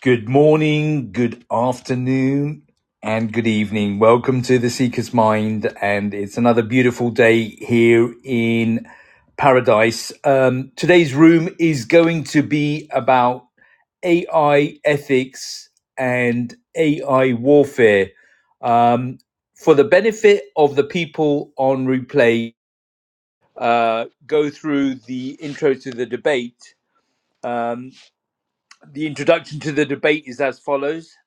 Good morning, good afternoon, and good evening. Welcome to the Seeker's Mind, and it's another beautiful day here in paradise. Um, today's room is going to be about AI ethics and AI warfare. Um, for the benefit of the people on replay, uh, go through the intro to the debate. Um, the introduction to the debate is as follows.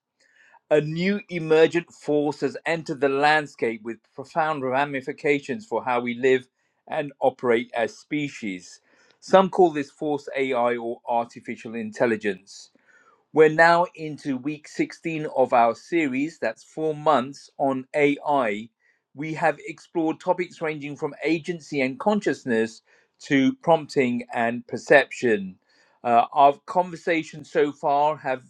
A new emergent force has entered the landscape with profound ramifications for how we live and operate as species. Some call this force AI or artificial intelligence. We're now into week 16 of our series, that's four months on AI. We have explored topics ranging from agency and consciousness to prompting and perception. Uh, our conversations so far have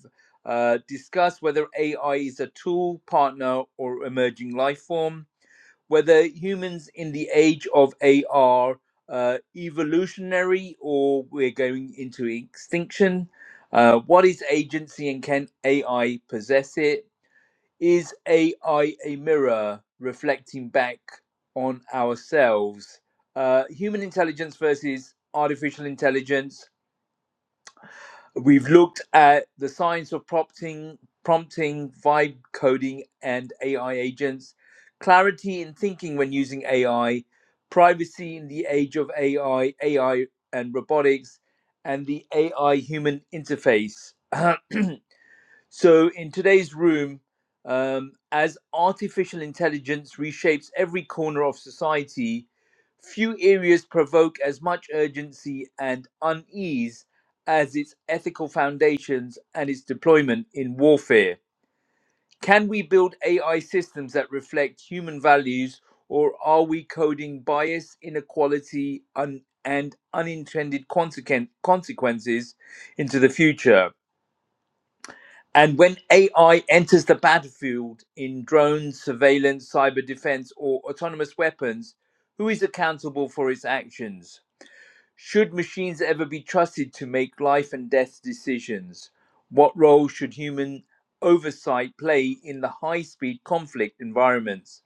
uh, discussed whether AI is a tool, partner, or emerging life form whether humans in the age of AR uh, evolutionary or we're going into extinction uh, what is agency and can AI possess it? Is AI a mirror reflecting back on ourselves? Uh, human intelligence versus artificial intelligence. We've looked at the science of prompting, prompting, vibe coding, and AI agents, clarity in thinking when using AI, privacy in the age of AI, AI and robotics, and the AI human interface. So, in today's room, um, as artificial intelligence reshapes every corner of society, few areas provoke as much urgency and unease as its ethical foundations and its deployment in warfare. Can we build AI systems that reflect human values, or are we coding bias, inequality, un- and unintended consequen- consequences into the future? And when AI enters the battlefield in drones, surveillance, cyber defense, or autonomous weapons, who is accountable for its actions? Should machines ever be trusted to make life and death decisions? What role should human oversight play in the high speed conflict environments?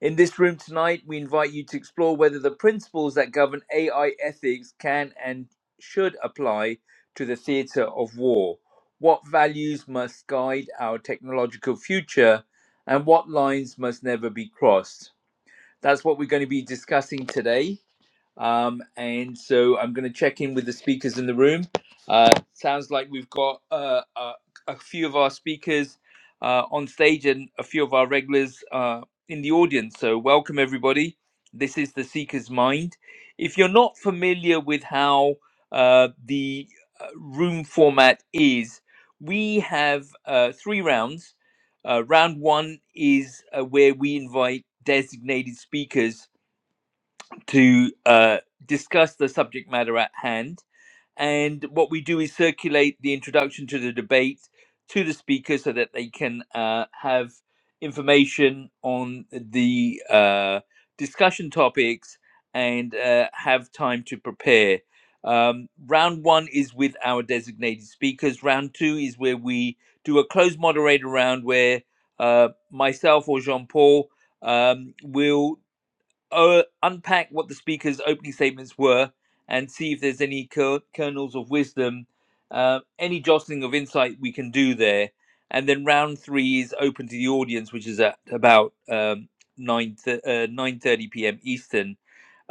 In this room tonight, we invite you to explore whether the principles that govern AI ethics can and should apply to the theatre of war. What values must guide our technological future, and what lines must never be crossed? That's what we're going to be discussing today. Um, and so I'm going to check in with the speakers in the room. Uh, sounds like we've got uh, a, a few of our speakers uh, on stage and a few of our regulars uh, in the audience. So, welcome everybody. This is The Seeker's Mind. If you're not familiar with how uh, the uh, room format is, we have uh, three rounds. Uh, round one is uh, where we invite designated speakers to uh, discuss the subject matter at hand. And what we do is circulate the introduction to the debate to the speakers so that they can uh, have information on the uh, discussion topics and uh, have time to prepare. Um, round one is with our designated speakers. Round two is where we do a closed moderator round where uh, myself or Jean Paul um, will uh, unpack what the speaker's opening statements were and see if there's any kernels kernels of wisdom, uh, any jostling of insight we can do there. And then round three is open to the audience, which is at about um, 9 th- uh, 9.30 p.m. Eastern.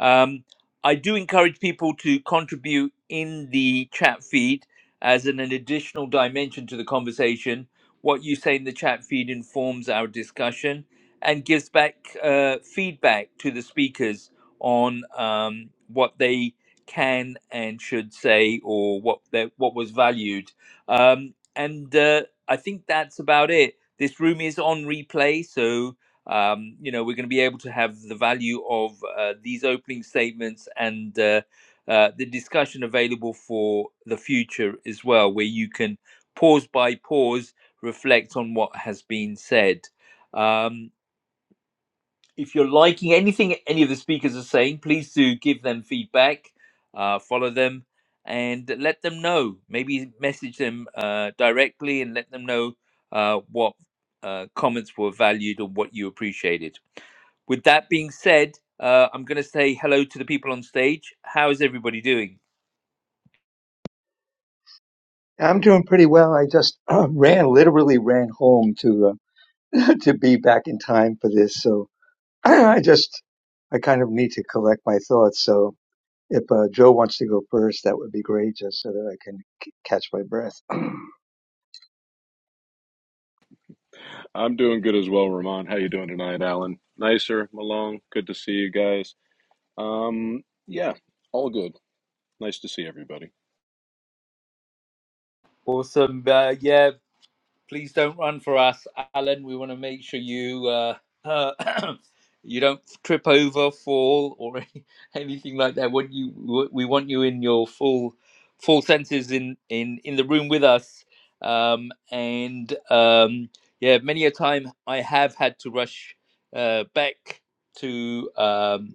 Um, I do encourage people to contribute in the chat feed as an, an additional dimension to the conversation. What you say in the chat feed informs our discussion and gives back uh, feedback to the speakers on um, what they can and should say or what they, what was valued. Um, and uh, I think that's about it. This room is on replay, so um, you know we're going to be able to have the value of uh, these opening statements and uh, uh, the discussion available for the future as well, where you can pause by pause reflect on what has been said. Um, if you're liking anything any of the speakers are saying, please do give them feedback, uh, follow them, and let them know. Maybe message them uh, directly and let them know uh, what uh, comments were valued or what you appreciated. With that being said, uh, I'm going to say hello to the people on stage. How is everybody doing? I'm doing pretty well. I just uh, ran, literally ran home to uh, to be back in time for this. So I just I kind of need to collect my thoughts. So if uh, Joe wants to go first, that would be great, just so that I can c- catch my breath. I'm doing good as well, Ramon. How you doing tonight, Alan? Nicer, Malone. Good to see you guys. Um, yeah, all good. Nice to see everybody. Awesome. Uh, yeah, please don't run for us, Alan. We want to make sure you uh, uh, you don't trip over, fall, or anything like that. What you we want you in your full full senses in in in the room with us. Um, and um, yeah, many a time I have had to rush uh, back to. Um,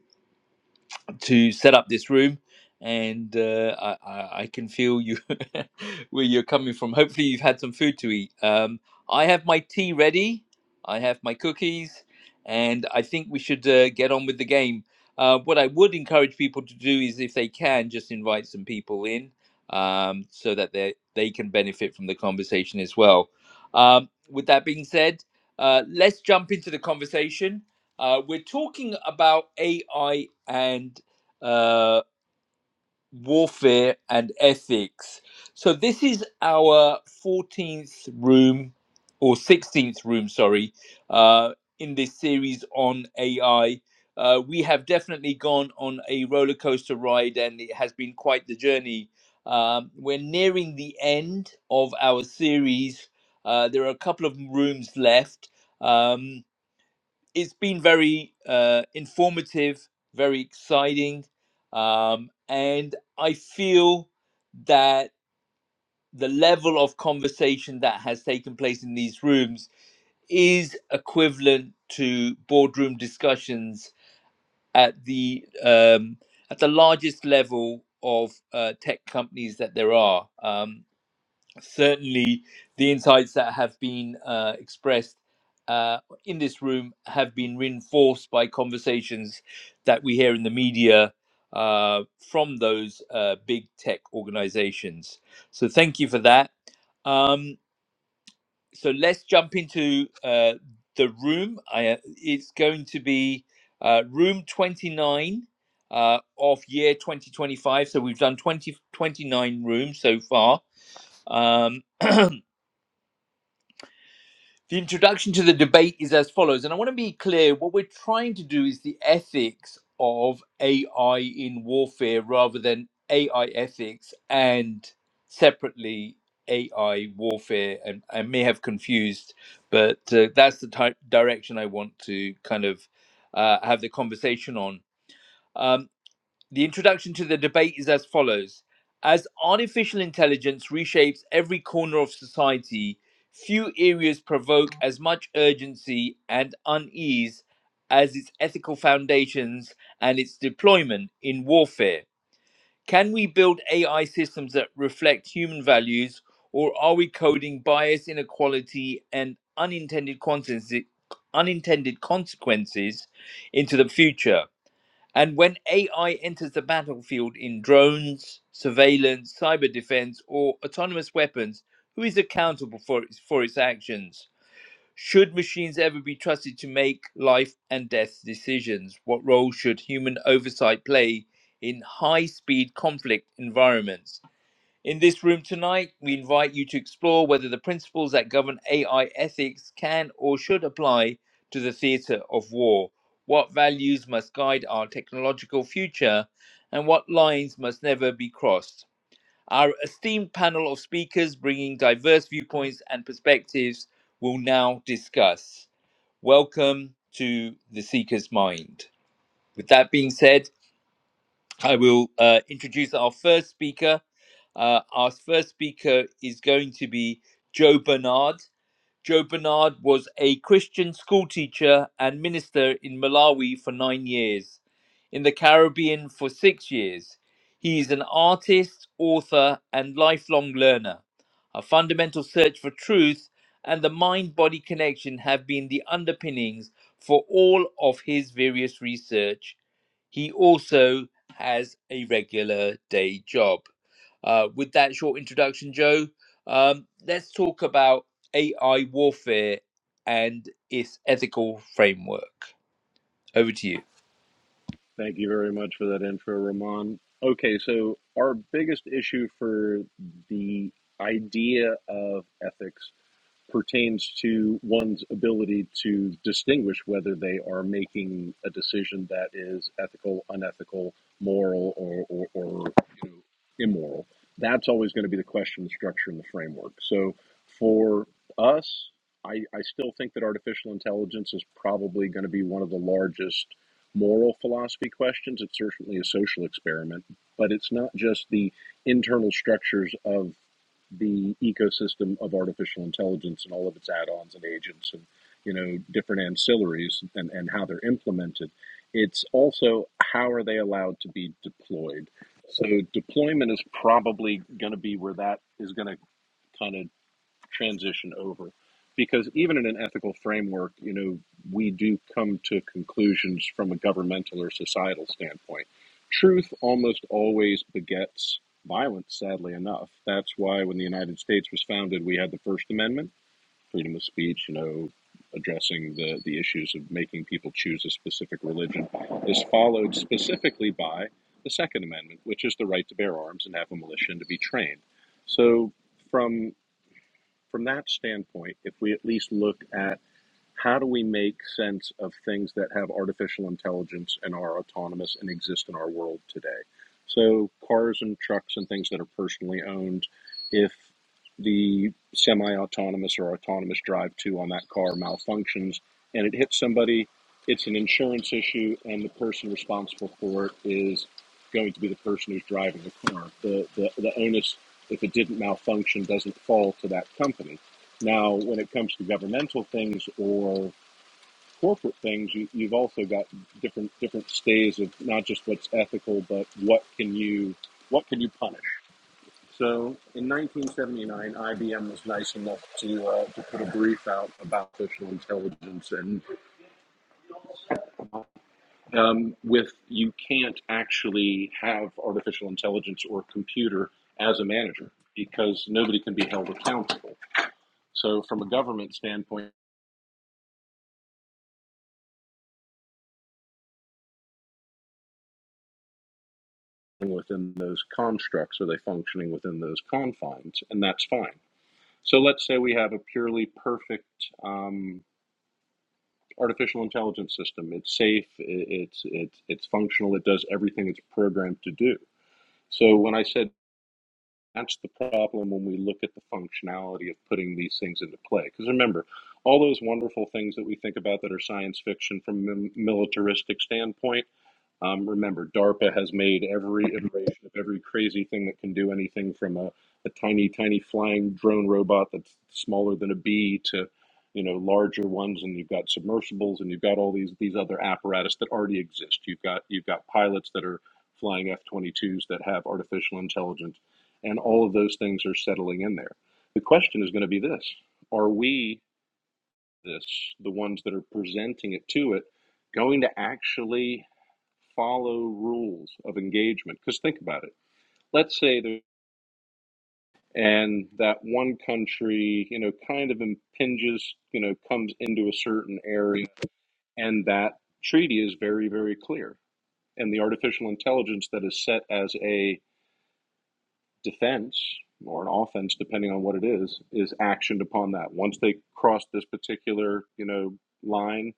to set up this room and uh, I, I, I can feel you where you're coming from hopefully you've had some food to eat um, i have my tea ready i have my cookies and i think we should uh, get on with the game uh, what i would encourage people to do is if they can just invite some people in um, so that they they can benefit from the conversation as well um, with that being said uh, let's jump into the conversation uh, we're talking about AI and uh, warfare and ethics. So this is our 14th room or 16th room, sorry, uh, in this series on AI. Uh, we have definitely gone on a roller coaster ride and it has been quite the journey. Um, we're nearing the end of our series. Uh, there are a couple of rooms left. Um, it's been very uh, informative, very exciting, um, and I feel that the level of conversation that has taken place in these rooms is equivalent to boardroom discussions at the um, at the largest level of uh, tech companies that there are. Um, certainly the insights that have been uh, expressed uh, in this room have been reinforced by conversations that we hear in the media uh, from those uh, big tech organizations. So, thank you for that. Um, so, let's jump into uh, the room. I, uh, it's going to be uh, room 29. Uh, of year 2025 so we've done 20 29 rooms so far um The introduction to the debate is as follows, and I want to be clear what we're trying to do is the ethics of AI in warfare rather than AI ethics and separately AI warfare. And I may have confused, but uh, that's the type direction I want to kind of uh, have the conversation on. Um, the introduction to the debate is as follows As artificial intelligence reshapes every corner of society, few areas provoke as much urgency and unease as its ethical foundations and its deployment in warfare. Can we build AI systems that reflect human values, or are we coding bias, inequality, and unintended consequences, unintended consequences into the future? And when AI enters the battlefield in drones, surveillance, cyber defense, or autonomous weapons, who is accountable for its, for its actions? Should machines ever be trusted to make life and death decisions? What role should human oversight play in high speed conflict environments? In this room tonight, we invite you to explore whether the principles that govern AI ethics can or should apply to the theatre of war. What values must guide our technological future, and what lines must never be crossed? Our esteemed panel of speakers bringing diverse viewpoints and perspectives will now discuss. Welcome to The Seeker's Mind. With that being said, I will uh, introduce our first speaker. Uh, our first speaker is going to be Joe Bernard. Joe Bernard was a Christian school teacher and minister in Malawi for nine years, in the Caribbean for six years. He is an artist, author, and lifelong learner. A fundamental search for truth and the mind body connection have been the underpinnings for all of his various research he also has a regular day job. Uh, with that short introduction, Joe, um, let's talk about AI warfare and its ethical framework. Over to you. Thank you very much for that info, Ramon. Okay, so our biggest issue for the idea of ethics pertains to one's ability to distinguish whether they are making a decision that is ethical, unethical, moral, or, or, or you know, immoral. That's always going to be the question, the structure, and the framework. So for us, I, I still think that artificial intelligence is probably going to be one of the largest moral philosophy questions. It's certainly a social experiment, but it's not just the internal structures of the ecosystem of artificial intelligence and all of its add-ons and agents and you know different ancillaries and, and how they're implemented it's also how are they allowed to be deployed so deployment is probably going to be where that is going to kind of transition over because even in an ethical framework you know we do come to conclusions from a governmental or societal standpoint truth almost always begets violence sadly enough that's why when the united states was founded we had the first amendment freedom of speech you know addressing the, the issues of making people choose a specific religion is followed specifically by the second amendment which is the right to bear arms and have a militia and to be trained so, from from that standpoint, if we at least look at how do we make sense of things that have artificial intelligence and are autonomous and exist in our world today? So, cars and trucks and things that are personally owned, if the semi autonomous or autonomous drive to on that car malfunctions and it hits somebody, it's an insurance issue, and the person responsible for it is going to be the person who's driving the car. The, the, the onus if it didn't malfunction, doesn't fall to that company. Now, when it comes to governmental things or corporate things, you, you've also got different different stays of not just what's ethical, but what can you what can you punish. So, in 1979, IBM was nice enough to uh, to put a brief out about artificial intelligence, and um, with you can't actually have artificial intelligence or computer as a manager because nobody can be held accountable. So, from a government standpoint. within those constructs? Are they functioning within those confines? And that's fine. So let's say we have a purely perfect um, artificial intelligence system. It's safe. It's it's it's functional. It does everything it's programmed to do. So when I said that's the problem when we look at the functionality of putting these things into play, because remember all those wonderful things that we think about that are science fiction from a militaristic standpoint Um, remember, DARPA has made every iteration of every crazy thing that can do anything from a, a tiny, tiny flying drone robot that's smaller than a bee to, you know, larger ones. And you've got submersibles, and you've got all these these other apparatus that already exist. You've got you've got pilots that are flying F-22s that have artificial intelligence, and all of those things are settling in there. The question is going to be this: Are we this the ones that are presenting it to it? going to actually follow rules of engagement. Because think about it. Let's say there and that one country, you know, kind of impinges, you know, comes into a certain area, and that treaty is very, very clear. And the artificial intelligence that is set as a defense or an offense, depending on what it is, is actioned upon that. Once they cross this particular, you know, line,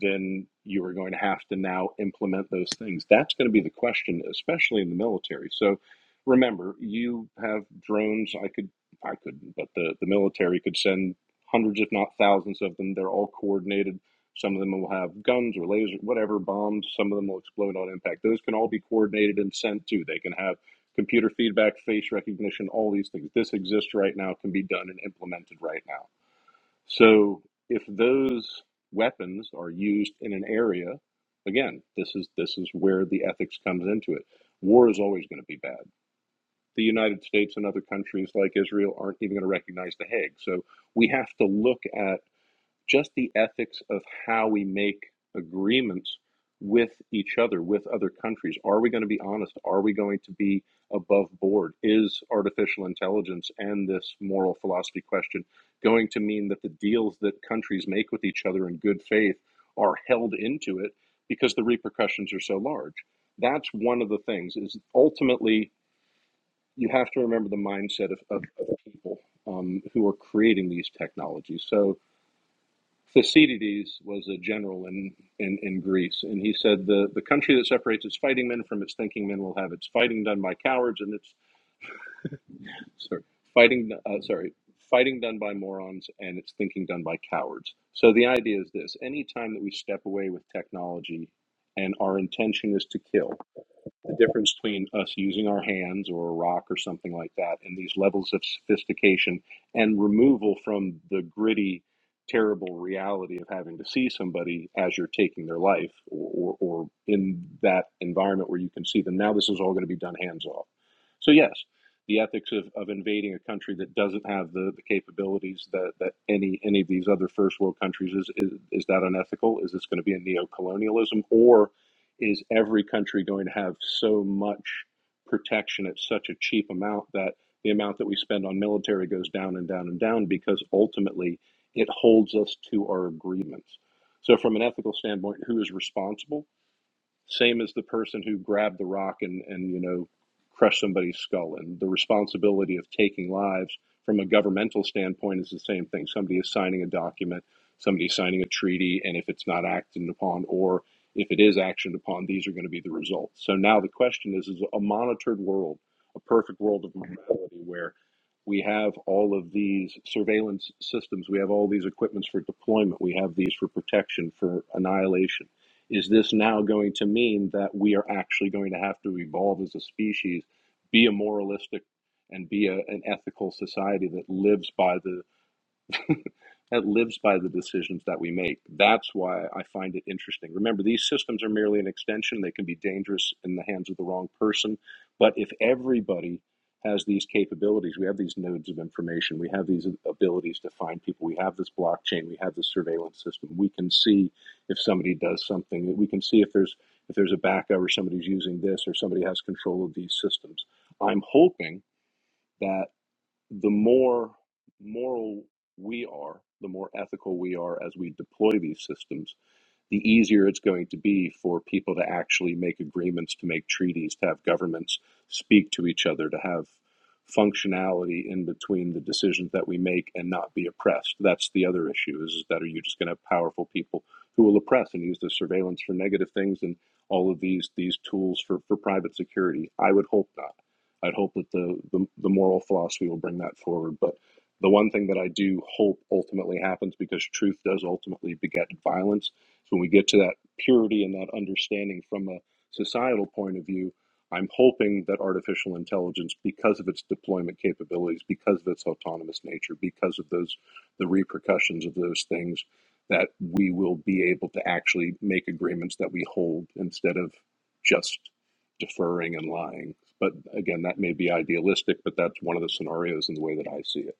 then you are going to have to now implement those things. That's going to be the question, especially in the military. So remember, you have drones. I could, I couldn't, but the, the military could send hundreds, if not thousands of them. They're all coordinated. Some of them will have guns or lasers, whatever, bombs. Some of them will explode on impact. Those can all be coordinated and sent to. They can have computer feedback, face recognition, all these things. This exists right now, can be done and implemented right now. So if those weapons are used in an area, again, this is this is where the ethics comes into it. War is always going to be bad. The United States and other countries like Israel aren't even going to recognize the Hague. So we have to look at just the ethics of how we make agreements with each other, with other countries. Are we going to be honest? Are we going to be above board? Is artificial intelligence and this moral philosophy question going to mean that the deals that countries make with each other in good faith are held into it because the repercussions are so large? That's one of the things is ultimately you have to remember the mindset of, of, of people um, who are creating these technologies. So Thucydides was a general in, in, in Greece, and he said, the, the country that separates its fighting men from its thinking men will have its fighting done by cowards and its sorry, fighting uh, sorry fighting done by morons and its thinking done by cowards. So the idea is this: any time that we step away with technology, and our intention is to kill, the difference between us using our hands or a rock or something like that and these levels of sophistication and removal from the gritty terrible reality of having to see somebody as you're taking their life or, or, or in that environment where you can see them now this is all going to be done hands off so yes the ethics of, of invading a country that doesn't have the, the capabilities that, that any any of these other first world countries is, is is that unethical is this going to be a neo-colonialism or? is every country going to have so much protection at such a cheap amount that the amount that we spend on military goes down and down and down because ultimately it holds us to our agreements. So, from an ethical standpoint, who is responsible? same as the person who grabbed the rock and, and you know crushed somebody's skull and the responsibility of taking lives from a governmental standpoint is the same thing somebody is signing a document somebody is signing a treaty and if it's not acted upon or if it is actioned upon these are going to be the results so now the question is is a monitored world a perfect world of morality where we have all of these surveillance systems we have all these equipments for deployment we have these for protection for annihilation is this now going to mean that we are actually going to have to evolve as a species, be a moralistic and be a, an ethical society that lives by the that lives by the decisions that we make. That's why I find it interesting. Remember, these systems are merely an extension. They can be dangerous in the hands of the wrong person. But if everybody has these capabilities, we have these nodes of information, we have these abilities to find people, we have this blockchain, we have this surveillance system. We can see if somebody does something, we can see if there's if there's a backup or somebody's using this or somebody has control of these systems. I'm hoping that the more moral we are, the more ethical we are as we deploy these systems, the easier it's going to be for people to actually make agreements, to make treaties, to have governments speak to each other, to have functionality in between the decisions that we make and not be oppressed. That's the other issue is that are you just going to have powerful people who will oppress and use the surveillance for negative things and all of these these tools for, for private security? I would hope not. I'd hope that the, the the moral philosophy will bring that forward. But the one thing that I do hope ultimately happens because truth does ultimately beget violence so when we get to that purity and that understanding from a societal point of view, I'm hoping that artificial intelligence, because of its deployment capabilities, because of its autonomous nature, because of those the repercussions of those things, that we will be able to actually make agreements that we hold instead of just deferring and lying. But again, that may be idealistic, but that's one of the scenarios in the way that I see it.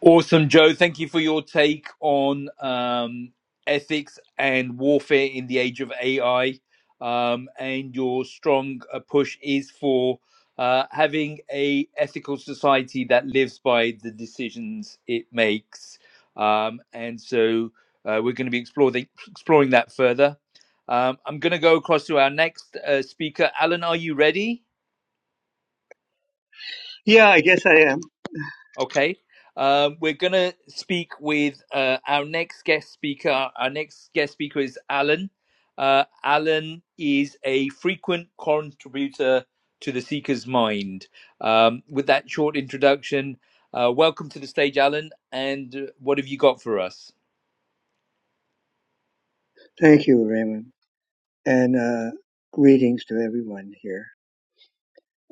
Awesome, Joe. Thank you for your take on um, ethics and warfare in the age of AI. Um, and your strong uh, push is for uh, having a ethical society that lives by the decisions it makes. Um, and so uh, we're going to be exploring exploring that further. Um, I'm going to go across to our next uh, speaker. Alan, are you ready? Yeah, I guess I am. Okay. Um, we're going to speak with uh, our next guest speaker. Our next guest speaker is Alan. Uh, Alan is a frequent contributor to The Seeker's Mind. Um, with that short introduction, uh, welcome to the stage, Alan. And uh, what have you got for us? Thank you, Raymond, and uh, greetings to everyone here.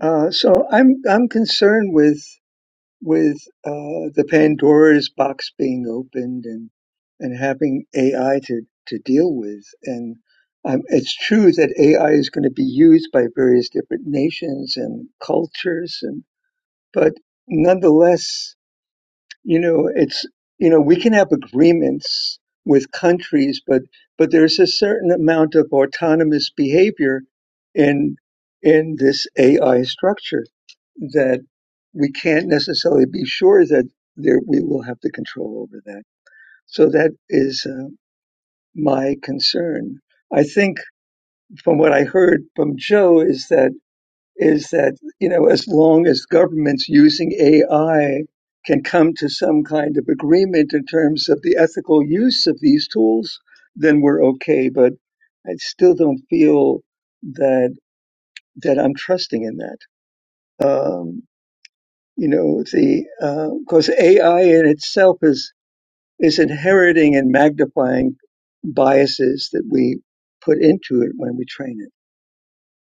Uh, so I'm I'm concerned with. with uh, the Pandora's box being opened and and having AI to to deal with. And um, it's true that AI is going to be used by various different nations and cultures, and but nonetheless, you know, it's you know we can have agreements with countries, but but there's a certain amount of autonomous behavior in in this AI structure that we can't necessarily be sure that there, we will have the control over that. So that is uh, my concern. I think from what I heard from Joe is that is that you know as long as governments using AI can come to some kind of agreement in terms of the ethical use of these tools, then we're okay. But I still don't feel that that I'm trusting in that. Um, you know the because AI in itself is is inheriting and magnifying biases that we put into it when we train it,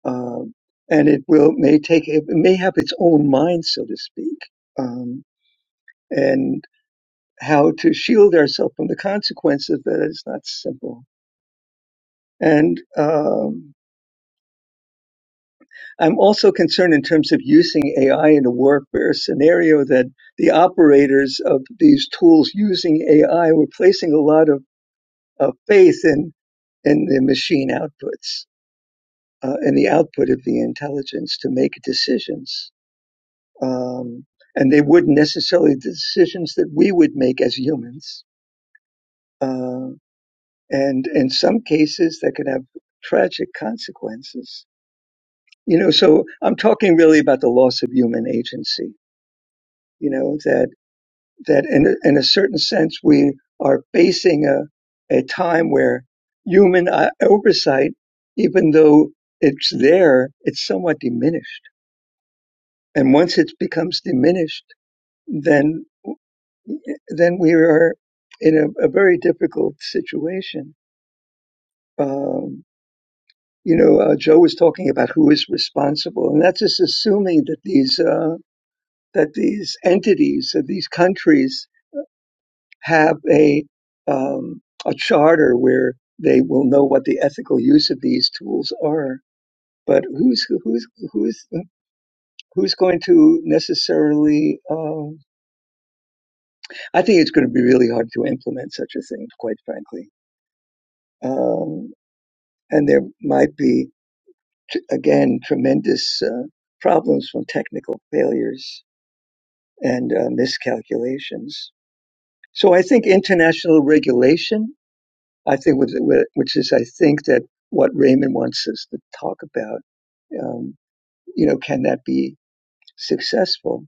um, and it will may take it may have its own mind, so to speak, um, and how to shield ourselves from the consequences of that is not simple. And um, I'm also concerned in terms of using AI in a workwear scenario that the operators of these tools using AI were placing a lot of, of faith in, in the machine outputs uh, and the output of the intelligence to make decisions. Um, and they wouldn't necessarily the decisions that we would make as humans. Uh, and in some cases, that could have tragic consequences. You know, so I'm talking really about the loss of human agency you know that. that in a, in a certain sense we are facing a, a time where human uh, oversight, even though it's there, it's somewhat diminished. And once it becomes diminished, then then we are in a, a very difficult situation. Um, you know, uh, Joe was talking about who is responsible, and that's just assuming that these uh, that these entities, that these countries have a um, a charter where they will know what the ethical use of these tools are. But who's who's who's who's going to necessarily? Um, I think it's going to be really hard to implement such a thing, quite frankly. Um, and there might be t- again tremendous uh, problems from technical failures and uh, miscalculations. So I think international regulation I think, which is, I think that what Raymond wants us to talk about, um, you know, can that be successful?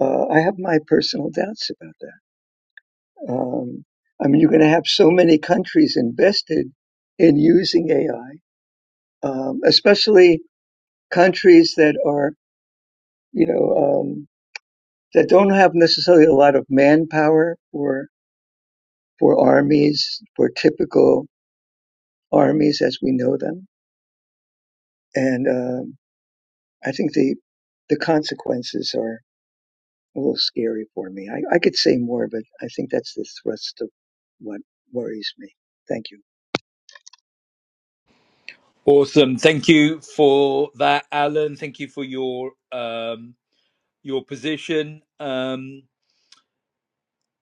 Uh, I have my personal doubts about that. Um, I mean, you're going to have so many countries invested in using AI, um, especially countries that are, you know, um, that don't have necessarily a lot of manpower for for armies, for typical armies as we know them, and. um, I think the the consequences are a little scary for me. I, I could say more, but I think that's the thrust of what worries me. Thank you. Awesome. Thank you for that, Alan. Thank you for your um, your position. Um,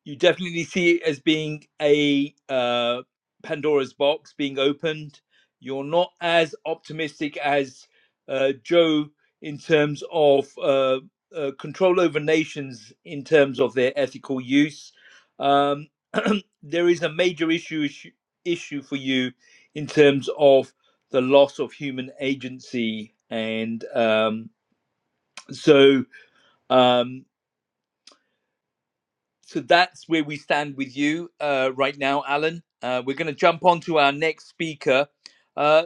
you definitely see it as being a uh, Pandora's box being opened. You're not as optimistic as uh, Joe in terms of uh, uh, control over nations in terms of their ethical use. Um, there is a major issue, issue issue for you in terms of the loss of human agency, and um, so. Um, so that's where we stand with you uh, right now, Alan. Uh, we're going to jump on to our next speaker. Uh,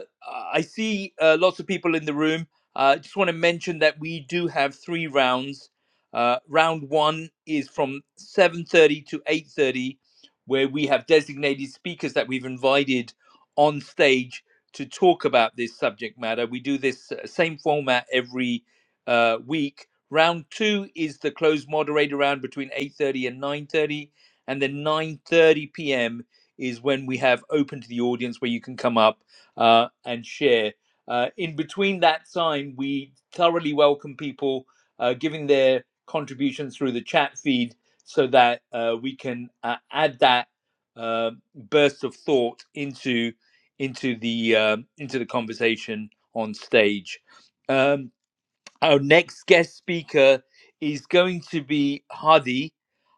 I see uh, lots of people in the room. I uh, just want to mention that we do have three rounds. Uh, round one is from 7.30 to 8.30, where we have designated speakers that we've invited on stage to talk about this subject matter. We do this uh, same format every uh, week Round two is the closed moderator round between 8.30 and 9.30. And then 9.30 p.m. is when we have open to the audience where you can come up uh, and share. Uh, in between that time, we thoroughly welcome people uh, giving their contributions through the chat feed so that uh, we can uh, add that uh, burst of thought into into the um into the conversation on stage. Um, our next guest speaker is going to be Hadi.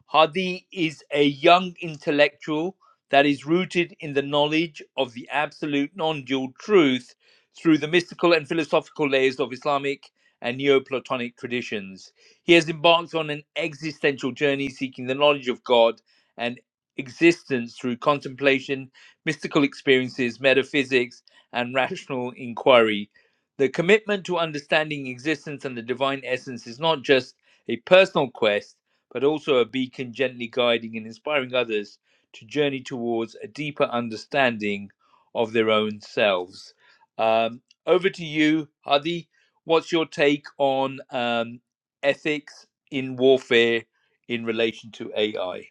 Hadi is a young intellectual that is rooted in the knowledge of the absolute non dual truth through the mystical and philosophical layers of Islamic and Neoplatonic traditions. He has embarked on an existential journey seeking the knowledge of God and existence through contemplation, mystical experiences, metaphysics, and rational inquiry. The commitment to understanding existence and the divine essence is not just a personal quest, but also a beacon gently guiding and inspiring others to journey towards a deeper understanding of their own selves. Um, over to you, Hadi. What's your take on um, ethics in warfare in relation to AI?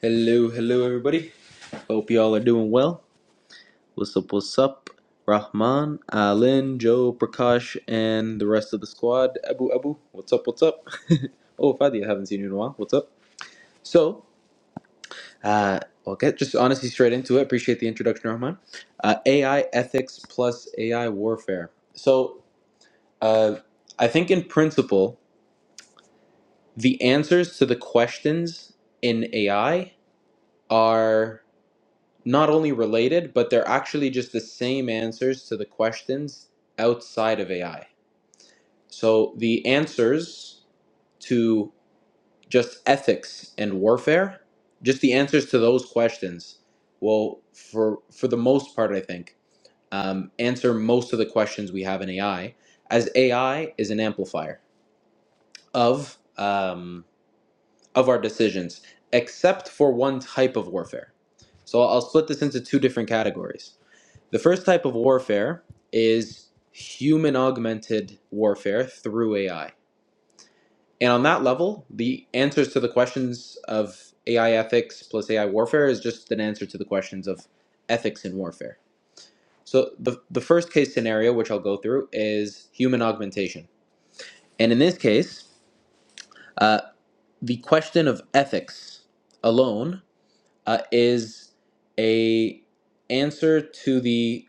Hello, hello, everybody. Hope y'all are doing well. What's up, what's up? Rahman, Alin, Joe, Prakash, and the rest of the squad. Abu, Abu, what's up, what's up? oh, Fadi, I haven't seen you in a while. What's up? So, uh, I'll get just honestly straight into it. Appreciate the introduction, Rahman. Uh, AI ethics plus AI warfare. So, uh, I think in principle, the answers to the questions in AI are not only related, but they're actually just the same answers to the questions outside of AI. So the answers to just ethics and warfare, just the answers to those questions, will for for the most part, I think, um, answer most of the questions we have in AI, as AI is an amplifier of um, of our decisions, except for one type of warfare. So I'll split this into two different categories The first type of warfare is human augmented warfare through AI. And on that level, the answers to the questions of AI ethics plus AI warfare is just an answer to the questions of ethics in warfare. So the, the first case scenario, which I'll go through, is human augmentation. And in this case, uh, the question of ethics alone uh, is a answer to the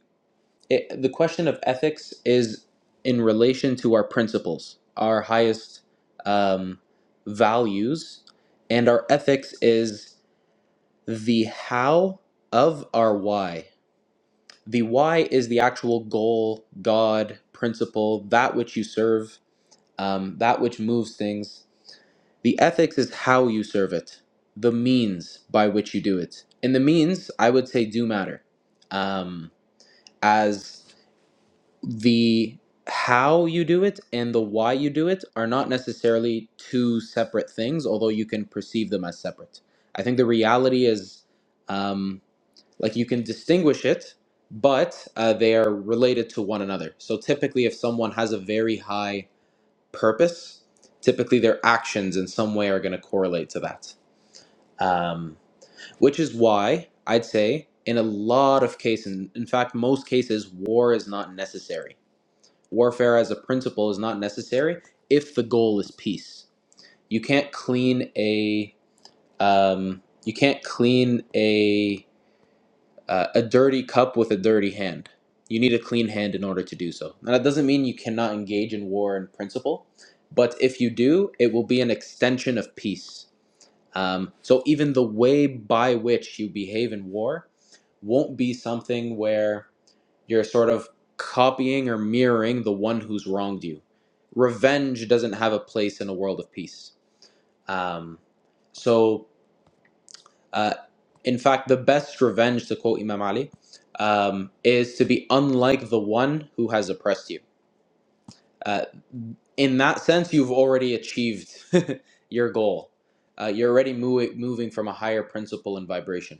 it, the question of ethics is in relation to our principles, our highest um, values, and our ethics is the how of our why. The why is the actual goal, God, principle, that which you serve, um, that which moves things. The ethics is how you serve it, the means by which you do it. And the means, I would say, do matter. Um, as the how you do it and the why you do it are not necessarily two separate things, although you can perceive them as separate. I think the reality is um, like you can distinguish it, but uh, they are related to one another. So typically, if someone has a very high purpose, typically their actions in some way are going to correlate to that. Um, which is why I'd say in a lot of cases, in fact, most cases, war is not necessary warfare as a principle is not necessary if the goal is peace. You can't clean a um, you can't clean a uh, a dirty cup with a dirty hand. You need a clean hand in order to do so. Now that doesn't mean you cannot engage in war in principle, but if you do, it will be an extension of peace. Um, so even the way by which you behave in war won't be something where you're sort of copying or mirroring the one who's wronged you. Revenge doesn't have a place in a world of peace. Um, so, uh, in fact, the best revenge, to quote Imam Ali, um, is to be unlike the one who has oppressed you. Uh, in that sense, you've already achieved your goal. Uh, you're already mo- moving from a higher principle and vibration.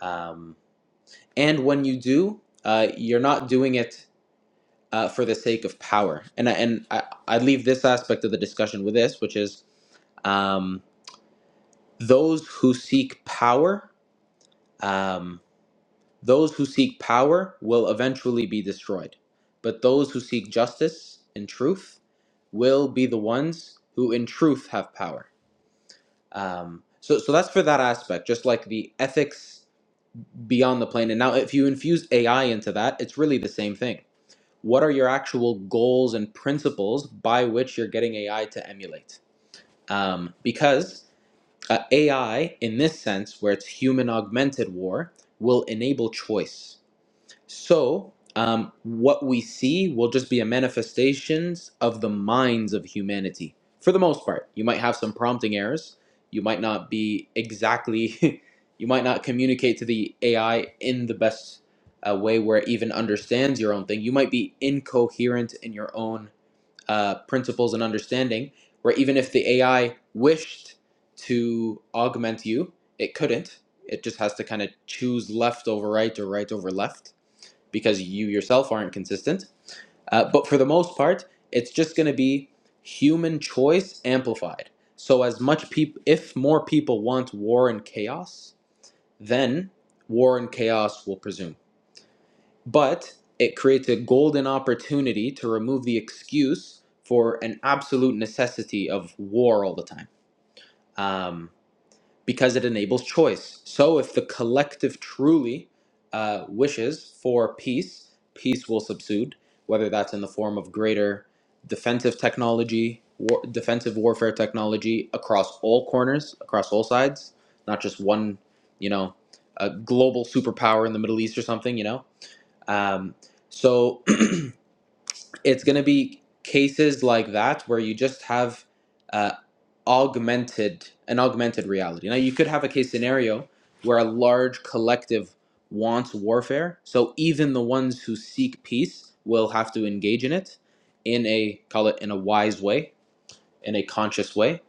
Um, and when you do, uh, you're not doing it uh, for the sake of power. And I, and I, I leave this aspect of the discussion with this, which is um, those who seek power, um, those who seek power will eventually be destroyed, but those who seek justice and truth will be the ones who, in truth, have power. Um, so, so that's for that aspect, just like the ethics beyond the plane. And now, if you infuse AI into that, it's really the same thing what are your actual goals and principles by which you're getting AI to emulate? Um, because uh, AI, in this sense, where it's human augmented war, will enable choice so, um, what we see will just be a manifestations of the minds of humanity for the most part. You might have some prompting errors. You might not be exactly, you might not communicate to the AI in the best uh, way where it even understands your own thing. You might be incoherent in your own uh, principles and understanding, where even if the AI wished to augment you, it couldn't. It just has to kind of choose left over right or right over left because you yourself aren't consistent. Uh, but for the most part, it's just going to be human choice amplified. So as much people, if more people want war and chaos, then war and chaos will presume. But it creates a golden opportunity to remove the excuse for an absolute necessity of war all the time. Um, because it enables choice. So, if the collective truly uh, wishes for peace, peace will subsude, whether that's in the form of greater defensive technology, war, defensive warfare technology across all corners, across all sides, not just one, you know, a global superpower in the Middle East or something, you know. Um, so it's going to be cases like that where you just have uh, augmented an augmented reality. Now you could have a case scenario where a large collective wants warfare, so even the ones who seek peace will have to engage in it in a call it in a wise way, in a conscious way,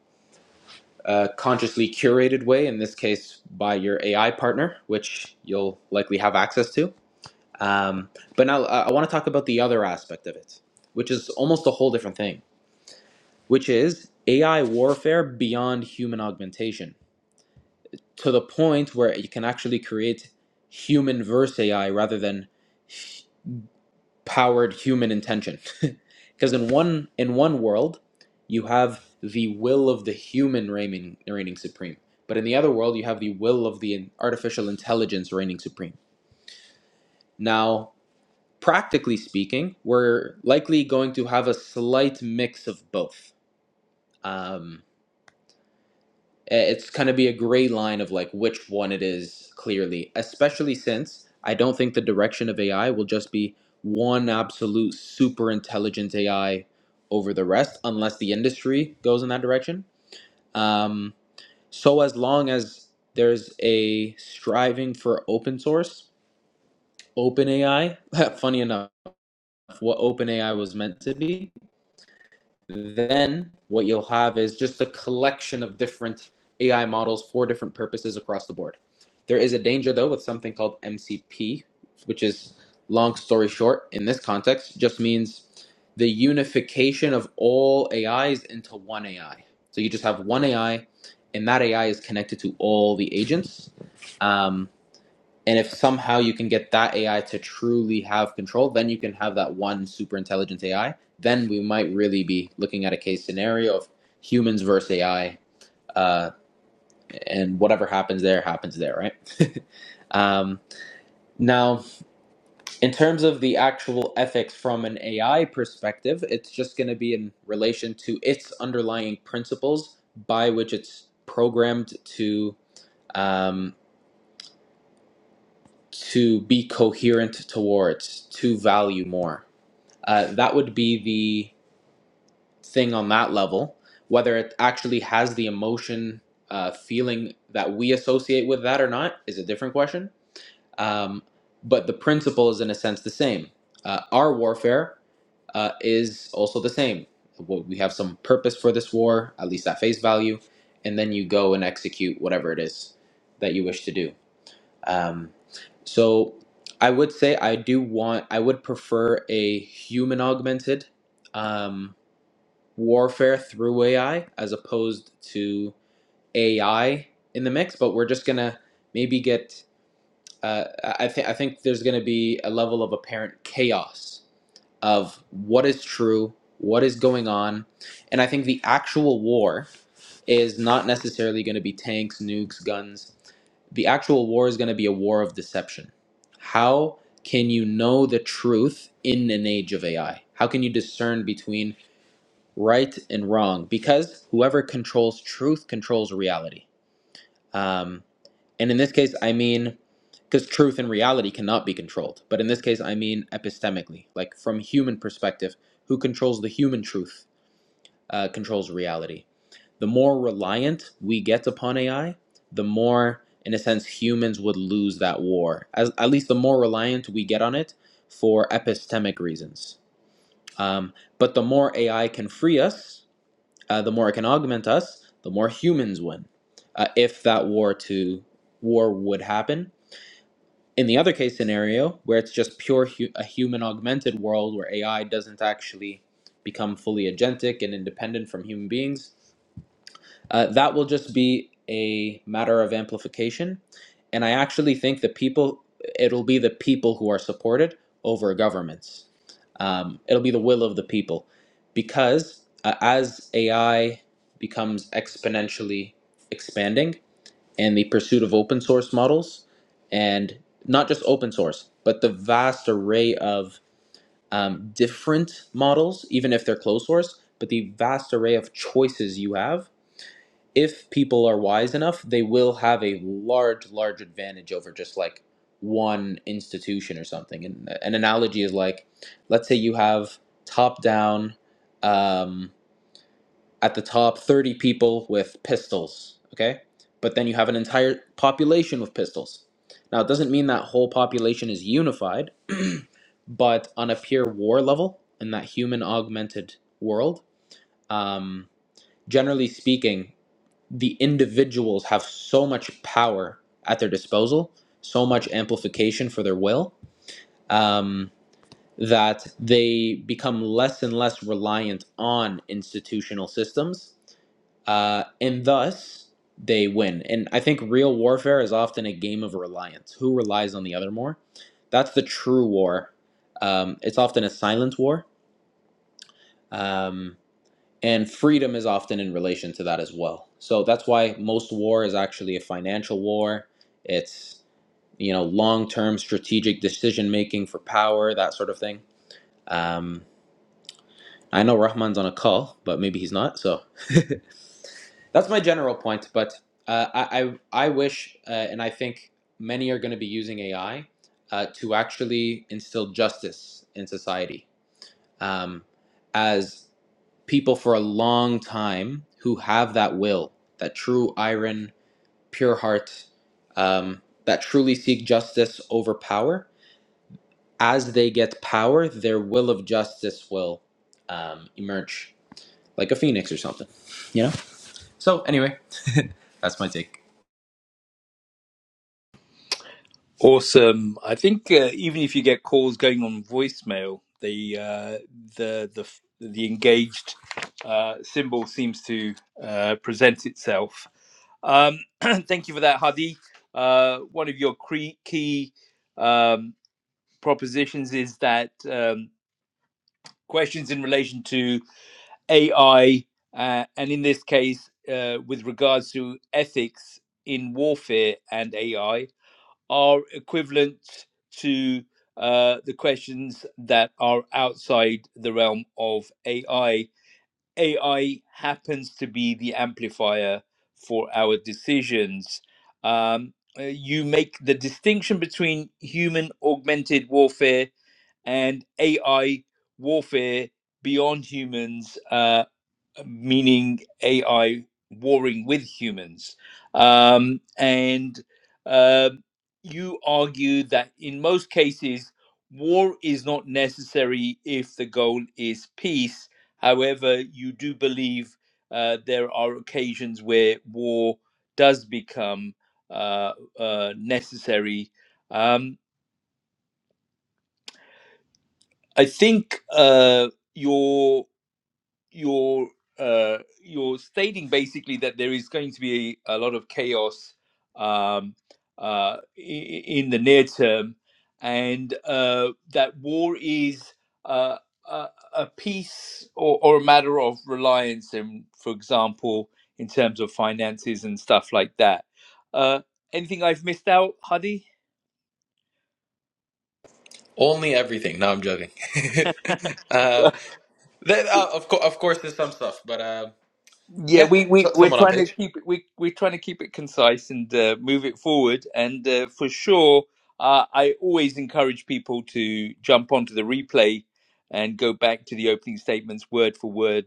a consciously curated way. In this case, by your AI partner, which you'll likely have access to um, but now I, I want to talk about the other aspect of it, which is almost a whole different thing, which is AI warfare beyond human augmentation to the point where you can actually create human versus AI rather than h- powered human intention. Because in one in one world, you have the will of the human reigning, reigning supreme, but in the other world, you have the will of the artificial intelligence reigning supreme. Now, practically speaking, we're likely going to have a slight mix of both. Um, it's going to be a gray line of like which one it is clearly, especially since I don't think the direction of AI will just be one absolute super intelligent AI over the rest, unless the industry goes in that direction. Um, so as long as there's a striving for open source, open AI, funny enough, what open AI was meant to be, Then what you'll have is just a collection of different AI models for different purposes across the board. There is a danger though with something called MCP, which is long story short in this context, just means the unification of all AIs into one AI. So you just have one AI, and that AI is connected to all the agents. Um, and if somehow you can get that AI to truly have control, then you can have that one super intelligent AI. Then we might really be looking at a case scenario of humans versus AI, uh, and whatever happens there happens there, right? um, now, in terms of the actual ethics from an AI perspective, it's just going to be in relation to its underlying principles by which it's programmed to um, to be coherent towards, to value more uh, that would be the thing on that level. Whether it actually has the emotion uh, feeling that we associate with that or not is a different question. Um, but the principle is, in a sense, the same. Uh, our warfare uh, is also the same. Well, We have some purpose for this war, at least at face value, and then you go and execute whatever it is that you wish to do. Um, so I would say I do want, I would prefer a human augmented um, warfare through AI as opposed to AI in the mix. But we're just gonna maybe get. Uh, I think I think there's gonna be a level of apparent chaos of what is true, what is going on, and I think the actual war is not necessarily going to be tanks, nukes, guns the actual war is going to be a war of deception. How can you know the truth in an age of AI? How can you discern between right and wrong? Because whoever controls truth controls reality. Um, and in this case, I mean, because truth and reality cannot be controlled. But in this case, I mean epistemically, like from human perspective, who controls the human truth? uh, controls reality. The more reliant we get upon AI, the more, in a sense, humans would lose that war. As, at least the more reliant we get on it for epistemic reasons. Um, but the more AI can free us, uh, the more it can augment us, the more humans win. Uh, if that war to war would happen. In the other case scenario, where it's just pure hu- a human augmented world where AI doesn't actually become fully agentic and independent from human beings, uh, that will just be a matter of amplification. And I actually think the people, it'll be the people who are supported over governments. Um, it'll be the will of the people. Because uh, as AI becomes exponentially expanding and the pursuit of open source models, and not just open source, but the vast array of um, different models, even if they're closed source, but the vast array of choices you have if people are wise enough, they will have a large, large advantage over just like one institution or something. And an analogy is like, let's say you have top down, um, at the top, 30 people with pistols, okay? But then you have an entire population with pistols. Now, it doesn't mean that whole population is unified, but on a pure war level, in that human augmented world, um, generally speaking, the individuals have so much power at their disposal, so much amplification for their will, um, that they become less and less reliant on institutional systems, uh, and thus they win. And I think real warfare is often a game of reliance. Who relies on the other more? That's the true war. Um, it's often a silent war. Um, and freedom is often in relation to that as well so that's why most war is actually a financial war it's you know long-term strategic decision making for power that sort of thing um, i know rahman's on a call but maybe he's not so that's my general point but uh, I, I, I wish uh, and i think many are going to be using ai uh, to actually instill justice in society um, as people for a long time who have that will, that true iron, pure heart, um, that truly seek justice over power. As they get power, their will of justice will um, emerge like a phoenix or something, you know? So, anyway, that's my take. Awesome. I think uh, even if you get calls going on voicemail, the uh, the the the engaged uh, symbol seems to uh, present itself. Um, thank you for that, Hadi. Uh, one of your cre- key um, propositions is that um, questions in relation to AI, uh, and in this case, uh, with regards to ethics in warfare and AI, are equivalent to uh, the questions that are outside the realm of AI. AI happens to be the amplifier for our decisions. Um, uh, you make the distinction between human augmented warfare and AI warfare beyond humans, uh, meaning AI warring with humans. Um, and uh, you argue that in most cases, war is not necessary if the goal is peace. However, you do believe uh, there are occasions where war does become uh, uh, necessary. Um, I think uh, your you're uh, you're stating basically that there is going to be a lot of chaos um, uh, i- in the near term, and uh, that war is uh, a, a piece or, or a matter of reliance, and for example, in terms of finances and stuff like that. Uh, anything I've missed out, Hadi? Only everything. No, I'm joking. uh, that, uh, of, co- of course, there's some stuff, but uh, Yeah, yeah, we we so- we're someone on trying to page. keep it we we're trying to keep it concise and uh, move it forward. And uh, for sure, uh, I always encourage people to jump onto the replay and go back to the opening statements word for word.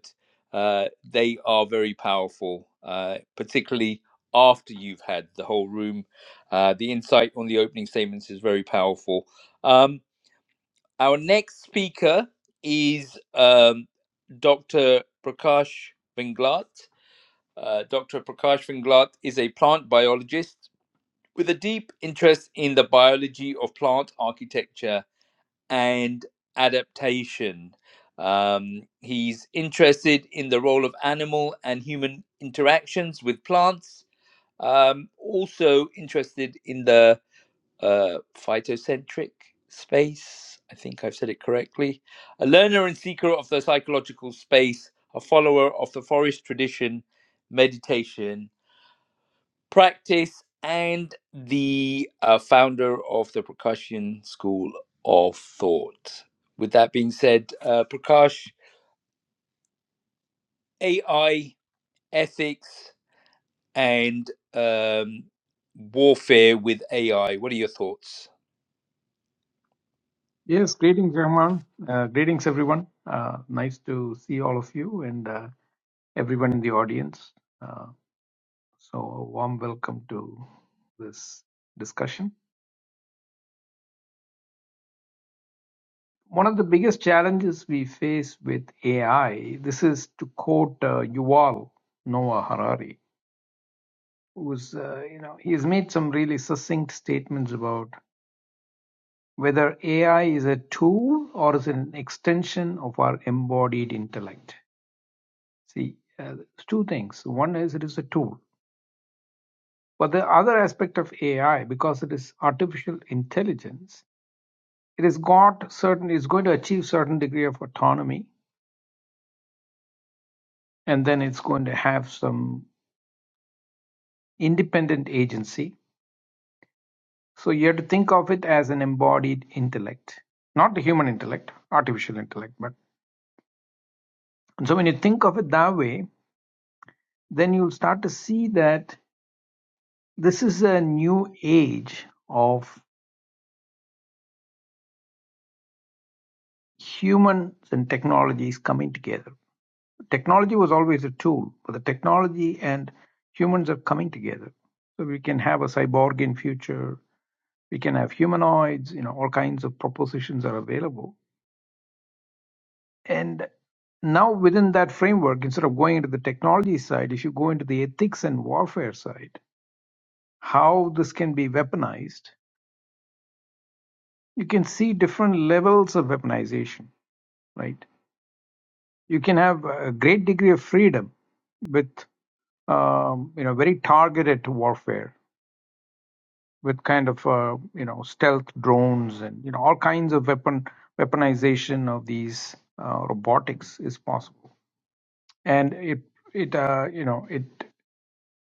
Uh, they are very powerful, uh, particularly after you've had the whole room. Uh, the insight on the opening statements is very powerful. Um, our next speaker is um, Dr. Prakash Vinglat. Uh, Dr. Prakash Vinglat is a plant biologist with a deep interest in the biology of plant architecture and adaptation. Um, he's interested in the role of animal and human interactions with plants, um, also interested in the uh, phytocentric space. I think I've said it correctly. A learner and seeker of the psychological space, a follower of the forest tradition, meditation, practice and the uh, founder of the Percussion School of Thought. With that being said, uh, Prakash, AI, ethics, and um, warfare with AI. What are your thoughts? Yes, greetings, Rahman. Uh, greetings, everyone. Uh, nice to see all of you and uh, everyone in the audience. Uh, so, a warm welcome to this discussion. One of the biggest challenges we face with AI, this is to quote uh, Yuval Noah Harari, who's, uh, you know, he's made some really succinct statements about whether AI is a tool or is an extension of our embodied intellect See, uh, it's two things. One is it is a tool, but the other aspect of AI, because it is artificial intelligence, it has got certain. It's going to achieve certain degree of autonomy, and then it's going to have some independent agency. So you have to think of it as an embodied intellect, not the human intellect, artificial intellect. But and so when you think of it that way, then you'll start to see that this is a new age of humans and technologies coming together Technology was always a tool, but the technology and humans are coming together. So we can have a cyborg in future. We can have humanoids. You know, all kinds of propositions are available. And now within that framework, instead of going into the technology side, if you go into the ethics and warfare side, how this can be weaponized, you can see different levels of weaponization. Right? You can have a great degree of freedom with um, you know very targeted warfare with kind of uh, you know stealth drones and you know all kinds of weapon weaponization of these uh, robotics is possible and it it uh, you know it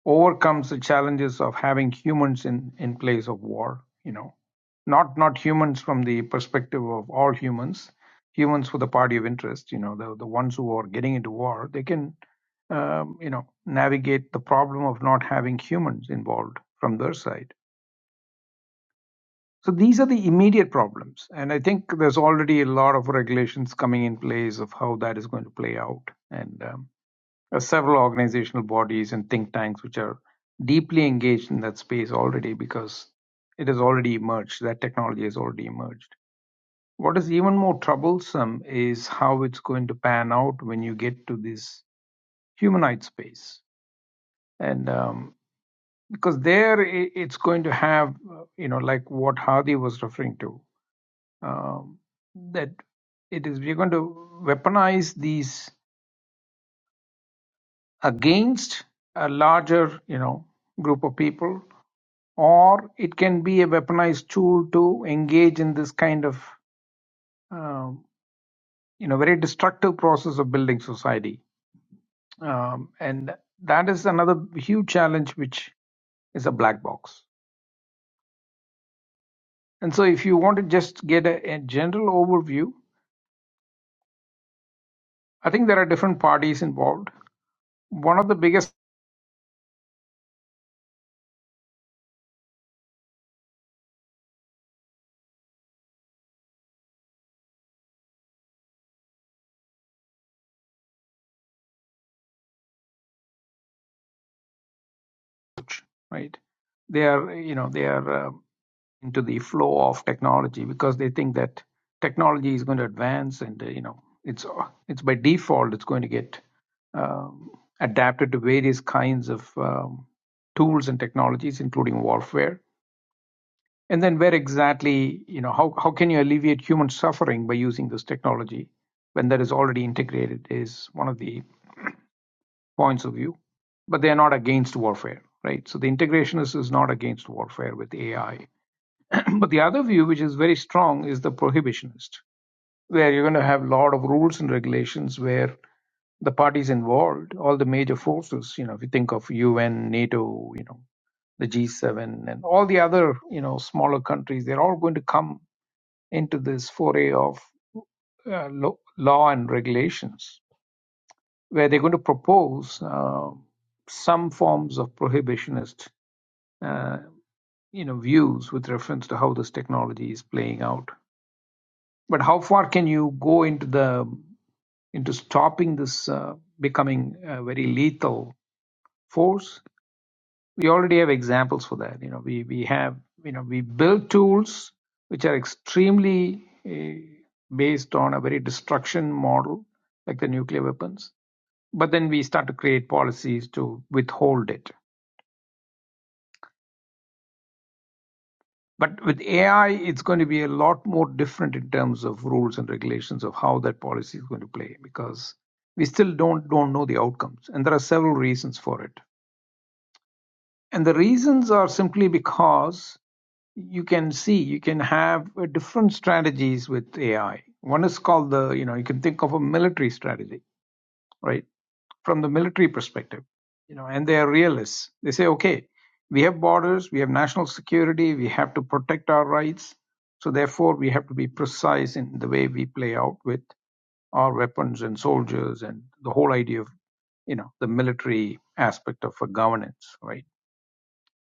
overcomes the challenges of having humans in in place of war you know not not humans from the perspective of all humans humans for the party of interest you know the the ones who are getting into war they can um, you know navigate the problem of not having humans involved from their side So these are the immediate problems. And I think there's already a lot of regulations coming in place of how that is going to play out. And um, there are several organizational bodies and think tanks which are deeply engaged in that space already because it has already emerged. That technology has already emerged. What is even more troublesome is how it's going to pan out when you get to this humanoid space. And um, because there it's going to have, uh, you know, like what Hadi was referring to um, that it is we're going to weaponize these against a larger you know group of people or it can be a weaponized tool to engage in this kind of um, you know very destructive process of building society um, and that is another huge challenge which is a black box and so if you want to just get a, a general overview i think there are different parties involved one of the biggest right? They are, you know, they are um into the flow of technology because they think that technology is going to advance, and uh, you know, it's uh, it's by default it's going to get um, adapted to various kinds of um, tools and technologies, including warfare. And then, where exactly, you know, how how can you alleviate human suffering by using this technology when that is already integrated is one of the points of view, but they are not against warfare, right? So the integrationist is not against warfare with AI. but the other view, which is very strong, is the prohibitionist, where you're going to have a lot of rules and regulations where the parties involved, all the major forces, you know, if you think of UN, NATO, you know, the G7, and all the other, you know, smaller countries, they're all going to come into this foray of uh, lo- law and regulations where they're going to propose uh, some forms of prohibitionist, uh, you know, views with reference to how this technology is playing out. But how far can you go into the into stopping this uh, becoming a very lethal force? We already have examples for that. You know, we we have you know we build tools which are extremely uh, based on a very destruction model, like the nuclear weapons. But then we start to create policies to withhold it But with AI, it's going to be a lot more different in terms of rules and regulations of how that policy is going to play because we still don't don't know the outcomes, and there are several reasons for it. And the reasons are simply because you can see you can have uh, different strategies with AI. One is called the you know you can think of a military strategy right? From the military perspective, you know, and they are realists. They say, okay, we have borders, we have national security, we have to protect our rights. So therefore, we have to be precise in the way we play out with our weapons and soldiers and the whole idea of, you know, the military aspect of a governance, right?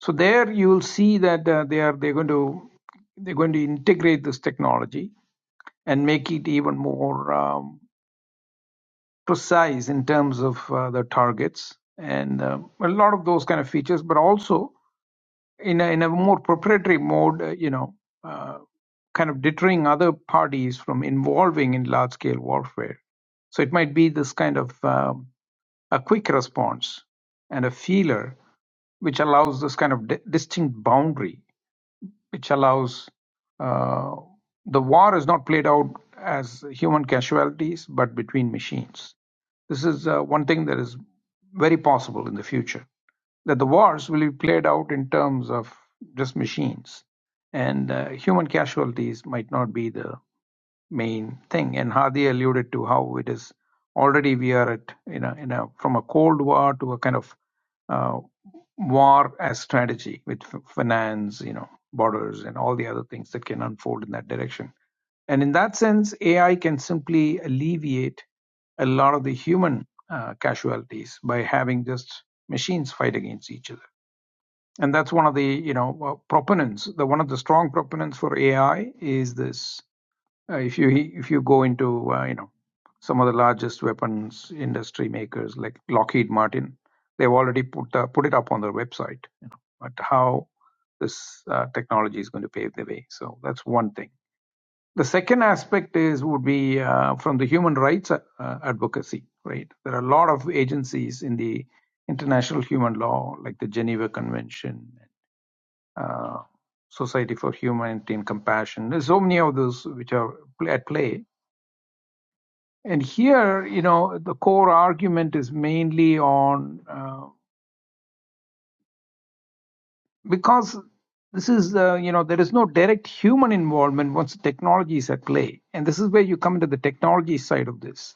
So there you will see that uh, they are they're going to they're going to integrate this technology and make it even more. Um, precise in terms of uh, the targets and uh, a lot of those kind of features, but also in a, in a more proprietary mode, uh, you know, uh, kind of deterring other parties from involving in large scale warfare. So it might be this kind of um, a quick response and a feeler, which allows this kind of di- distinct boundary which allows uh, the war is not played out as human casualties but between machines. This is uh, one thing that is very possible in the future that the wars will be played out in terms of just machines and uh, human casualties might not be the main thing. And Hadi alluded to how it is already we are at you know in a from a cold war to a kind of uh, war as strategy with f- finance, you know, borders and all the other things that can unfold in that direction. And in that sense, AI can simply alleviate a lot of the human uh, casualties by having just machines fight against each other. And that's one of the you know uh, proponents. The one of the strong proponents for AI is this uh, if you if you go into uh, you know some of the largest weapons industry makers like Lockheed Martin, they've already put uh, put it up on their website. You know, but how this uh, technology is going to pave the way. So that's one thing. The second aspect is would be uh, from the human rights uh, uh, advocacy. Right, there are a lot of agencies in the international human law, like the Geneva Convention. Uh, Society for Humanity and Compassion. There's so many of those which are pl- at play and here, you know, the core argument is mainly on uh, because this is, uh, you know, there is no direct human involvement once the technology is at play. And this is where you come into the technology side of this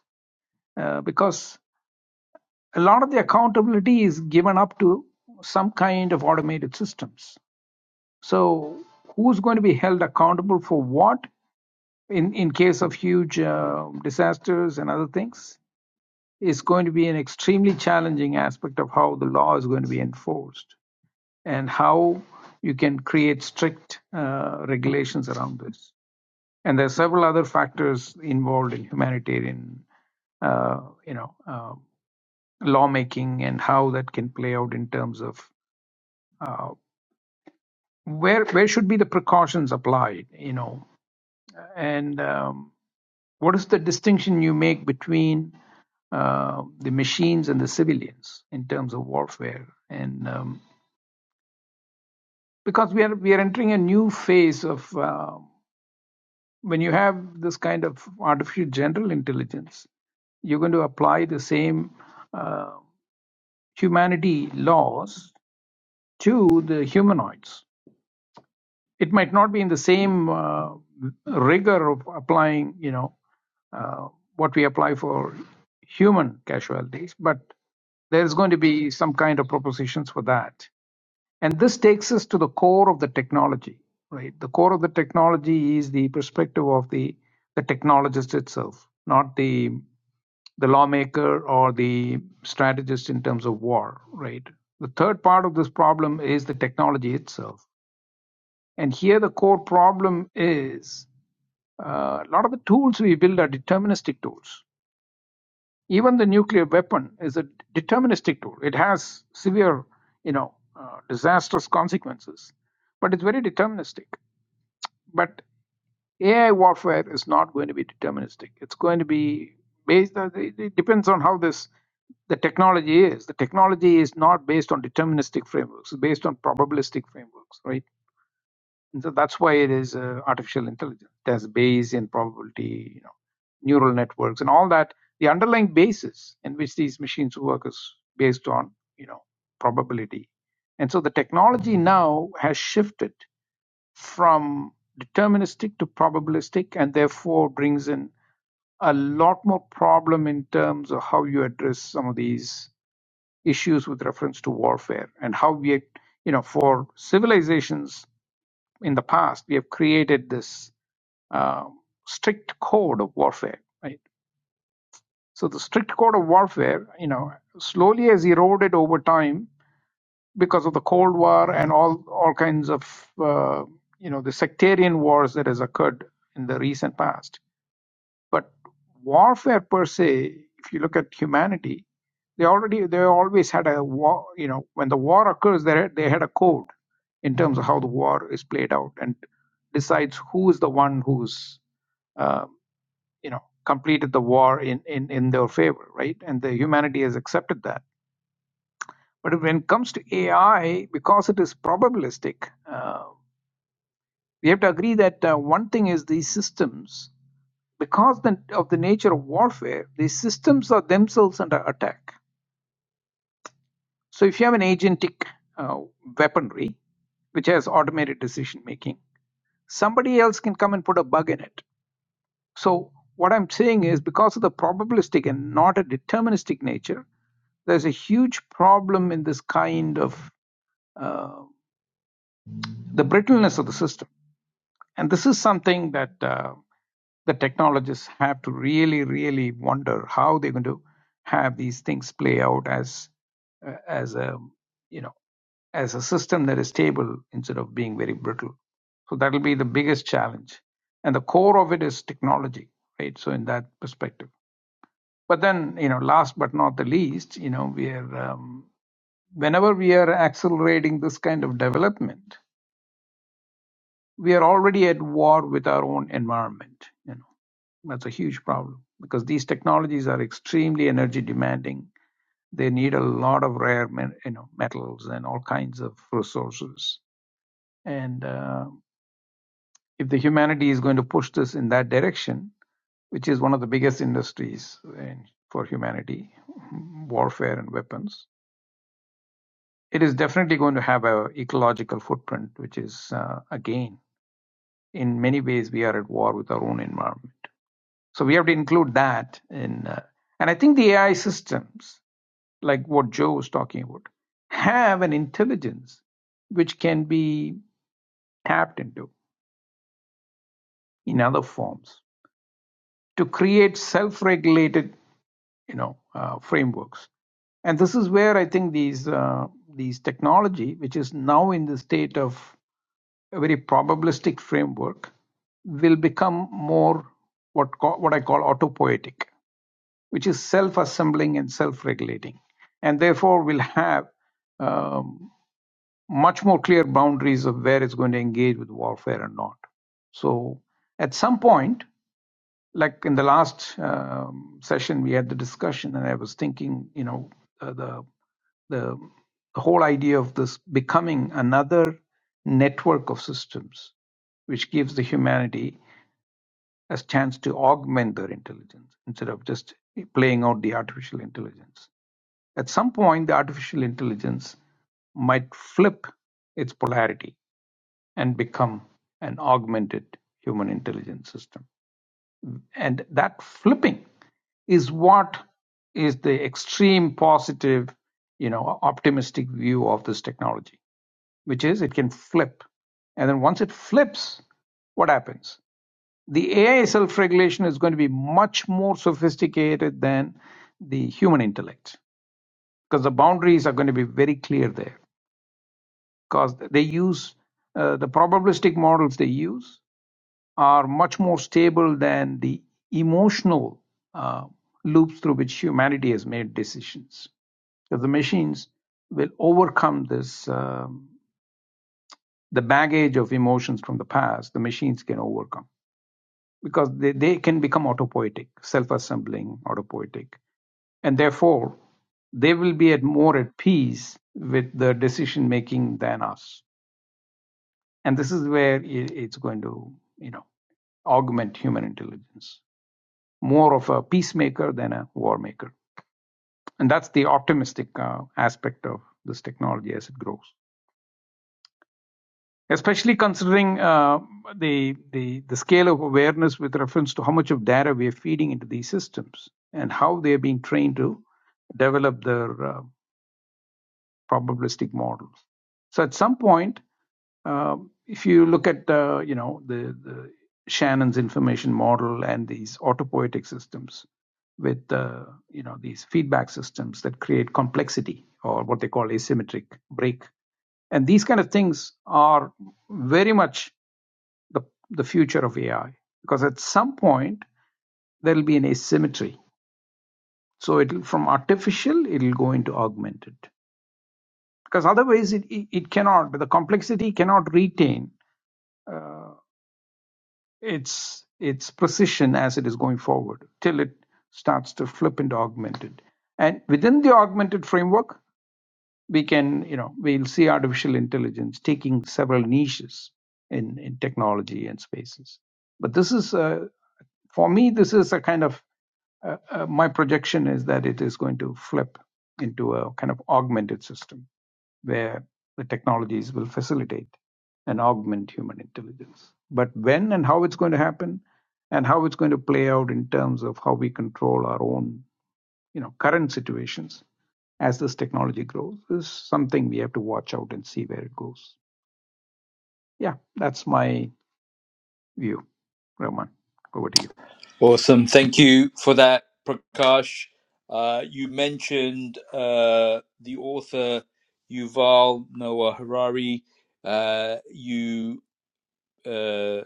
uh, because a lot of the accountability is given up to some kind of automated systems. So, who's going to be held accountable for what in, in case of huge uh, disasters and other things? is going to be an extremely challenging aspect of how the law is going to be enforced and how you can create strict uh, regulations around this. And there are several other factors involved in humanitarian, uh, you know, uh, lawmaking and how that can play out in terms of uh, where where should be the precautions applied, you know, and um, What is the distinction you make between uh, the machines and the civilians in terms of warfare? And um, because we are we are entering a new phase of uh, when you have this kind of artificial general intelligence, you're going to apply the same uh, humanity laws to the humanoids. It might not be in the same uh, rigor of applying, you know, uh, what we apply for human casualties, but there is going to be some kind of propositions for that. And this takes us to the core of the technology, right? The core of the technology is the perspective of the, the technologist itself, not the the lawmaker or the strategist in terms of war, right? The third part of this problem is the technology itself. And here the core problem is uh, a lot of the tools we build are deterministic tools even the nuclear weapon is a deterministic tool. It has severe, you know, uh, disastrous consequences, but it's very deterministic. But AI warfare is not going to be deterministic. It's going to be based. On, it it depends on how this the technology is. The technology is not based on deterministic frameworks. It's based on probabilistic frameworks, right? And so that's why it is uh, artificial intelligence. There's Bayes and probability, you know, neural networks and all that. The underlying basis in which these machines work is based on, you know, probability. And so the technology now has shifted from deterministic to probabilistic and therefore brings in a lot more problem in terms of how you address some of these issues with reference to warfare and how we, you know, for civilizations in the past, we have created this uh, strict code of warfare, right? So the strict code of warfare, you know, slowly has eroded over time because of the Cold War and all all kinds of uh, you know the sectarian wars that has occurred in the recent past. But warfare per se, if you look at humanity, they already they always had a war. You know, when the war occurs, they they had a code in terms of how the war is played out and decides who is the one who's uh, you know completed the war in, in in their favor, right? And the humanity has accepted that. But when it comes to AI, because it is probabilistic, uh, we have to agree that uh, one thing is these systems. because the, of the nature of warfare, these systems are themselves under attack. So if you have an agentic uh, weaponry which has automated decision making, somebody else can come and put a bug in it. So what I'm saying is because of the probabilistic and not a deterministic nature, there's a huge problem in this kind of uh, the brittleness of the system And this is something that uh, the technologists have to really, really wonder how they're going to have these things play out as uh, as a you know as a system that is stable instead of being very brittle. So that'll be the biggest challenge. And the core of it is technology, right? So in that perspective. But then, you know, last but not the least, you know, we are um, whenever we are accelerating this kind of development, we are already at war with our own environment. You know, that's a huge problem because these technologies are extremely energy demanding. They need a lot of rare, you know, metals and all kinds of resources. And uh, if the humanity is going to push this in that direction, which is one of the biggest industries in, for humanity, warfare and weapons, it is definitely going to have an ecological footprint, which is uh, again, in many ways, we are at war with our own environment. So we have to include that in. Uh, and I think the AI systems, like what Joe was talking about, have an intelligence which can be tapped into in other forms to create self-regulated, you know, uh, frameworks. And this is where I think these uh, these technology, which is now in the state of a very probabilistic framework, will become more what co- what I call autopoietic which is self assembling and self regulating, and therefore will have um, much more clear boundaries of where it's going to engage with warfare and not. So, at some point, like in the last um, session, we had the discussion, and I was thinking, you know, uh, the, the the whole idea of this becoming another network of systems, which gives the humanity as chance to augment their intelligence instead of just playing out the artificial intelligence. At some point, the artificial intelligence might flip its polarity and become an augmented human intelligence system. And that flipping is what is the extreme positive, you know, optimistic view of this technology, which is it can flip. And then once it flips, what happens? the AI self regulation is going to be much more sophisticated than the human intellect because the boundaries are going to be very clear there because they use uh, the probabilistic models they use are much more stable than the emotional uh, loops through which humanity has made decisions because the machines will overcome this um, the baggage of emotions from the past the machines can overcome because they, they can become autopoietic, self assembling, autopoietic. And therefore, they will be at more at peace with the decision making than us. And this is where i- it's going to, you know, augment human intelligence, more of a peacemaker than a war maker. And that's the optimistic uh, aspect of this technology as it grows. especially considering uh, the, the the scale of awareness with reference to how much of data we are feeding into these systems and how they are being trained to develop their uh, probabilistic models. So at some point, uh, if you look at uh, you know the, the Shannon's information model and these autopoietic systems with uh, you know these feedback systems that create complexity or what they call asymmetric break and these kind of things are very much the, the future of AI. Because at some point, there'll be an asymmetry. So it'll from artificial, it'll go into augmented. Because otherwise, it, it, it cannot, but the complexity cannot retain its its precision as it is going forward till it starts to flip into augmented. And within the augmented framework, we can, you know, we'll see artificial intelligence taking several niches in, in technology and spaces. But this is, uh, for me, this is a kind of, uh, uh, my projection is that it is going to flip into a kind of augmented system where the technologies will facilitate and augment human intelligence. But when and how it's going to happen and how it's going to play out in terms of how we control our own you know current situations as this technology grows is something we have to watch out and see where it goes. Yeah, that's my view. Roman, over to you. Awesome. Thank you for that, Prakash. Uh, you mentioned uh, the author Yuval Noah Harari. Uh, you. Uh,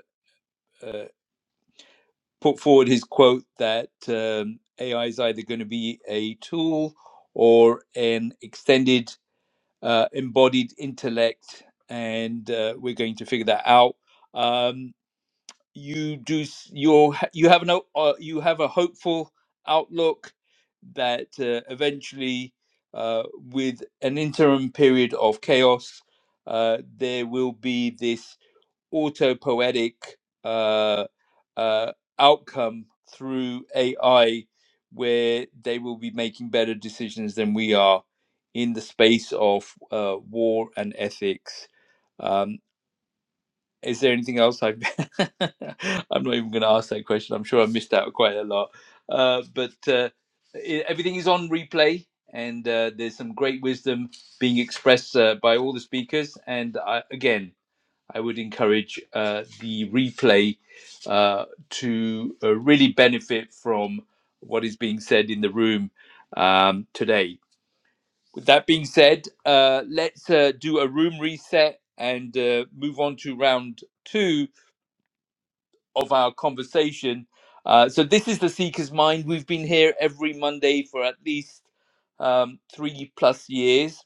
uh, put forward his quote that um, AI is either going to be a tool or an extended, uh, embodied intellect, and uh, we're going to figure that out. Um, you do you you have no uh, you have a hopeful outlook that uh, eventually, uh, with an interim period of chaos, uh, there will be this autopoetic uh, uh, outcome through AI where they will be making better decisions than we are in the space of uh, war and ethics. Um, is there anything else I've I'm not even going to ask that question. I'm sure I missed out quite a lot. Uh, but uh, i everything is on replay, and uh, there's some great wisdom being expressed uh, by all the speakers. And I, again, I would encourage uh, the replay uh, to uh, really benefit from what is being said in the room um, today. With that being said, uh, let's uh, do a room reset and uh, move on to round two of our conversation. Uh, so, this is The Seeker's Mind. We've been here every Monday for at least um, three plus years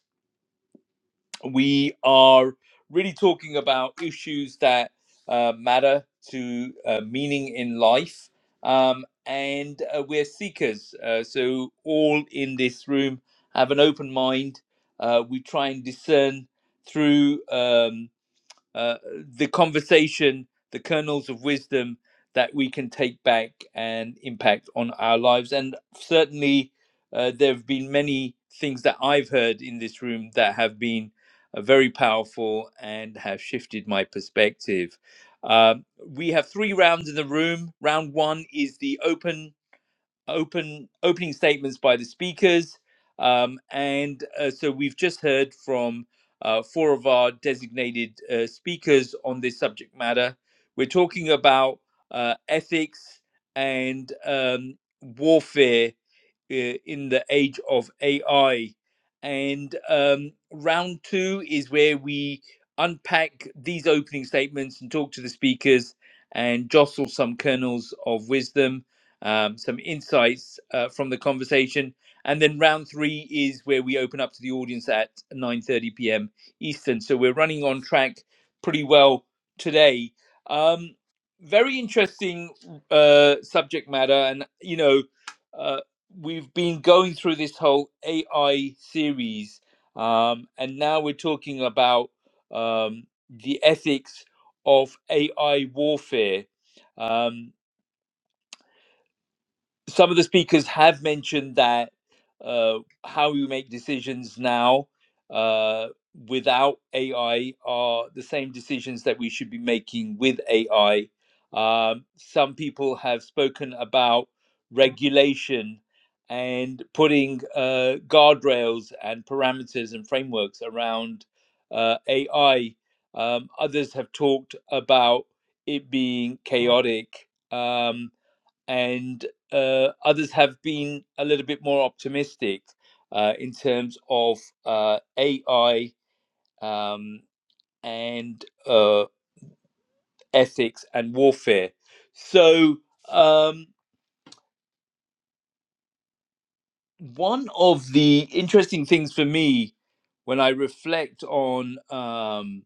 we are really talking about issues that uh, matter to uh, meaning in life. Um, and uh, we're seekers. Uh, so, all in this room have an open mind. Uh, we try and discern through. Um, uh, the conversation, the kernels of wisdom that we can take back and impact on our lives. And certainly, uh, there have been many things that I've heard in this room that have been uh, very powerful and have shifted my perspective. Um, we have three rounds in the room. Round one is the open open opening statements by the speakers, um, and uh, so we've just heard from uh, four of our designated uh, speakers on this subject matter. We're talking about uh, ethics and um, warfare uh, in the age of AI. And um, round two is where we unpack these opening statements and talk to the speakers and jostle some kernels of wisdom, um, some insights uh, from the conversation. And then round three is where we open up to the audience at 9:30 p.m. Eastern. So we're running on track pretty well today. Um, very interesting uh, subject matter, and you know, uh, we've been going through this whole AI series, um, and now we're talking about um, the ethics of AI warfare. Um, some of the speakers have mentioned that uh, how we make decisions now uh, without AI are the same decisions that we should be making with AI. Um, some people have spoken about regulation and putting uh, guardrails and parameters and frameworks around uh, AI. Um, others have talked about it being chaotic. Um, and uh, others have been a little bit more optimistic uh, in terms of uh, AI um, and uh, ethics and warfare. So, um, one of the interesting things for me when I reflect on um,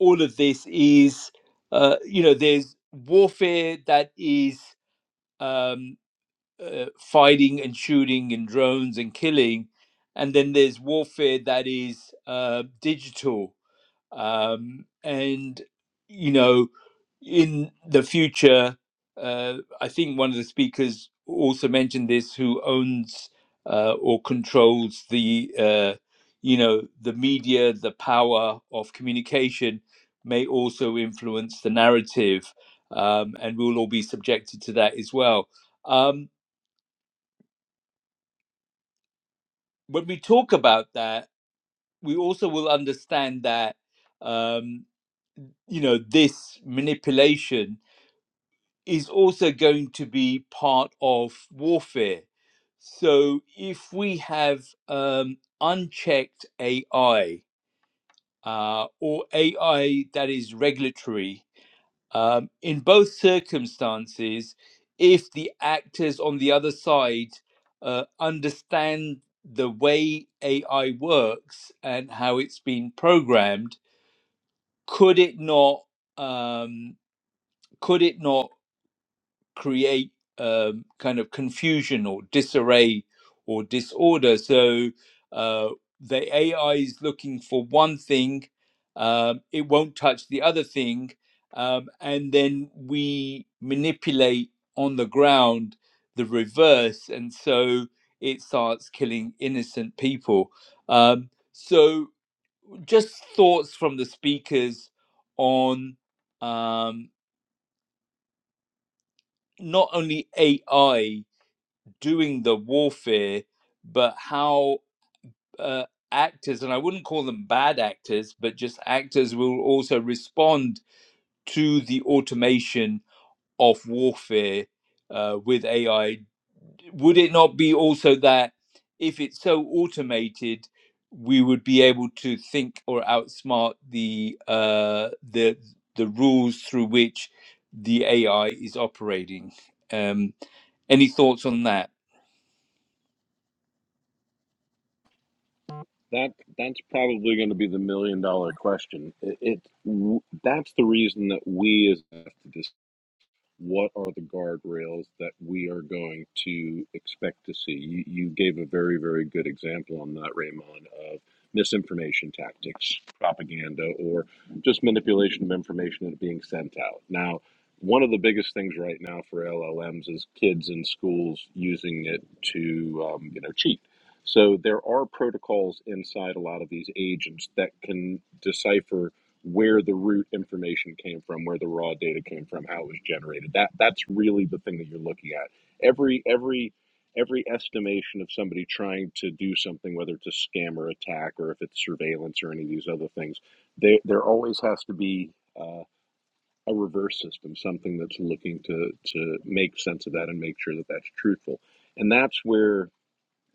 all of this is, uh, you know, there's warfare that is. Um, uh, fighting and shooting and drones and killing, and then there's warfare that is uh, digital. Um, and you know, in the future, uh, I think one of the speakers also mentioned this, who owns uh, or controls the uh, you know the media, the power of communication may also influence the narrative, um, and we'll all be subjected to that as well. Um, when we talk about that, we also will understand that um, you know this manipulation is also going to be part of warfare. So if we have um, unchecked AI uh, or AI that is regulatory, Um, in both circumstances, if the actors on the other side uh, understand the way AI works and how it's been programmed, could it not? Um, could it not? create um, kind of confusion or disarray or disorder. So uh, the AI is looking for one thing, um, it won't touch the other thing, um, and then we manipulate on the ground the reverse, and so it starts killing innocent people. Um, so just thoughts from the speakers on um, not only AI doing the warfare, but how uh, actors, and I wouldn't call them bad actors, but just actors will also respond to the automation of warfare uh, with AI. Would it not be also that if it's so automated, we would be able to think or outsmart the uh, the the rules through which the AI is operating. Um, any thoughts on that? That that's probably going to be the million dollar question. It, it that's the reason that we as have to what are the guardrails that we are going to expect to see? You, you gave a very, very good example on that, Raymond, of misinformation tactics, propaganda, or just manipulation of information that's being sent out. Now, one of the biggest things right now for LLMs is kids in schools using it to, um, you know, cheat. So there are protocols inside a lot of these agents that can decipher where the root information came from, where the raw data came from, how it was generated. That that's really the thing that you're looking at. Every every every estimation of somebody trying to do something, whether it's a scam or attack, or if it's surveillance or any of these other things, they, there always has to be uh, a reverse system, something that's looking to to make sense of that and make sure that that's truthful. And that's where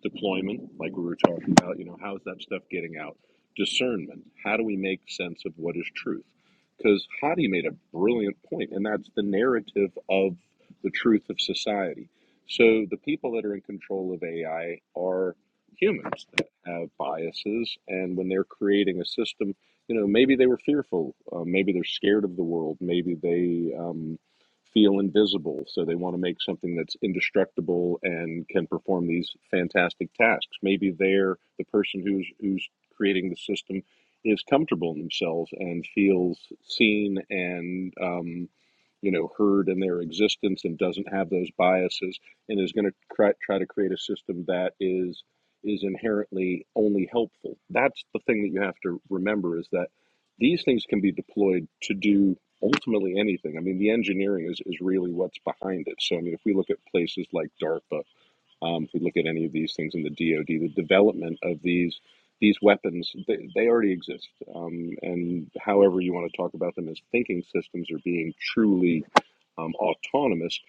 deployment, like we were talking about, you know, how's that stuff getting out? Discernment. How do we make sense of what is truth? Because Hadi made a brilliant point, and that's the narrative of the truth of society. So the people that are in control of AI are humans that have biases, and when they're creating a system, you know, maybe they were fearful, uh, maybe they're scared of the world, maybe they, um, feel invisible. So they want to make something that's indestructible and can perform these fantastic tasks. Maybe they're the person who's who's creating the system is comfortable in themselves and feels seen and um, you know heard in their existence and doesn't have those biases and is going to try, try to create a system that is is inherently only helpful that's the thing that you have to remember is that these things can be deployed to do ultimately anything i mean the engineering is, is really what's behind it so i mean if we look at places like darpa um, if we look at any of these things in the dod the development of these these weapons they, they already exist um, and however you want to talk about them as thinking systems are being truly um, autonomous,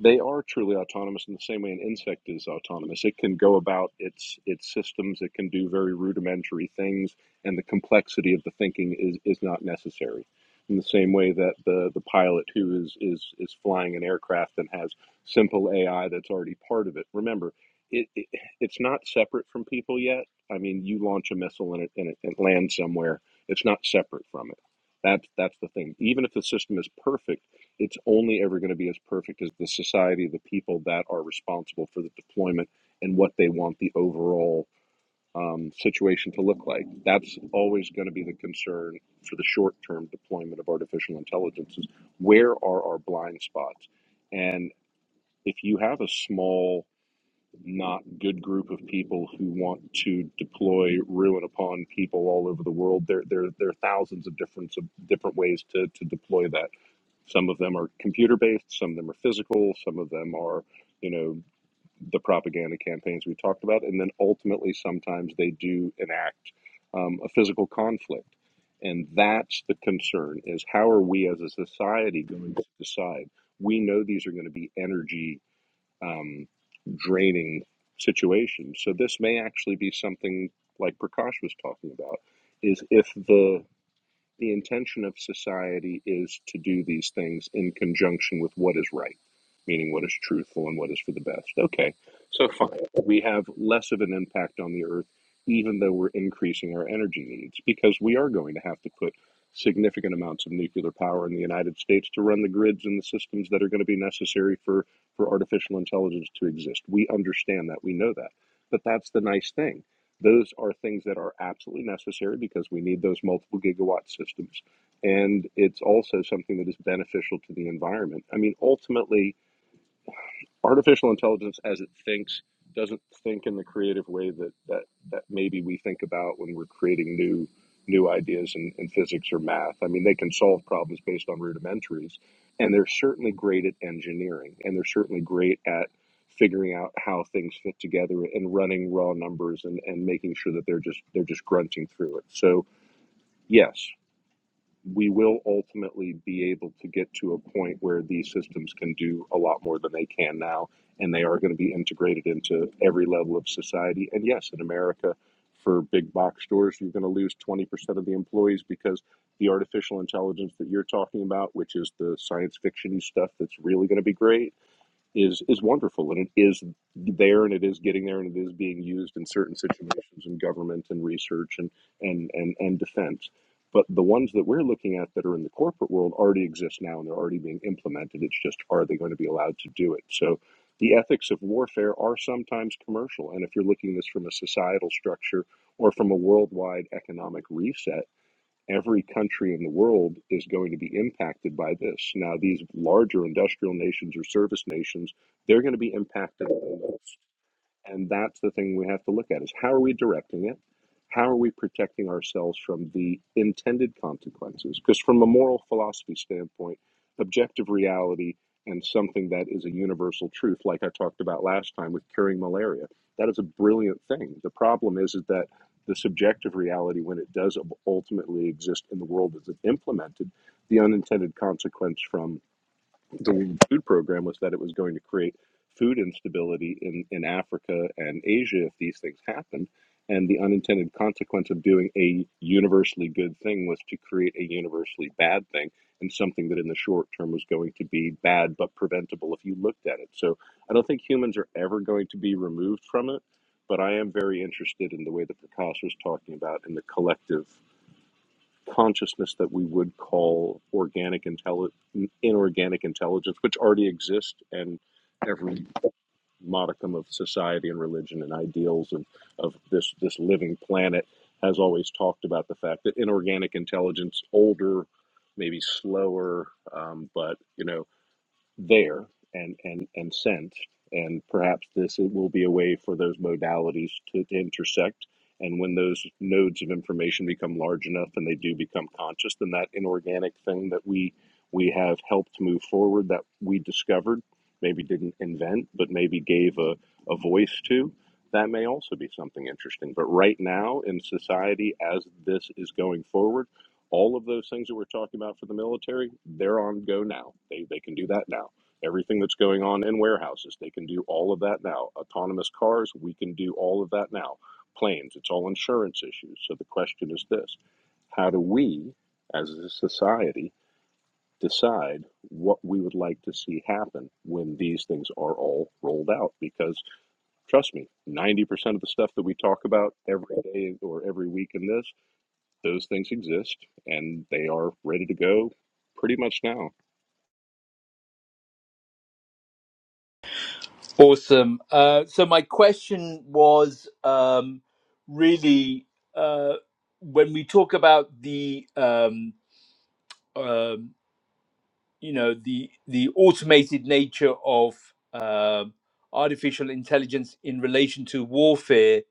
they are truly autonomous in the same way an insect is autonomous. It can go about its its systems. It can do very rudimentary things, and the complexity of the thinking is is not necessary. In the same way that the the pilot who is is is flying an aircraft and has simple AI that's already part of it. Remember, it, it it's not separate from people yet. I mean, you launch a missile and it, and it, it lands somewhere. It's not separate from it. That's that's the thing. Even if the system is perfect it's only ever going to be as perfect as the society of the people that are responsible for the deployment and what they want the overall um, situation to look like. That's always going to be the concern for the short term deployment of artificial intelligence is where are our blind spots? And if you have a small, not good group of people who want to deploy ruin upon people all over the world, there, there, there are thousands of different, of different ways to, to deploy that some of them are computer based, some of them are physical, some of them are, you know, the propaganda campaigns we talked about. And then ultimately, sometimes they do enact um, a physical conflict. And that's the concern is how are we as a society going to decide? We know these are going to be energy um, draining situations. So this may actually be something like Prakash was talking about is if the the intention of society is to do these things in conjunction with what is right, meaning what is truthful and what is for the best. Okay, so fine. We have less of an impact on the earth, even though we're increasing our energy needs, because we are going to have to put significant amounts of nuclear power in the United States to run the grids and the systems that are going to be necessary for, for artificial intelligence to exist. We understand that, we know that. But that's the nice thing those are things that are absolutely necessary because we need those multiple gigawatt systems. And it's also something that is beneficial to the environment. I mean, ultimately, artificial intelligence as it thinks doesn't think in the creative way that that that maybe we think about when we're creating new new ideas in, in physics or math. I mean, they can solve problems based on rudimentaries, and they're certainly great at engineering, and they're certainly great at figuring out how things fit together and running raw numbers and, and making sure that they're just they're just grunting through it. So yes, we will ultimately be able to get to a point where these systems can do a lot more than they can now, and they are going to be integrated into every level of society. And yes, in America, for big box stores, you're going to lose 20% of the employees because the artificial intelligence that you're talking about, which is the science fiction stuff that's really going to be great, is is wonderful and it is there and it is getting there and it is being used in certain situations in government and research and and and, and defense but the ones that we're looking at that are in the corporate world already exist now and they're already being implemented it's just are they going to be allowed to do it so the ethics of warfare are sometimes commercial and if you're looking at this from a societal structure or from a worldwide economic reset Every country in the world is going to be impacted by this. Now, these larger industrial nations or service nations, they're going to be impacted. the most. And that's the thing we have to look at is how are we directing it? How are we protecting ourselves from the intended consequences? Because from a moral philosophy standpoint, objective reality and something that is a universal truth, like I talked about last time with curing malaria, that is a brilliant thing. The problem is, is that the subjective reality, when it does ultimately exist in the world as it's implemented, the unintended consequence from the food program was that it was going to create food instability in, in Africa and Asia if these things happened. And the unintended consequence of doing a universally good thing was to create a universally bad thing and something that in the short term was going to be bad but preventable if you looked at it. So I don't think humans are ever going to be removed from it, but I am very interested in the way that Prakash was talking about in the collective consciousness that we would call organic intelli- inorganic intelligence, which already exists and every modicum of society and religion and ideals of, of this, this living planet has always talked about the fact that inorganic intelligence, older, maybe slower, um, but you know there and and and sent and perhaps this will be a way for those modalities to intersect and when those nodes of information become large enough and they do become conscious then that inorganic thing that we we have helped move forward that we discovered maybe didn't invent but maybe gave a, a voice to that may also be something interesting but right now in society as this is going forward all of those things that we're talking about for the military, they're on go now. They, they can do that now. Everything that's going on in warehouses, they can do all of that now. Autonomous cars, we can do all of that now. Planes, it's all insurance issues. So the question is this how do we, as a society, decide what we would like to see happen when these things are all rolled out? Because trust me, 90% of the stuff that we talk about every day or every week in this those things exist and they are ready to go pretty much now. Awesome. Uh, so my question was um, really uh, when we talk about the um, um, you know the the automated nature of uh, artificial intelligence in relation to warfare,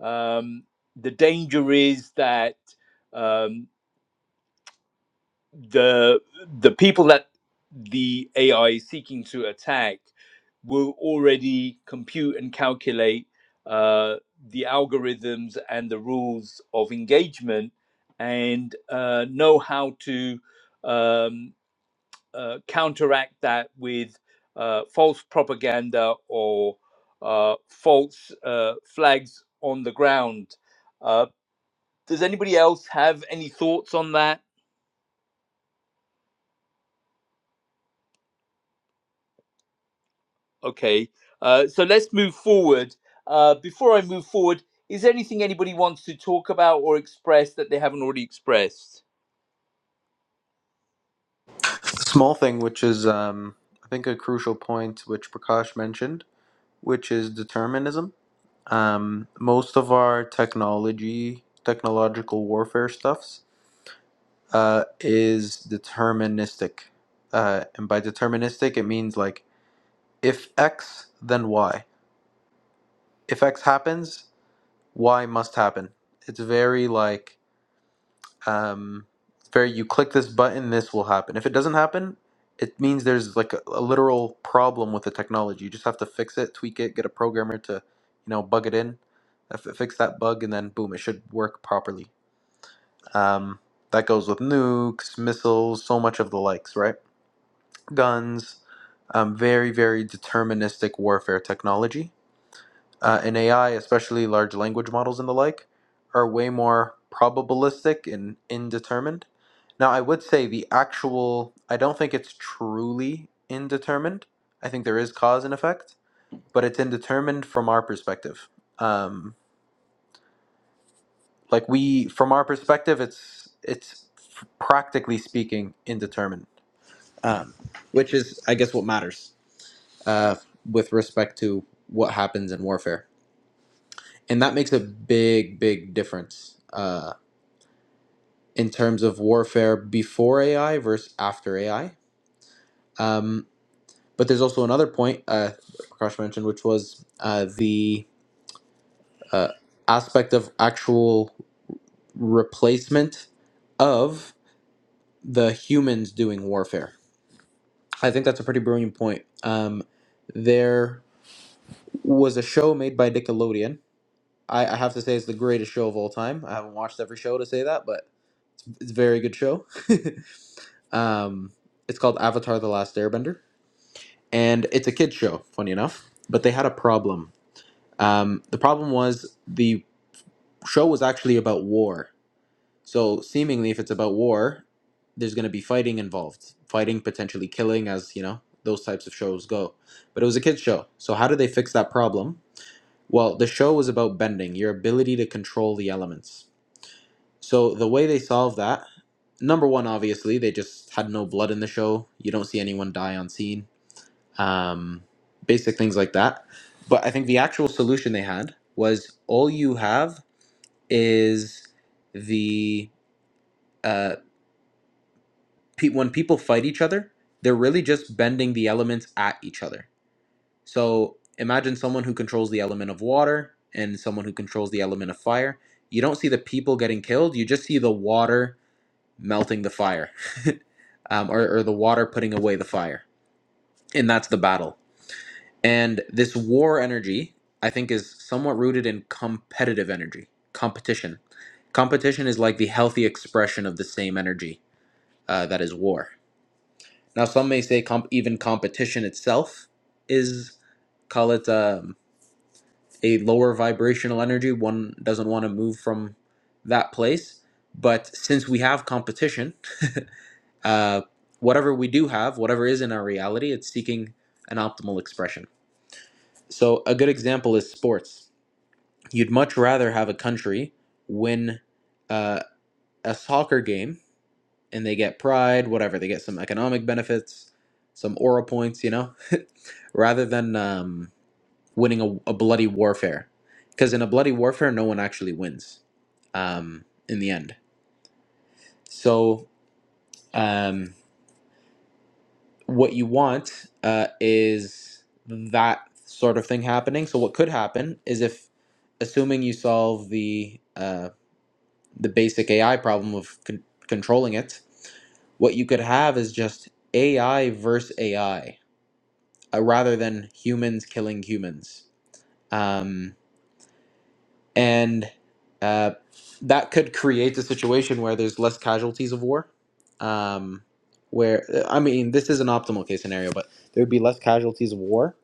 um, the danger is that. um, the the people that the AI is seeking to attack will already compute and calculate uh, the algorithms and the rules of engagement and uh, know how to um, uh, counteract that with uh, false propaganda or uh, false uh, flags on the ground. Uh, does anybody else have any thoughts on that? Okay, uh, so let's move forward. Uh, before I move forward, is there anything anybody wants to talk about or express that they haven't already expressed? Small thing, which is, um, I think, a crucial point which Prakash mentioned which is determinism. Um, most of our technology, technological warfare stuffs, uh, is deterministic. Uh, and by deterministic, it means like if X, then Y. If X happens, Y must happen. It's very like um, it's very you click this button this will happen if it doesn't happen it means there's like a, a literal problem with the technology you just have to fix it tweak it get a programmer to you know bug it in uh, fi- fix that bug and then boom it should work properly um, that goes with nukes missiles so much of the likes right guns um, very very deterministic warfare technology uh, in AI, especially large language models and the like, are way more probabilistic and indetermined. Now, I would say the actual, I don't think it's truly indetermined. I think there is cause and effect, but it's indetermined from our perspective. Um, like we, from our perspective, it's it's f- practically speaking indeterminate, um, which is, I guess, what matters uh, with respect to what happens in warfare. and that makes a big big difference uh, in terms of warfare before ai versus after ai um, but there's also another point uh, prakash mentioned which was uh, the uh, aspect of actual replacement of the humans doing warfare i think that's a pretty brilliant point um, there was a show made by nickelodeon I, I have to say it's the greatest show of all time i haven't watched every show to say that but it's a very good show Um, it's called Avatar: The Last Airbender, and it's a kids show. Funny enough, but they had a problem. Um, the problem was the show was actually about war. So seemingly, if it's about war, there's going to be fighting involved, fighting potentially killing, as you know those types of shows go. But it was a kids show. So how did they fix that problem? Well, the show was about bending, your ability to control the elements. So the way they solved that number one, obviously, they just had no blood in the show. You don't see anyone die on scene um, basic things like that. But I think the actual solution they had was all you have is the uh, pe- when people fight each other, they're really just bending the elements at each other. So imagine someone who controls the element of water and someone who controls the element of fire. You don't see the people getting killed. You just see the water melting the fire, um, or, or the water putting away the fire, and that's the battle And this war energy, I think, is somewhat rooted in competitive energy, competition. Competition is like the healthy expression of the same energy uh, that is war. Now, some may say comp- even competition itself is, call it um, a lower vibrational energy. One doesn't want to move from that place. But since we have competition, uh, whatever we do have, whatever is in our reality, it's seeking an optimal expression. So, a good example is sports You'd much rather have a country win uh, a soccer game and they get pride, whatever, they get some economic benefits, some aura points, you know, rather than um, winning a, a bloody warfare. Because in a bloody warfare, no one actually wins um, in the end. So, um, what you want uh, is that sort of thing happening. So, what could happen is if, assuming you solve the uh, the basic AI problem of con- controlling it. What you could have is just AI versus AI, uh, rather than humans killing humans. Um, and uh, that could create a situation where there's less casualties of war. Um, where, I mean, this is an optimal case scenario, but there would be less casualties of war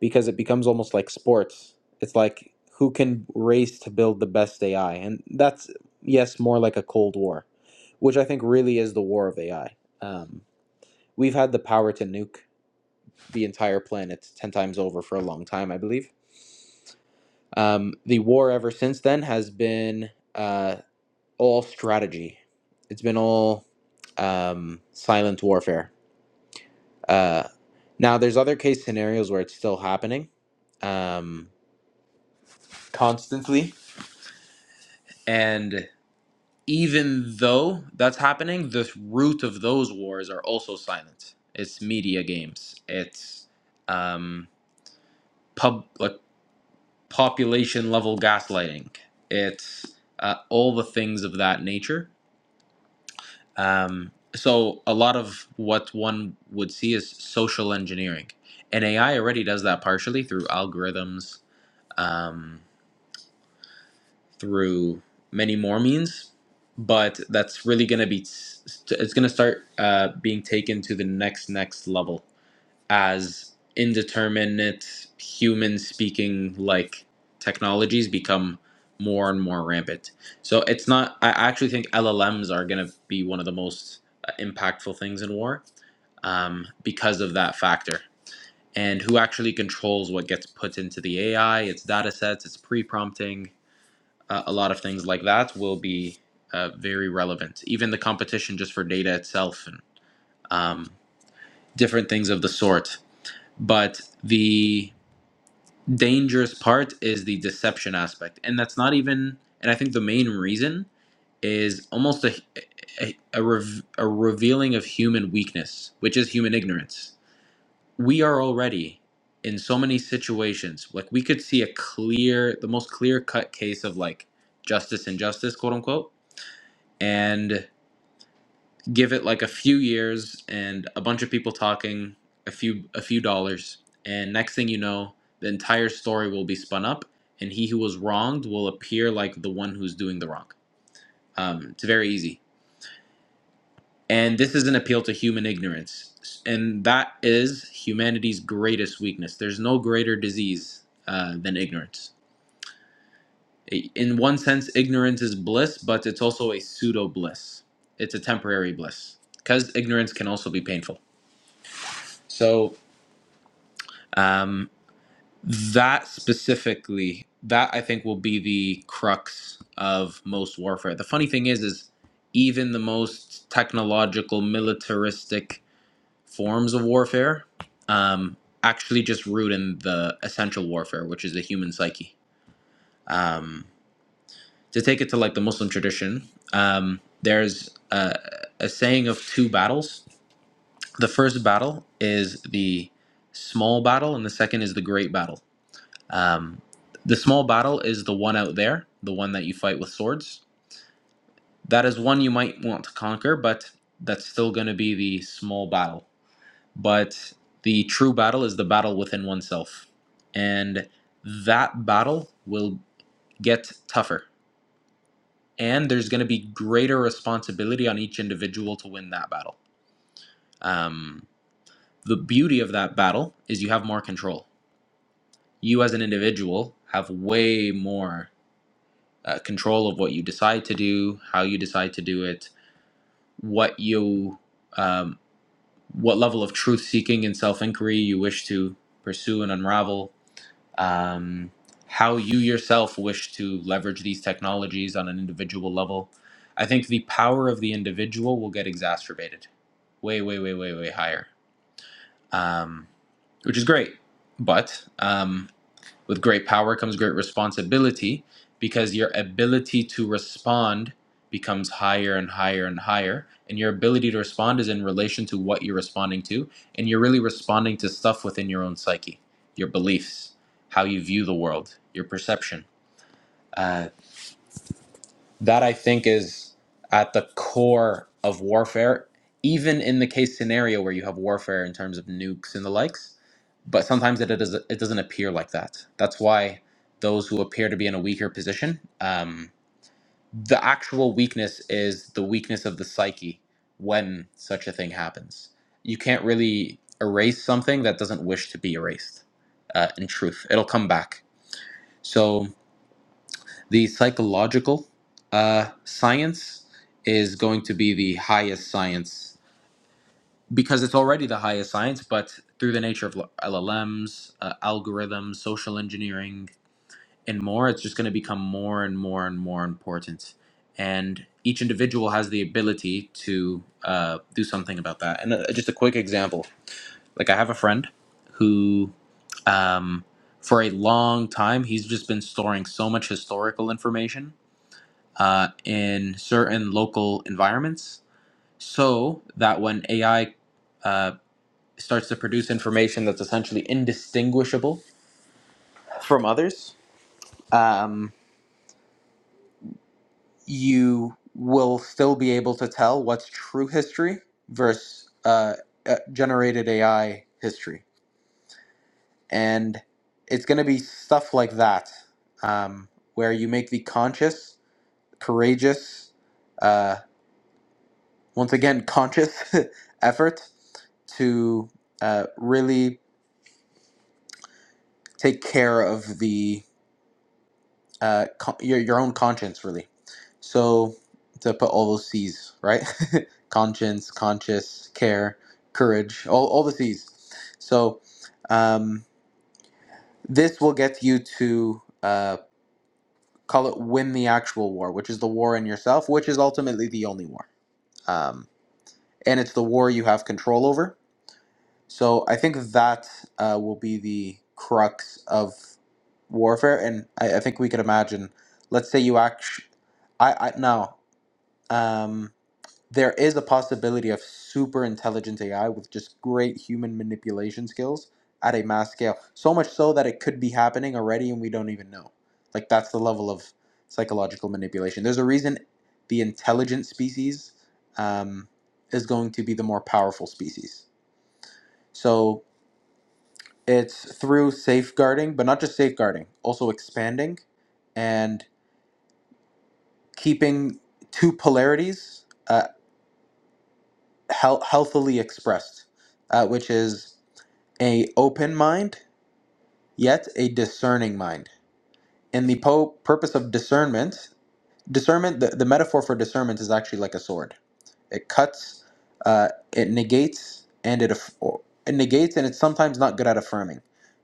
because it becomes almost like sports. It's like who can race to build the best AI, and that's yes, more like a cold war, which I think really is the war of AI. Um, we've had the power to nuke the entire planet ten times over for a long time, I believe. Um, the war ever since then has been uh, all strategy. It's been all um, silent warfare. Uh, now, there's other case scenarios where it's still happening um, constantly, And even though that's happening, the root of those wars are also silent. It's media games. It's um, pub like population level gaslighting. It's uh, all the things of that nature. Um, so a lot of what one would see is social engineering, and AI already does that partially through algorithms. Um, through many more means but that's really going to be it's going to start uh, being taken to the next next level as indeterminate human speaking like technologies become more and more rampant so it's not i actually think llms are going to be one of the most uh, impactful things in war um, because of that factor and who actually controls what gets put into the ai its data sets its pre-prompting uh, a lot of things like that will be uh, very relevant. Even the competition just for data itself and um, different things of the sort. But the dangerous part is the deception aspect. And that's not even, and I think the main reason is almost a, a, a, rev, a revealing of human weakness, which is human ignorance. We are already in so many situations, like we could see a clear, the most clear cut case of like justice and justice, quote unquote and give it like a few years and a bunch of people talking a few a few dollars and next thing you know the entire story will be spun up and he who was wronged will appear like the one who's doing the wrong um, it's very easy and this is an appeal to human ignorance and that is humanity's greatest weakness there's no greater disease uh, than ignorance in one sense ignorance is bliss but it's also a pseudo bliss it's a temporary bliss because ignorance can also be painful So um, that specifically, that I think will be the crux of most warfare. The funny thing is, is even the most technological, militaristic forms of warfare um, actually just root in the essential warfare, which is the human psyche. Um, to take it to like the Muslim tradition, um, there's a, a saying of two battles. The first battle is the small battle, and the second is the great battle Um, the small battle is the one out there, the one that you fight with swords. That is one you might want to conquer, but that's still going to be the small battle. But the true battle is the battle within oneself. And that battle will get tougher. And there's going to be greater responsibility on each individual to win that battle. Um, the beauty of that battle is you have more control. You, as an individual, have way more uh, control of what you decide to do, how you decide to do it, what you, um, what level of truth seeking and self inquiry you wish to pursue and unravel, um, how you yourself wish to leverage these technologies on an individual level. I think the power of the individual will get exacerbated, way, way, way, way, way higher, um, which is great. But um, with great power comes great responsibility because your ability to respond becomes higher and higher and higher. And your ability to respond is in relation to what you're responding to. And you're really responding to stuff within your own psyche, your beliefs, how you view the world, your perception. Uh, that I think is at the core of warfare, even in the case scenario where you have warfare in terms of nukes and the likes. But sometimes it, it, does, it doesn't appear like that. That's why those who appear to be in a weaker position, um, the actual weakness is the weakness of the psyche when such a thing happens. You can't really erase something that doesn't wish to be erased, uh, in truth. It'll come back. So. The psychological uh, science is going to be the highest science because it's already the highest science, but through the nature of l- LLMs, uh, algorithms, social engineering, and more, it's just going to become more and more and more important. And each individual has the ability to uh, do something about that. And uh, just a quick example like, I have a friend who um, for a long time he's just been storing so much historical information uh, in certain local environments so that when AI uh, starts to produce information that's essentially indistinguishable from others, um, you will still be able to tell what's true history versus uh, uh, generated AI history. And it's going to be stuff like that um, where you make the conscious, courageous, uh, once again conscious effort to uh, really take care of the uh, con- your, your own conscience really so to put all those c's right conscience conscious care courage all, all the c's so um, this will get you to uh, call it win the actual war which is the war in yourself which is ultimately the only war um, and it's the war you have control over So I think that uh, will be the crux of warfare, and I, I think we could imagine. Let's say you act. I I no. Um, there is a possibility of super intelligent AI with just great human manipulation skills at a mass scale. So much so that it could be happening already, and we don't even know. Like that's the level of psychological manipulation. There's a reason the intelligent species um, is going to be the more powerful species. So it's through safeguarding, but not just safeguarding, also expanding and keeping two polarities uh, heal- healthily expressed, uh, which is a open mind yet a discerning mind. In the po- purpose of discernment, discernment the, the metaphor for discernment is actually like a sword. It cuts, uh, it negates, and it, aff- or- it negates, and it's sometimes not good at affirming.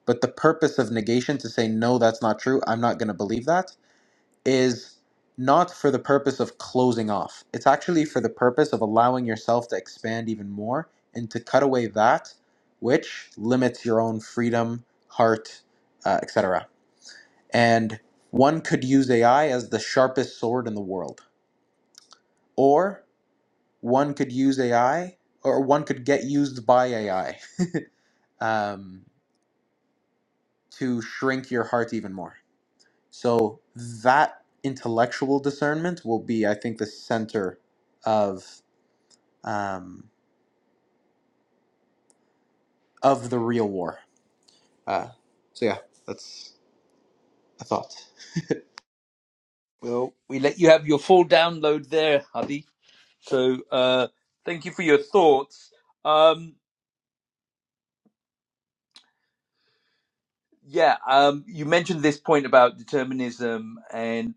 But the purpose of negation to say no, that's not true. I'm not going to believe that is not for the purpose of closing off. It's actually for the purpose of allowing yourself to expand even more and to cut away that which limits your own freedom, heart, uh, etc. And one could use AI as the sharpest sword in the world, or one could use AI, or one could get used by AI um, to shrink your heart even more. So that intellectual discernment will be, I think, the center of um, of the real war. Uh, so yeah, that's a thought. Well, we let you have your full download there, Hadi. So uh, thank you for your thoughts. Um, yeah, um, you mentioned this point about determinism and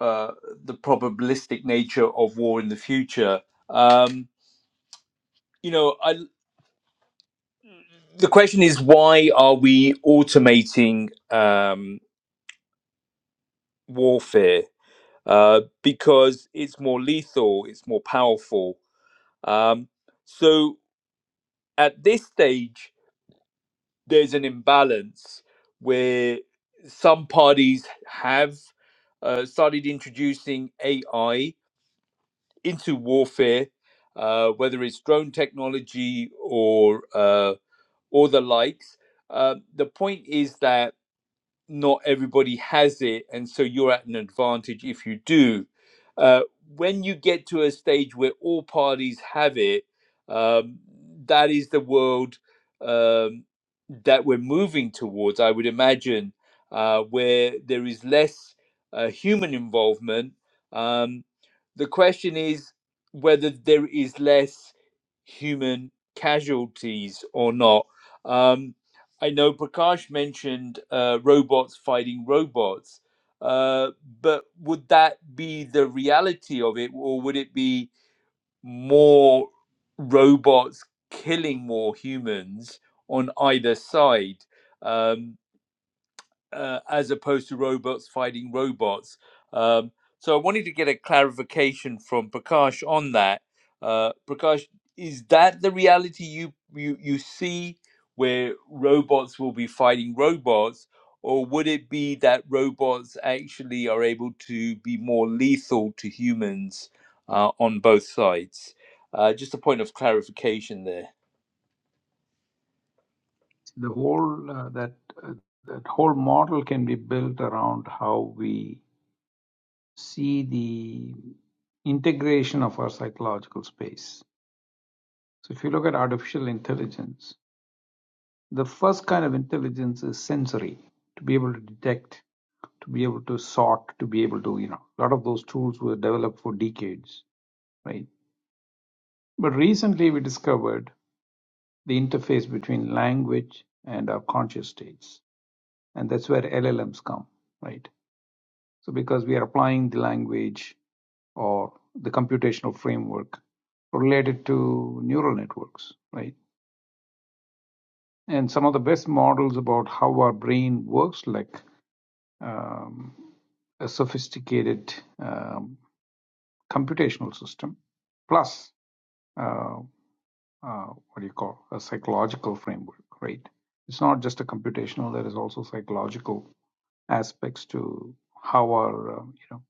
uh, the probabilistic nature of war in the future. Um, you know, I, the question is why are we automating? Um, warfare uh, because it's more lethal, it's more powerful. Um, so at this stage, there's an imbalance where some parties have uh, started introducing AI into warfare, uh, whether it's drone technology or uh, or the likes. Uh, the point is that not everybody has it, and so you're at an advantage if you do. Uh, when you get to a stage where all parties have it, um, that is the world um, that we're moving towards, I would imagine, uh, where there is less uh, human involvement. Um, the question is whether there is less human casualties or not. Um, I know Prakash mentioned uh, robots fighting robots, uh, but would that be the reality of it, or would it be more robots killing more humans on either side? Um, uh, as opposed to robots fighting robots. Um, so I wanted to get a clarification from Prakash on that. Uh, Prakash, is that the reality you, you you see where robots will be fighting robots, or would it be that robots actually are able to be more lethal to humans uh, on both sides? Uh, just a point of clarification there. The whole uh, that uh, that whole model can be built around how we see the integration of our psychological space. So if you look at artificial intelligence, The first kind of intelligence is sensory, to be able to detect, to be able to sort, to be able to, you know, a lot of those tools were developed for decades, right? But recently we discovered the interface between language and our conscious states. And that's where LLMs come, right? So because we are applying the language or the computational framework related to neural networks, right? And some of the best models about how our brain works, like um, a sophisticated um, computational system plus uh, uh, what do you call a psychological framework right it's not just a computational there is also psychological aspects to how our um, you know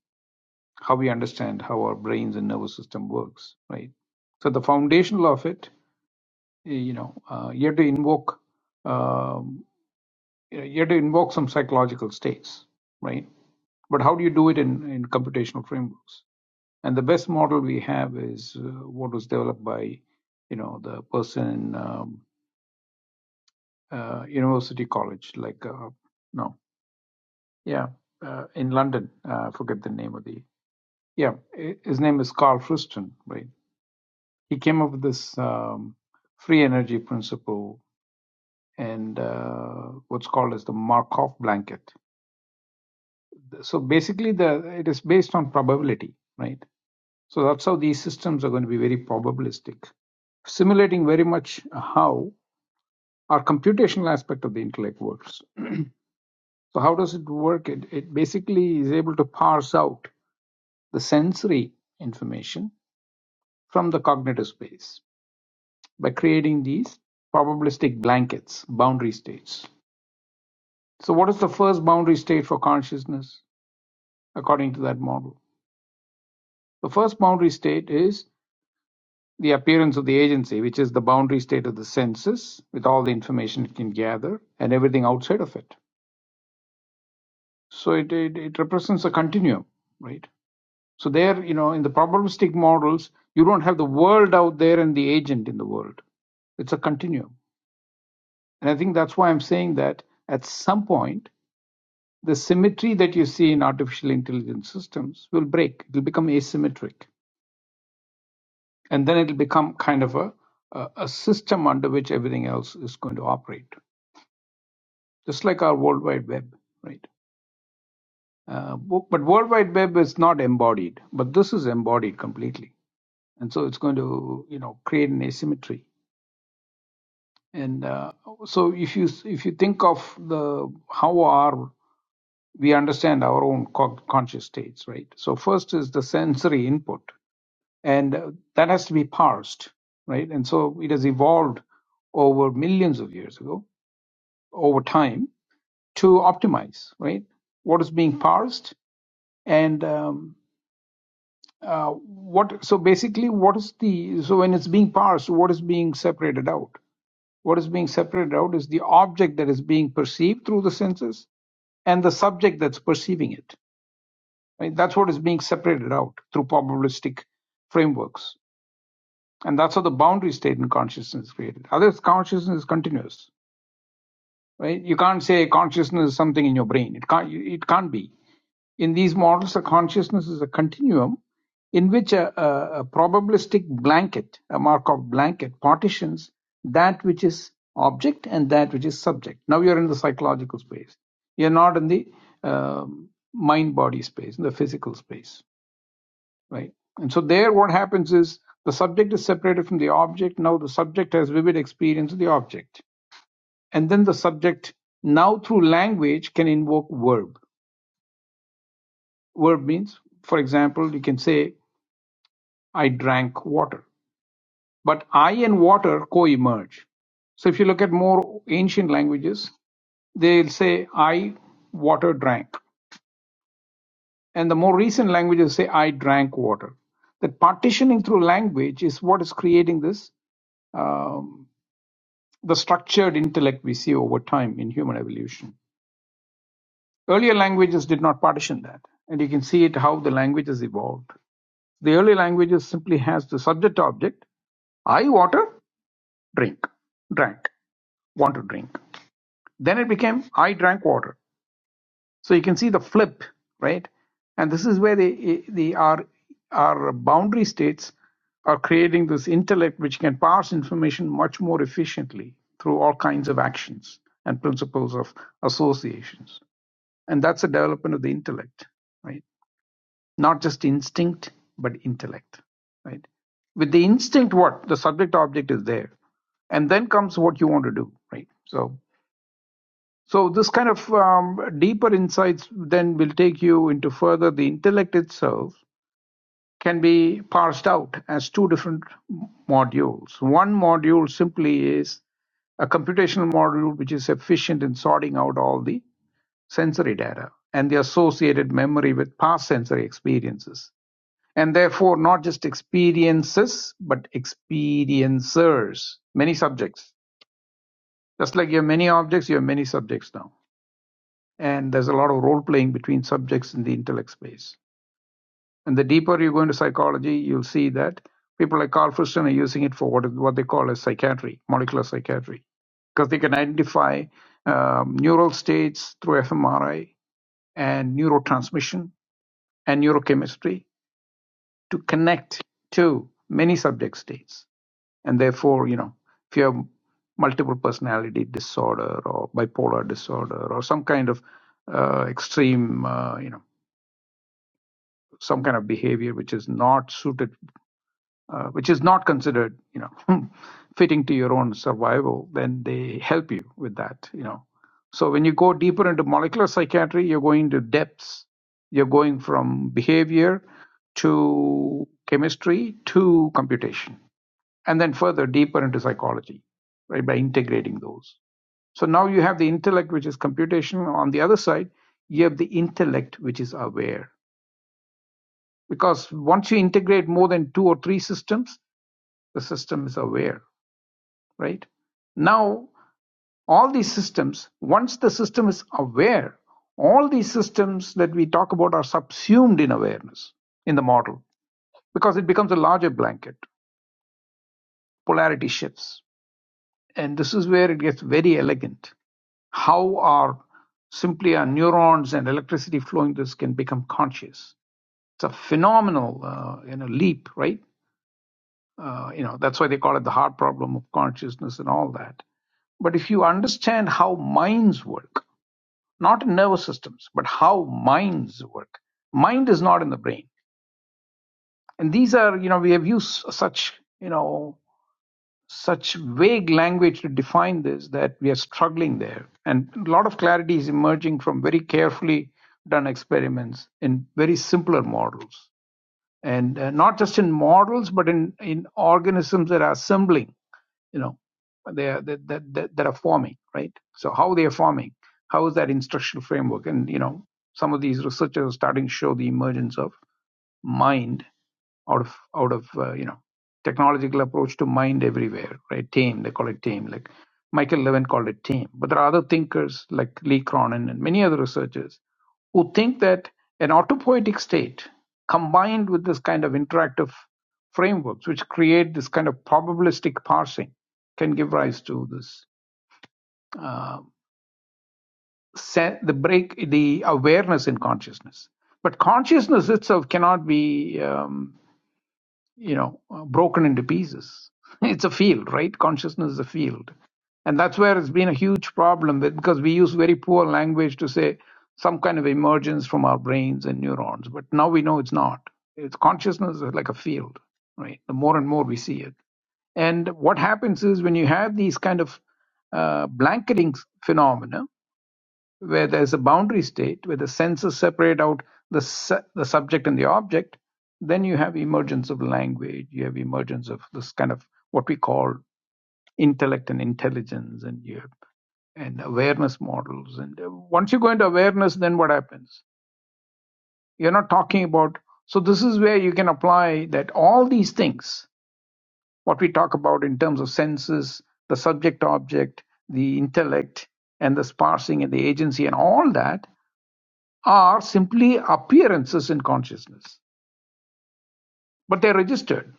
how we understand how our brains and nervous system works right so the foundational of it you know uh, you have to invoke um, you, know, you have to invoke some psychological states right but how do you do it in in computational frameworks And the best model we have is uh, what was developed by, you know, the person in um, uh, University College, like, uh, no, yeah, uh, in London. Uh, I forget the name of the, yeah, his name is Carl Friston, right? He came up with this um, free energy principle and uh, what's called as the Markov blanket. So basically, the it is based on probability, right? So that's how these systems are going to be very probabilistic, simulating very much how or computational aspect of the intellect works. So how does it work? It, it basically is able to parse out the sensory information from the cognitive space by creating these probabilistic blankets, boundary states. So what is the first boundary state for consciousness according to that model? The first boundary state is the appearance of the agency, which is the boundary state of the senses with all the information it can gather and everything outside of it. So it, it, it represents a continuum, right? So there, you know, in the probabilistic models, you don't have the world out there and the agent in the world. It's a continuum. And I think that's why I'm saying that at some point, the symmetry that you see in artificial intelligence systems will break. It'll become asymmetric. And then it'll become kind of a, a, a system under which everything else is going to operate, just like our World Wide Web, right? Uh, bu- but World Wide Web is not embodied, but this is embodied completely. And so it's going to, you know, create an asymmetry And uh, so, if you if you think of the how our we understand our own co- conscious states, right? So first is the sensory input, and uh, that has to be parsed, right? And so it has evolved over millions of years ago, over time, to optimize, right? What is being parsed and um, uh, what? So basically, what is the so when it's being parsed, what is being separated out? What is being separated out is the object that is being perceived through the senses and the subject that's perceiving it. Right? That's what is being separated out through probabilistic frameworks. And that's how the boundary state in consciousness is created. Otherwise, consciousness is continuous right you can't say consciousness is something in your brain it can't it can't be in these models a consciousness is a continuum in which a, a, a probabilistic blanket a markov blanket partitions that which is object and that which is subject now you're in the psychological space you're not in the um, mind body space in the physical space right and so there what happens is the subject is separated from the object now the subject has vivid experience of the object and then the subject now through language can invoke verb verb means for example you can say i drank water but i and water co-emerge so if you look at more ancient languages they'll say i water drank and the more recent languages say i drank water that partitioning through language is what is creating this um, the structured intellect we see over time in human evolution Earlier languages did not partition that, and you can see it how the languages evolved. The early languages simply has the subject object, I water, drink, drank, want to drink. Then it became I drank water. So you can see the flip, right? And this is where the the our our boundary states are creating this intellect which can pass information much more efficiently through all kinds of actions and principles of associations. And that's the development of the intellect, right? not just instinct but intellect right with the instinct what the subject object is there and then comes what you want to do right so so this kind of um, deeper insights then will take you into further the intellect itself can be parsed out as two different modules one module simply is a computational module which is efficient in sorting out all the sensory data and the associated memory with past sensory experiences and therefore not just experiences but experiencers many subjects just like you have many objects you have many subjects now and there's a lot of role playing between subjects in the intellect space and the deeper you go into psychology you'll see that people like carl friston are using it for what, what they call as psychiatry molecular psychiatry because they can identify um, neural states through fMRI and neurotransmission and neurochemistry to connect to many subject states and therefore you know if you have multiple personality disorder or bipolar disorder or some kind of uh, extreme uh, you know some kind of behavior which is not suited uh, which is not considered you know fitting to your own survival then they help you with that you know so when you go deeper into molecular psychiatry you're going to depths you're going from behavior to chemistry to computation and then further deeper into psychology right by integrating those so now you have the intellect which is computational on the other side you have the intellect which is aware because once you integrate more than two or three systems the system is aware right now all these systems once the system is aware all these systems that we talk about are subsumed in awareness in the model because it becomes a larger blanket polarity shifts and this is where it gets very elegant how are simply our neurons and electricity flowing this can become conscious it's a phenomenal uh, you know leap right uh, you know that's why they call it the hard problem of consciousness and all that but if you understand how minds work not in nervous systems but how minds work mind is not in the brain and these are you know we have used such you know such vague language to define this that we are struggling there. And a lot of clarity is emerging from very carefully done experiments in very simpler models. And uh, not just in models, but in, in organisms that are assembling, you know, they are, that, that, that, that are forming, right? So how they are forming, how is that instructional framework? And, you know, some of these researchers are starting to show the emergence of mind out of out of uh, you know technological approach to mind everywhere right team they call it team like michael levin called it team but there are other thinkers like lee cronin and many other researchers who think that an autopoietic state combined with this kind of interactive frameworks which create this kind of probabilistic parsing can give rise to this uh, se- the break the awareness in consciousness but consciousness itself cannot be um, you know uh, broken into pieces it's a field right consciousness is a field and that's where it's been a huge problem with because we use very poor language to say some kind of emergence from our brains and neurons but now we know it's not it's consciousness is like a field right the more and more we see it and what happens is when you have these kind of uh, blanketing phenomena where there's a boundary state, where the senses separate out the, su- the subject and the object, then you have emergence of language, you have emergence of this kind of what we call intellect and intelligence, and you have, and awareness models. And uh, once you go into awareness, then what happens? You're not talking about. So this is where you can apply that all these things, what we talk about in terms of senses, the subject object, the intellect, and the sparsing and the agency and all that are simply appearances in consciousness, but they're registered,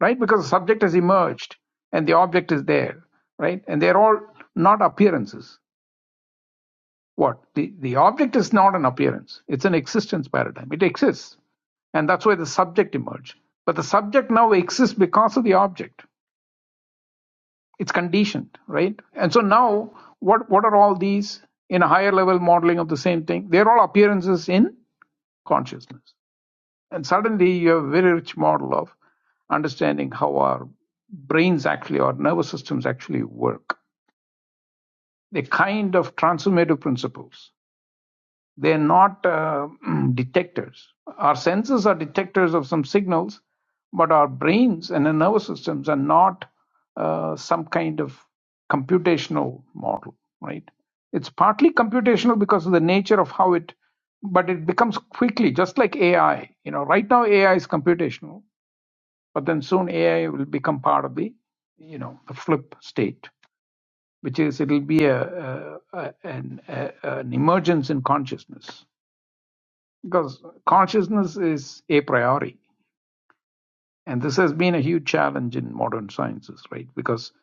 right? Because the subject has emerged and the object is there, right? And they're all not appearances. What? The, the object is not an appearance, it's an existence paradigm. It exists. And that's why the subject emerged. But the subject now exists because of the object. It's conditioned, right? And so now, what, what are all these in a higher level modeling of the same thing? They're all appearances in consciousness. And suddenly you have a very rich model of understanding how our brains actually, our nervous systems actually work. The kind of transformative principles, they're not uh, detectors. Our senses are detectors of some signals, but our brains and the nervous systems are not uh, some kind of computational model, right? It's partly computational because of the nature of how it, but it becomes quickly, just like AI. You know, right now AI is computational, but then soon AI will become part of the, you know, the flip state, which is it'll be a, a, a, an, a an emergence in consciousness because consciousness is a priori, and this has been a huge challenge in modern sciences, right? Because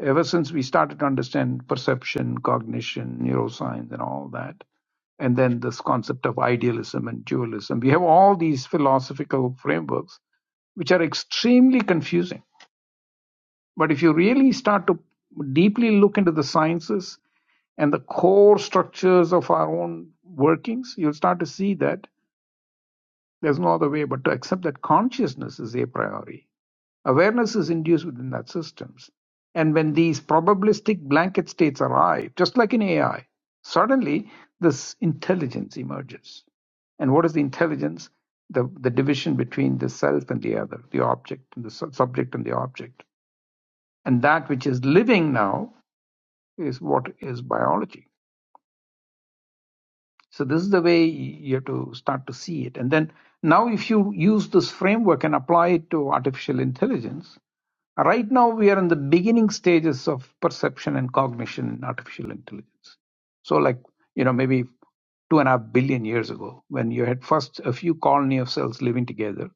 ever since we started to understand perception, cognition, neuroscience, and all that, and then this concept of idealism and dualism. We have all these philosophical frameworks which are extremely confusing But if you really start to deeply look into the sciences and the core structures of our own workings, you'll start to see that there's no other way but to accept that consciousness is a priori. Awareness is induced within that systems. And when these probabilistic blanket states arrive, just like in AI, suddenly this intelligence emerges. And what is the intelligence? The, the division between the self and the other, the object and the sub- subject and the object. And that which is living now is what is biology. So this is the way you have to start to see it. And then now if you use this framework and apply it to artificial intelligence, right now we are in the beginning stages of perception and cognition in artificial intelligence. So like, you know, maybe two and a half billion years ago, when you had first a few colony of cells living together,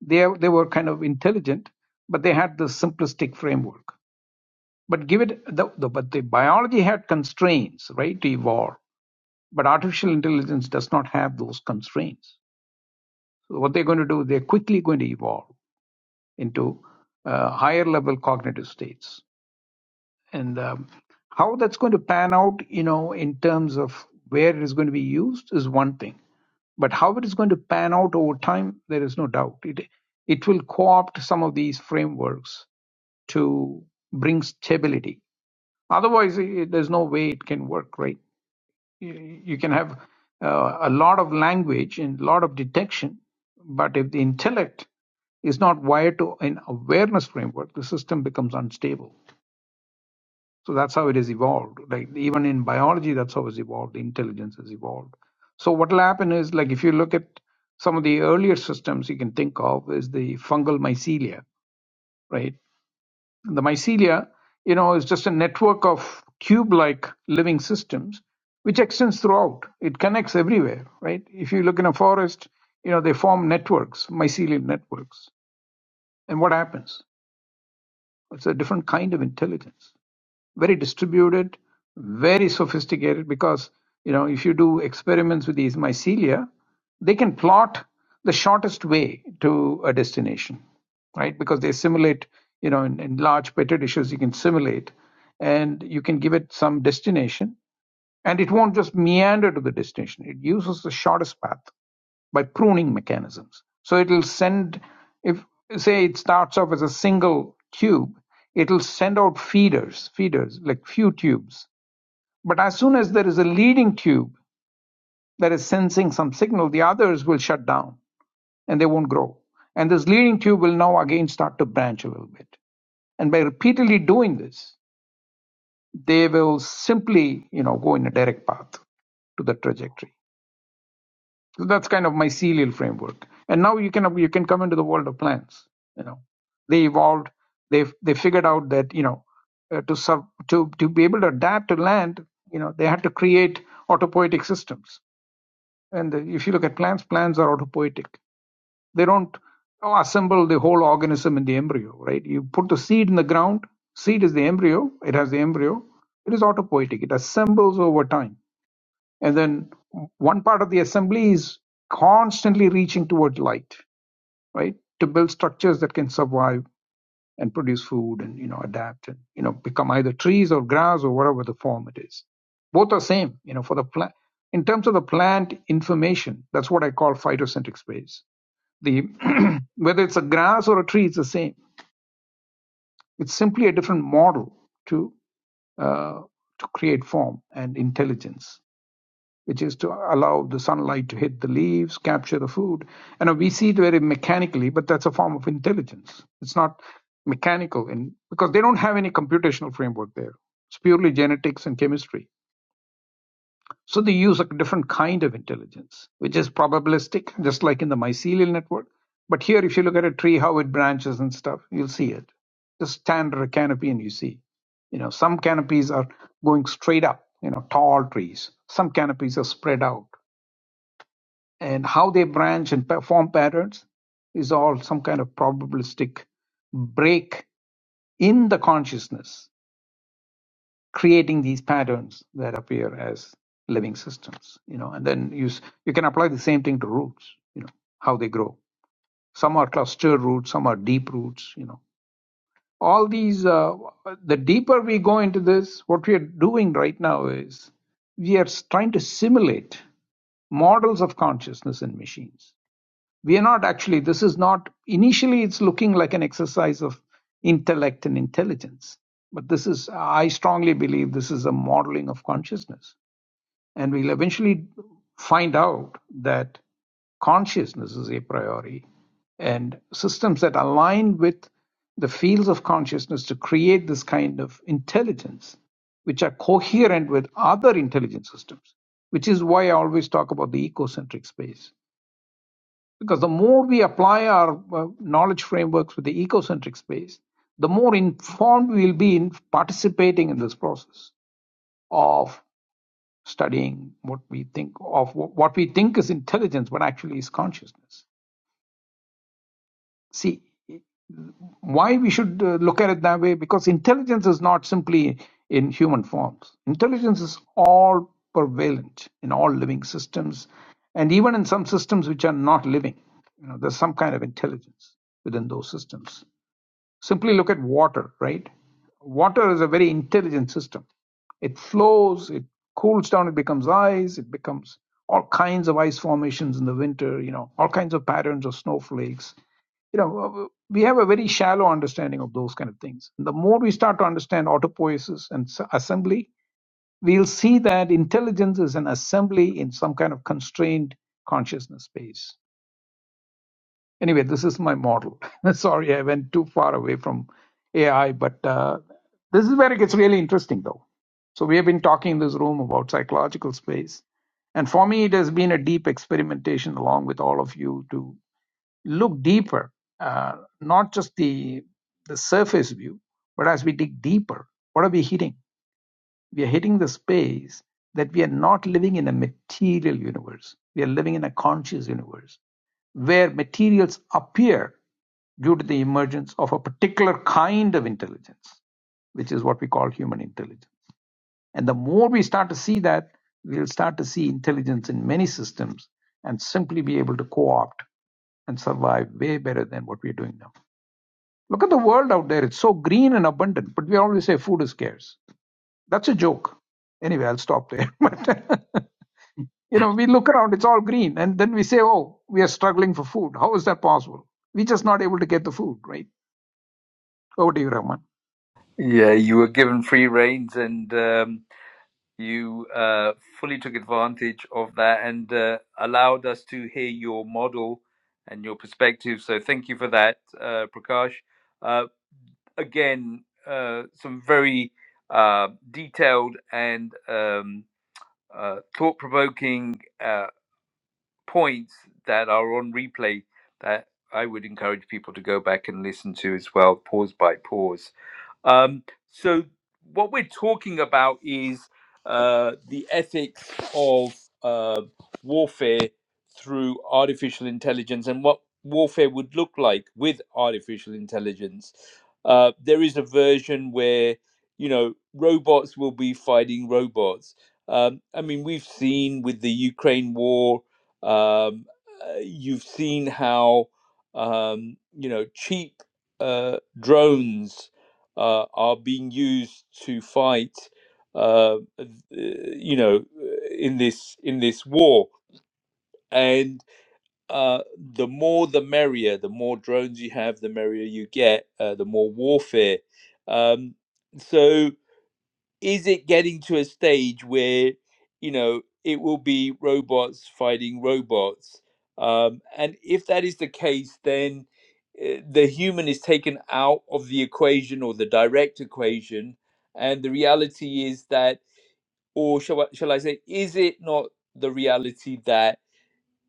they, they were kind of intelligent, but they had this simplistic framework. but give it the, the but the biology had constraints right to evolve but artificial intelligence does not have those constraints so what they're going to do they're quickly going to evolve into uh, higher level cognitive states and um, how that's going to pan out you know in terms of where it is going to be used is one thing but how it is going to pan out over time there is no doubt it it will co-opt some of these frameworks to bring stability Otherwise, i there's no way it can work, right? You, you can have uh, a lot of language and a lot of detection, but if the intellect is not wired to an awareness framework, the system becomes unstable. So that's how it is evolved. Like even in biology, that's how it's evolved. The intelligence has evolved. So what will happen is like if you look at some of the earlier systems you can think of is the fungal mycelia, right? The mycelia, you know, is just a network of cube-like living systems which extends throughout. It connects everywhere, right? If you look in a forest, you know, they form networks, mycelial networks. And what happens? It's a different kind of intelligence very distributed, very sophisticated. Because you know, if you do experiments with these mycelia, they can plot the shortest way to a destination, right? Because they simulate, you know, in, in large petri dishes, you can simulate, and you can give it some destination, and it won't just meander to the destination. It uses the shortest path by pruning mechanisms. So it'll send, if say it starts off as a single tube, it'll send out feeders, feeders, like few tubes. But as soon as there is a leading tube that is sensing some signal, the others will shut down and they won't grow. And this leading tube will now again start to branch a little bit. And by repeatedly doing this, they will simply, you know, go in a direct path to the trajectory. So that's kind of my mycelial framework. And now you can you can come into the world of plants. You know, they evolved. They they figured out that you know uh, to sub to to be able to adapt to land. You know, they had to create autopoietic systems. And the, if you look at plants, plants are autopoietic. They don't oh, assemble the whole organism in the embryo, right? You put the seed in the ground. Seed is the embryo. It has the embryo. It is autopoietic. It assembles over time and then one part of the assembly is constantly reaching toward light right to build structures that can survive and produce food and you know adapt and you know become either trees or grass or whatever the form it is both are same you know for the plant in terms of the plant information that's what i call phytocentric space the whether it's a grass or a tree it's the same it's simply a different model to uh, to create form and intelligence which is to allow the sunlight to hit the leaves, capture the food. And we see it very mechanically, but that's a form of intelligence. It's not mechanical in, because they don't have any computational framework there. It's purely genetics and chemistry. So they use a different kind of intelligence, which is probabilistic, just like in the mycelial network. But here, if you look at a tree, how it branches and stuff, you'll see it. Just stand under a canopy and you see. You know, some canopies are going straight up, you know, tall trees. Some canopies are spread out and how they branch and form patterns is all some kind of probabilistic break in the consciousness creating these patterns that appear as living systems you know and then you s- you can apply the same thing to roots you know how they grow some are cluster roots some are deep roots you know all these uh, the deeper we go into this what we are doing right now is we are trying to simulate models of consciousness in machines we are not actually this is not initially it's looking like an exercise of intellect and intelligence but this is i strongly believe this is a modeling of consciousness and we'll eventually find out that consciousness is a priori and systems that align with the fields of consciousness to create this kind of intelligence which are coherent with other intelligence systems which is why i always talk about the ecocentric space because the more we apply our uh, knowledge frameworks with the ecocentric space, the more informed we'll be in participating in this process of studying what we think of what we think is intelligence, but actually is consciousness. See why we should uh, look at it that way because intelligence is not simply in human forms. Intelligence is all prevalent in all living systems, and even in some systems which are not living. You know, there's some kind of intelligence within those systems Simply look at water, right? Water is a very intelligent system. It flows, it cools down, it becomes ice, it becomes all kinds of ice formations in the winter, you know, all kinds of patterns of snowflakes. You know, we have a very shallow understanding of those kind of things. And The more we start to understand autopoiesis and s- assembly, we'll see that intelligence is an assembly in some kind of constrained consciousness space Anyway, this is my model. Sorry, I went too far away from AI, but uh, this is where it gets really interesting, though. So we have been talking in this room about psychological space. And for me, it has been a deep experimentation along with all of you to look deeper, uh, not just the, the surface view, but as we dig deeper, what are we hitting? we are hitting the space that we are not living in a material universe. We are living in a conscious universe where materials appear due to the emergence of a particular kind of intelligence, which is what we call human intelligence. And the more we start to see that, we'll start to see intelligence in many systems and simply be able to co opt and survive way better than what we're doing now. Look at the world out there. It's so green and abundant, but we always say food is scarce that's a joke. Anyway, I'll stop there. But you know, we look around, it's all green, and then we say, Oh, we are struggling for food. How is that possible? We're just not able to get the food, right? Over to you, Rahman. Yeah, you were given free reins, and um, you uh, fully took advantage of that and uh, allowed us to hear your model and your perspective. So thank you for that, uh, Prakash. Uh, again, uh, some very uh, detailed and um, uh, thought-provoking uh, points that are on replay that I would encourage people to go back and listen to as well, pause by pause. Um, so, what we're talking about is uh, the ethics of uh, warfare through artificial intelligence and what warfare would look like with artificial intelligence. Uh, there is a version where, you know, robots will be fighting robots. Um, I mean, we've seen with the Ukraine war, um, uh, you've seen how, um, you know, cheap uh, drones uh, are being used to fight, uh, you know, in this in this war. And uh, the more, the merrier. The more drones you have, the merrier you get. Uh, the more warfare. Um, so is it getting to a stage where you know it will be robots fighting robots um, and if that is the case then uh, the human is taken out of the equation or the direct equation and the reality is that or shall I, shall I say is it not the reality that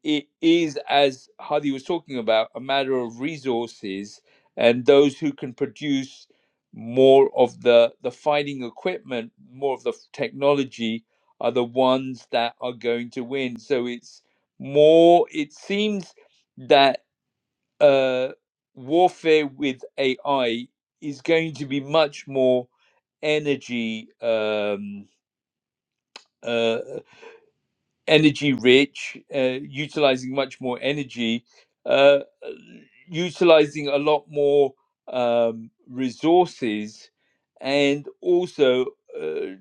it is, as Hadi was talking about, a matter of resources and those who can produce more of the, the fighting equipment, more of the f- technology, are the ones that are going to win. So it's more, it seems that uh, warfare with AI is going to be much more energy. Um, uh, energy rich, uh, utilizing much more energy, uh, utilizing a lot more um, resources, and also uh,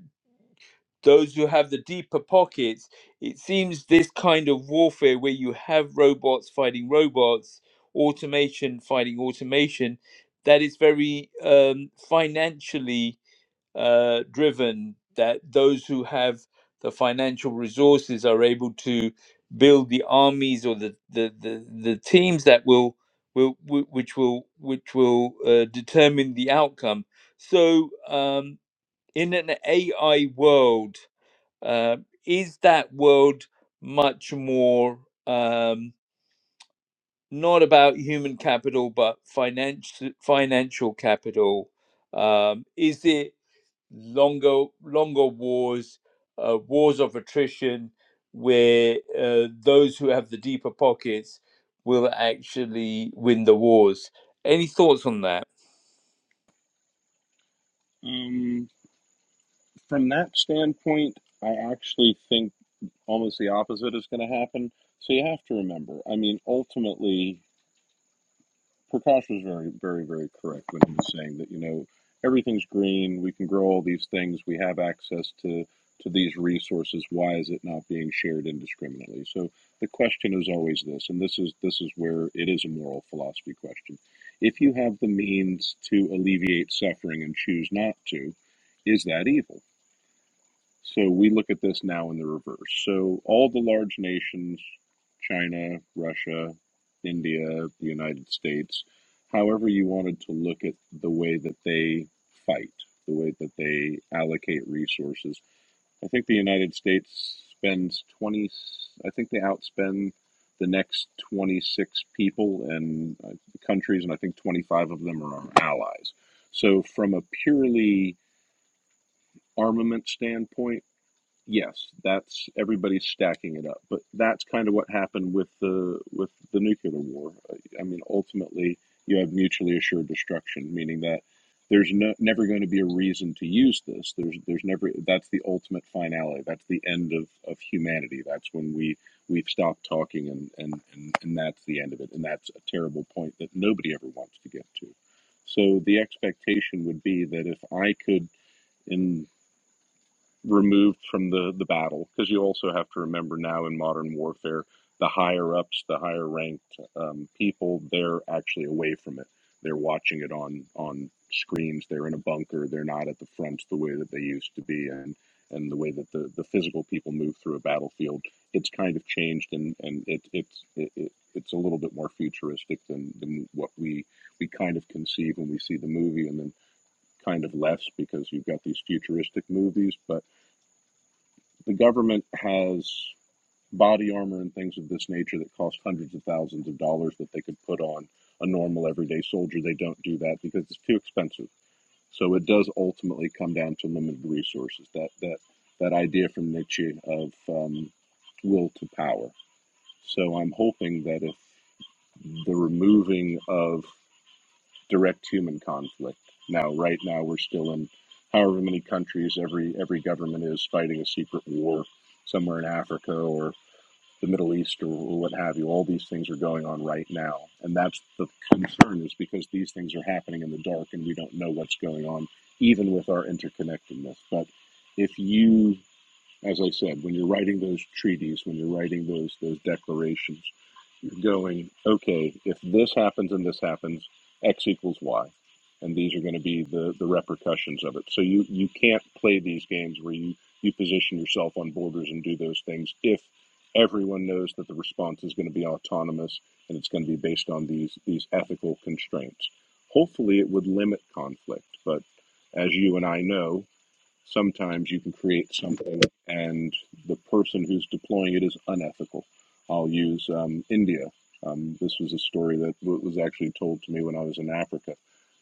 those who have the deeper pockets. It seems this kind of warfare where you have robots fighting robots, automation fighting automation, that is very um, financially uh, driven that those who have the financial resources are able to build the armies or the the, the, the teams that will will whi- which will which will uh, determine the outcome so um, in an AI world uh, is that world much more um, not about human capital but finance financial capital um, is it longer longer wars, uh, wars of attrition, where uh, those who have the deeper pockets will actually win the wars. Any thoughts on that? Um, from that standpoint, I actually think almost the opposite is going to happen. So you have to remember, I mean, ultimately, Prakash was very, very, very correct when he was saying that you know everything's green. We can grow all these things. We have access to to these resources. Why is it not being shared indiscriminately? So the question is always this, and this is this is where it is a moral philosophy question. If you have the means to alleviate suffering and choose not to, is that evil? So we look at this now in the reverse. So all the large nations, China, Russia, India, the United States, however you wanted to look at the way that they fight, the way that they allocate resources. I think the United States spends 20, I think they outspend the next 26 people and uh, countries, and I think 25 of them are our allies. So from a purely armament standpoint, yes, that's everybody's stacking it up. But that's kind of what happened with the with the nuclear war. I mean, ultimately, you have mutually assured destruction, meaning that there's no, never going to be a reason to use this. There's there's never that's the ultimate finale. That's the end of, of humanity. That's when we we've stopped talking and, and, and, and that's the end of it. And that's a terrible point that nobody ever wants to get to. So the expectation would be that if I could in removed from the the battle because you also have to remember now in modern warfare the higher ups the higher ranked um, people they're actually away from it they're watching it on on screens they're in a bunker they're not at the front the way that they used to be and and the way that the, the physical people move through a battlefield it's kind of changed and and it it's it, it, it's a little bit more futuristic than, than what we we kind of conceive when we see the movie and then kind of less because you've got these futuristic movies but the government has body armor and things of this nature that cost hundreds of thousands of dollars that they could put on a normal everyday soldier. They don't do that because it's too expensive. So it does ultimately come down to limited resources. That that that idea from Nietzsche of um, will to power. So I'm hoping that if the removing of direct human conflict. Now, right now, we're still in however many countries every every government is fighting a secret war somewhere in Africa or the Middle East or, what have you. All these things are going on right now, and that's the concern is because these things are happening in the dark and we don't know what's going on, even with our interconnectedness. But if you as I said, when you're writing those treaties, when you're writing those those declarations, going, okay, if this happens and this happens, X equals Y. And these are going to be the, the repercussions of it. So you, you can't play these games where you, you position yourself on borders and do those things if everyone knows that the response is going to be autonomous and it's going to be based on these, these ethical constraints. Hopefully, it would limit conflict, but as you and I know, sometimes you can create something and the person who's deploying it is unethical. I'll use um, India. Um, this was a story that w- was actually told to me when I was in Africa.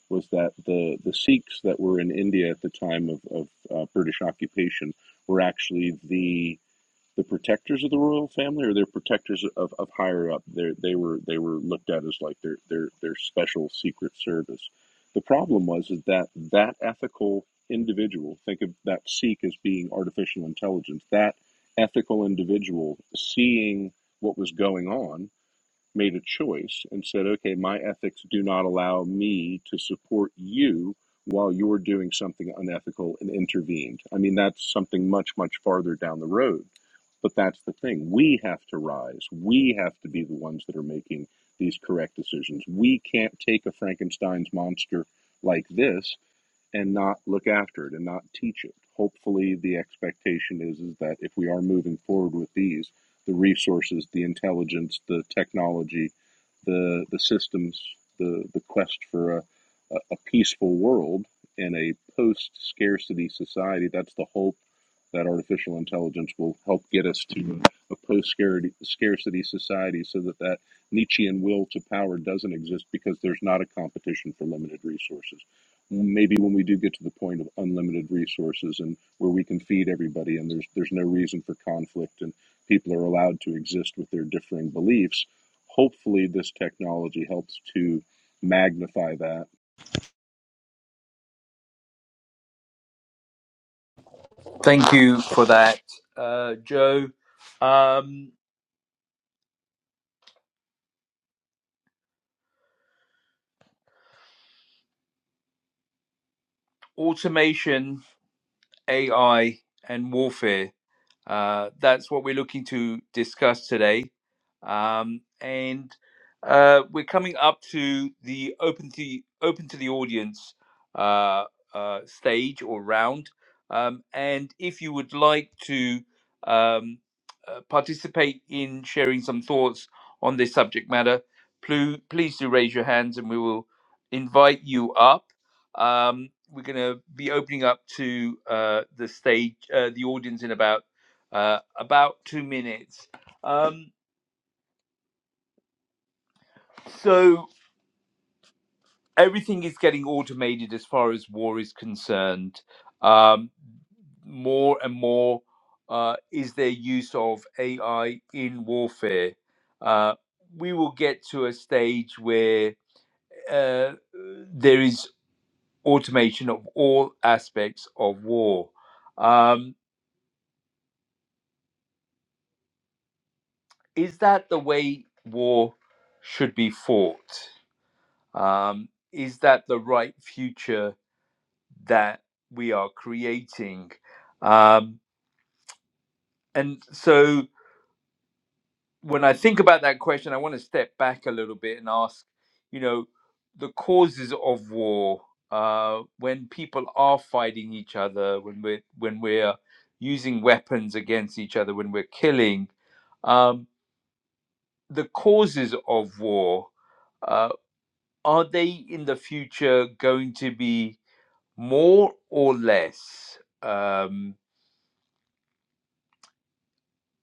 Was that the, the Sikhs that were in India at the time of, of uh, British occupation were actually the the protectors of the royal family or they're protectors of, of higher up they they were they were looked at as like their their their special secret service the problem was is that that ethical individual think of that sikh as being artificial intelligence that ethical individual seeing what was going on made a choice and said, okay, my ethics do not allow me to support you while you're doing something unethical and intervened. I mean, that's something much, much farther down the road. But that's the thing. We have to rise. We have to be the ones that are making these correct decisions. We can't take a Frankenstein's monster like this and not look after it and not teach it. Hopefully, the expectation is is that if we are moving forward with these, the resources, the intelligence, the technology, the the systems, the the quest for a a peaceful world in a post scarcity society. That's the hope that artificial intelligence will help get us to a, a post scarcity society, so that that Nietzschean will to power doesn't exist because there's not a competition for limited resources maybe when we do get to the point of unlimited resources and where we can feed everybody and there's there's no reason for conflict and people are allowed to exist with their differing beliefs hopefully this technology helps to magnify that Thank you for that, uh, Joe. Um, automation, AI, and warfare. Uh, that's what we're looking to discuss today. Um, and uh, we're coming up to the open to open to the audience uh, uh, stage or round. Um, and if you would like to um, uh, participate in sharing some thoughts on this subject matter, plu- please do raise your hands and we will invite you up. Um, we're going to be opening up to uh, the stage, uh, the audience in about uh, about two minutes. Um, so everything is getting automated as far as war is concerned. Um, more and more uh, is there use of AI in warfare. Uh, we will get to a stage where uh, there is automation of all aspects of war. Um, is that the way war should be fought? Um, is that the right future that we are creating? Um, and so when I think about that question, I want to step back a little bit and ask, you know, the causes of war, uh, when people are fighting each other, when we're, when we're using weapons against each other, when we're killing, um, the causes of war, uh, are they in the future going to be? more or less, um,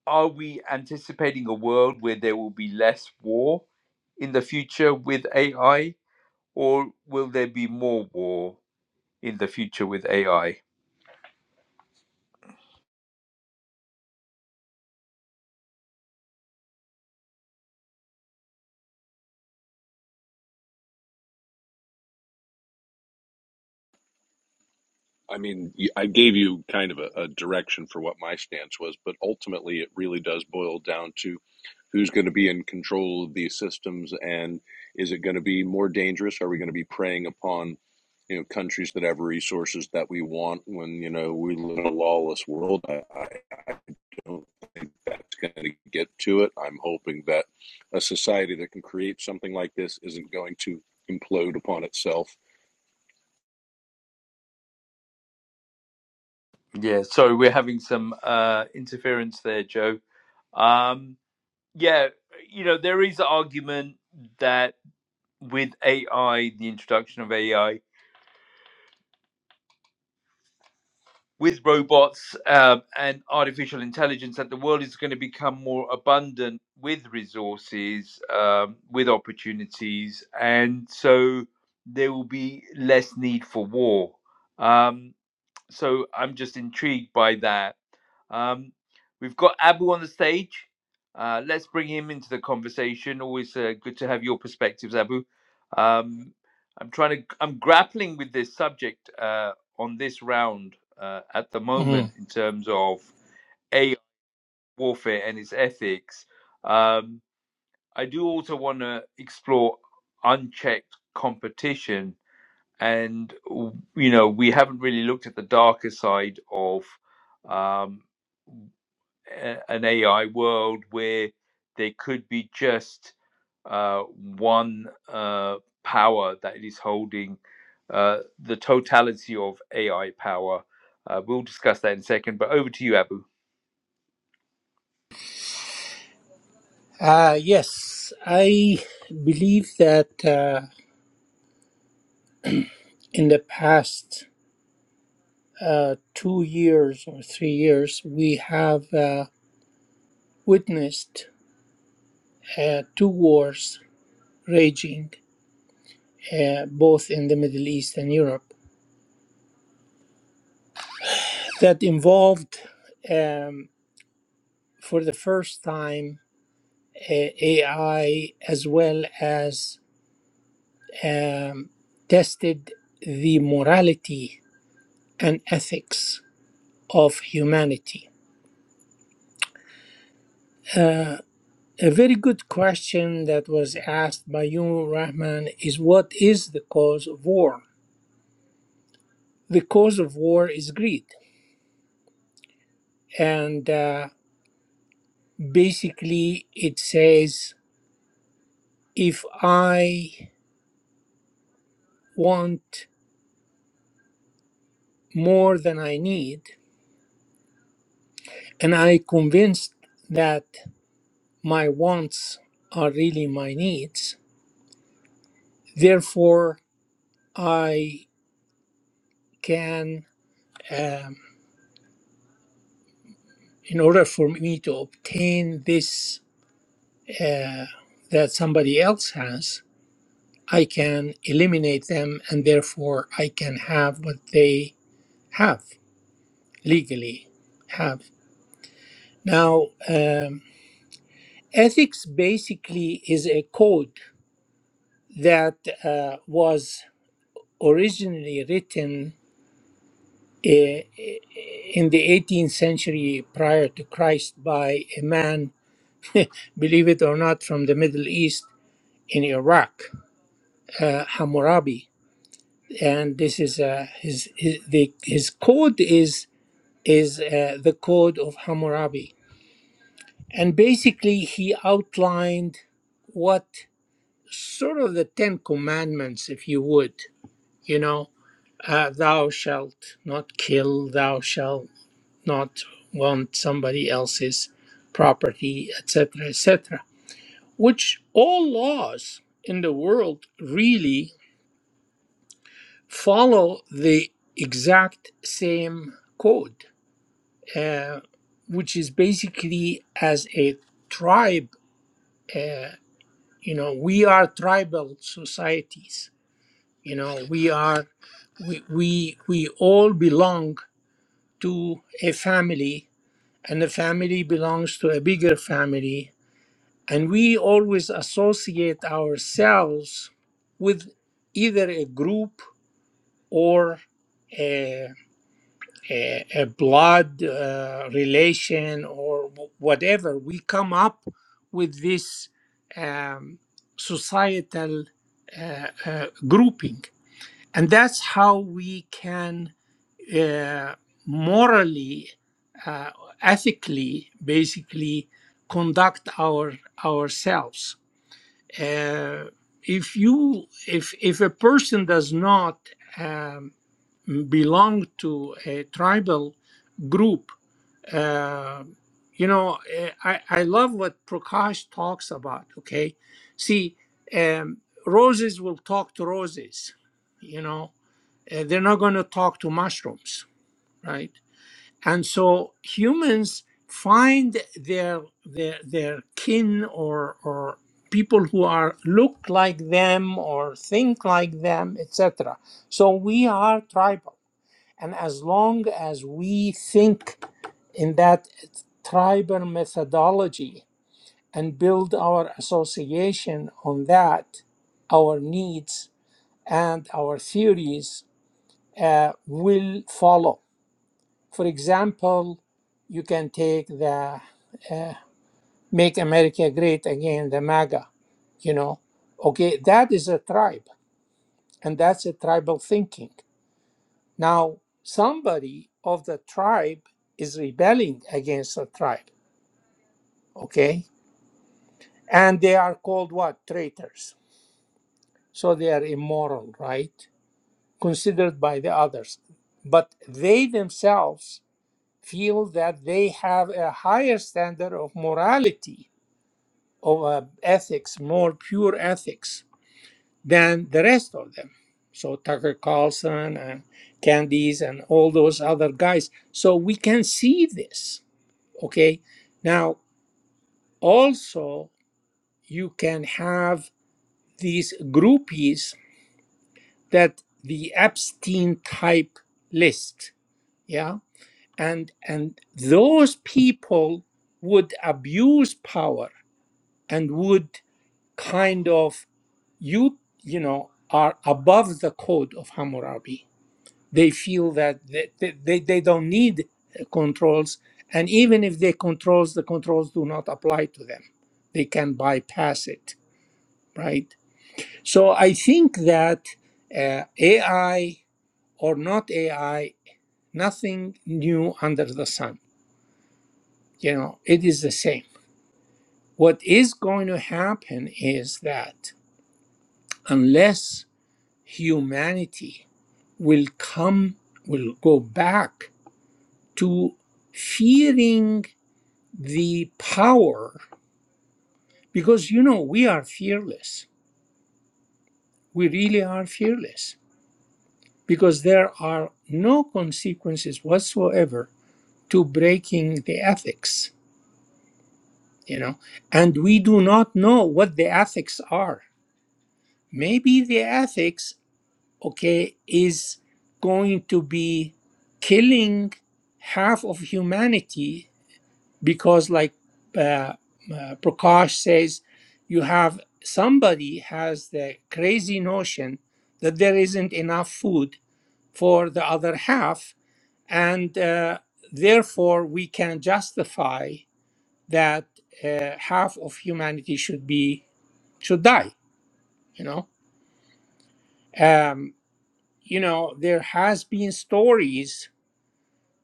are we anticipating a world where there will be less war in the future with AI, or will there be more war in the future with AI? i mean I gave you kind of a, a direction for what my stance was but ultimately it really does boil down to who's going to be in control of these systems and is it going to be more dangerous are we going to be preying upon you know countries that have resources that we want when you know we live in a lawless world i, I, don't think that's going to get to it i'm hoping that a society that can create something like this isn't going to implode upon itself Yeah, sorry, we're having some uh, interference there, Joe. Um, yeah, you know, there is an argument that with AI, the introduction of AI, with robots um, and artificial intelligence that the world is going to become more abundant with resources, um, with opportunities, and so there will be less need for war. Um, so I'm just intrigued by that um, we've got Abu on the stage. Uh, let's bring him into the conversation. Always uh, good to have your perspectives, Abu. Um, I'm trying to. I'm grappling with this subject uh, on this round uh, at the Mm. moment in terms of AI warfare and its ethics. Um, I do also want to explore unchecked competition, and you know we haven't really looked at the darker side of. Um, an AI world where there could be just uh, one uh, power that is holding uh, the totality of AI power. Uh, we'll discuss that in a second, but over to you, Abu. Uh, yes, I believe that uh, in the past uh, two years or three years, we have uh, witnessed uh, two wars raging, uh, both in the Middle East and Europe, that involved, um, for the first time, uh, AI as well as um, tested the morality and ethics of humanity Uh, a very good question that was asked by you, Rahman, is what is the cause of war? The cause of war is greed. And uh, basically, it says if I want more than I need, and I convinced that my wants are really my needs, therefore, I can, um, in order for me to obtain this uh, that somebody else has, I can eliminate them and therefore I can have what they have legally have. Now, um, ethics basically is a code that uh, was originally written uh, in the 18th century prior to Christ by a man, believe it or not, from the Middle East in Iraq, uh, Hammurabi and this is uh, his, his the his code is is uh, the code of Hammurabi, and basically he outlined what sort of the Ten Commandments, if you would, you know, uh, thou shalt not kill, thou shalt not want somebody else's property, etc., etc., which all laws in the world really follow the exact same code uh, which is basically as a tribe. Uh, you know, we are tribal societies. You know, we are we we we all belong to a family, and the family belongs to a bigger family, and we always associate ourselves with either a group or a. a, a blood uh, relation or whatever, we come up with this um, societal uh, uh, grouping. And that's how we can uh, morally, uh, ethically, basically conduct our ourselves. Uh, if you if if a person does not um, belong to a tribal group. Uh, you know, eh, I, I love what Prakash talks about. Okay. See, um, roses will talk to roses, you know, eh, they're not going to talk to mushrooms, right? And so humans find their their their kin or or people who are look like them or think like them etc so we are tribal and as long as we think in that tribal methodology and build our association on that, our needs and our theories uh, will follow. For example, you can take the uh, Make America Great Again, the MAGA, you know. Okay, that is a tribe, and that's a tribal thinking. Now, somebody of the tribe is rebelling against the tribe, okay? And they are called what? Traitors. So they are immoral, right? Considered by the others. But they themselves feel that they have a higher standard of morality, of uh, ethics, more pure ethics than the rest of them. So Tucker Carlson and Candies and all those other guys. So we can see this okay now also you can have these groupies that the epstein type list yeah and and those people would abuse power and would kind of you you know are above the code of hammurabi they feel that they, they, they don't need uh, controls and even if they controls the controls do not apply to them they can bypass it right so i think that uh, ai or not ai nothing new under the sun you know it is the same what is going to happen is that unless humanity will come will go back to fearing the power because you know we are fearless we really are fearless because there are no consequences whatsoever to breaking the ethics you know and we do not know what the ethics are maybe the ethics okay is going to be killing half of humanity because like uh, uh, prakash says you have somebody has the crazy notion that there isn't enough food for the other half and uh, therefore we can justify that uh, half of humanity should be should die you know um, you know there has been stories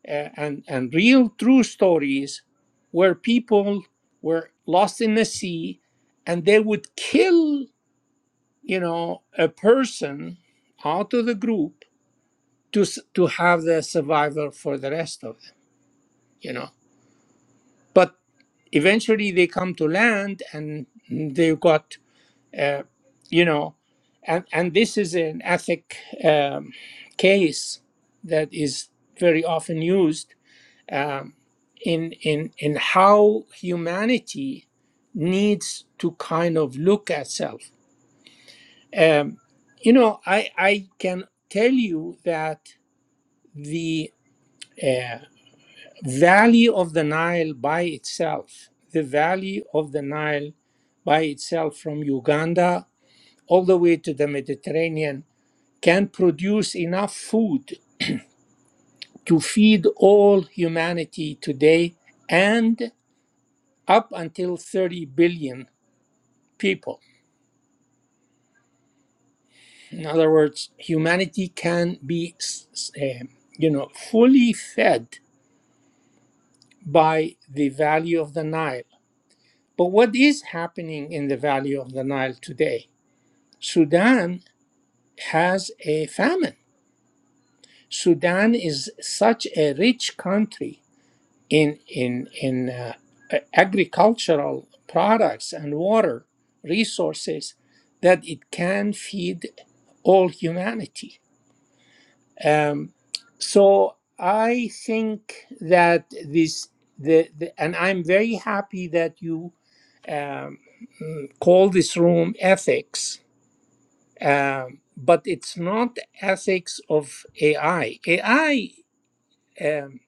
uh, and and real true stories where people were lost in the sea and they would kill you know a person out of the group to s- to have the survivor for the rest of them you know but eventually they come to land and they've got uh, you know and and this is an ethic um, case that is very often used um, in in in how humanity needs to kind of look at self. Um, you know, I I can tell you that the uh, valley of the Nile by itself, the valley of the Nile by itself from Uganda all the way to the Mediterranean can produce enough food to feed all humanity today and. up until 30 billion people. In other words, humanity can be, s- um, you know, fully fed by the value of the Nile. But what is happening in the value of the Nile today? Sudan has a famine. Sudan is such a rich country in in in uh, agricultural products and water resources that it can feed all humanity Um, so I think that this the, the and I'm very happy that you um, mm, call this room ethics, um, but it's not ethics of AI. AI um,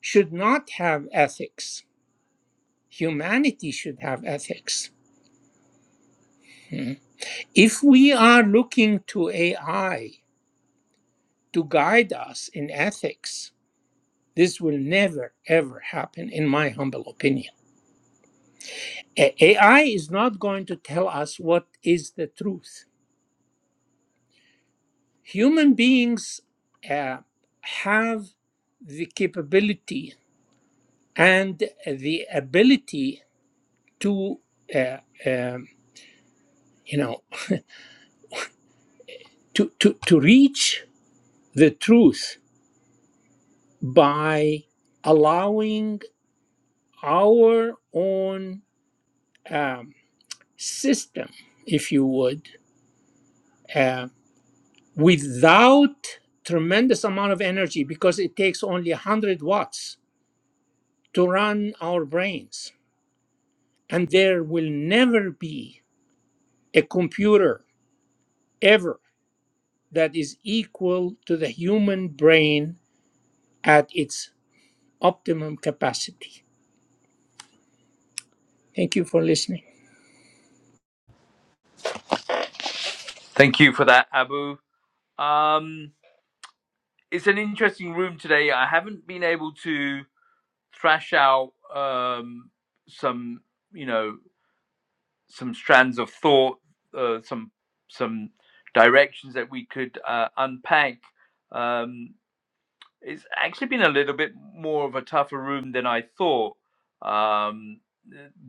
should not have ethics. Humanity should have ethics. Mhm. If we are looking to AI to guide us in ethics, this will never ever happen, in my humble opinion. A- AI is not going to tell us what is the truth. Human beings uh, have the capability and the ability to, uh, um, you know, to, to, to reach the truth by allowing our own um, system, if you would. uh, without tremendous amount of energy because it takes only 100 watts to run our brains and there will never be a computer ever that is equal to the human brain at its optimum capacity thank you for listening Thank you for that, Abu. Um, it's an interesting room today. I haven't been able to thrash out um, some, you know, some strands of thought, uh, some some directions that we could uh, unpack. Um, it's actually been a little bit more of a tougher room than I thought um,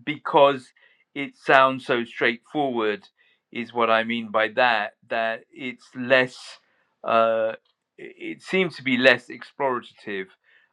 because it sounds so straightforward, is what I mean by that, that it's less, uh, it it seems to be less explorative.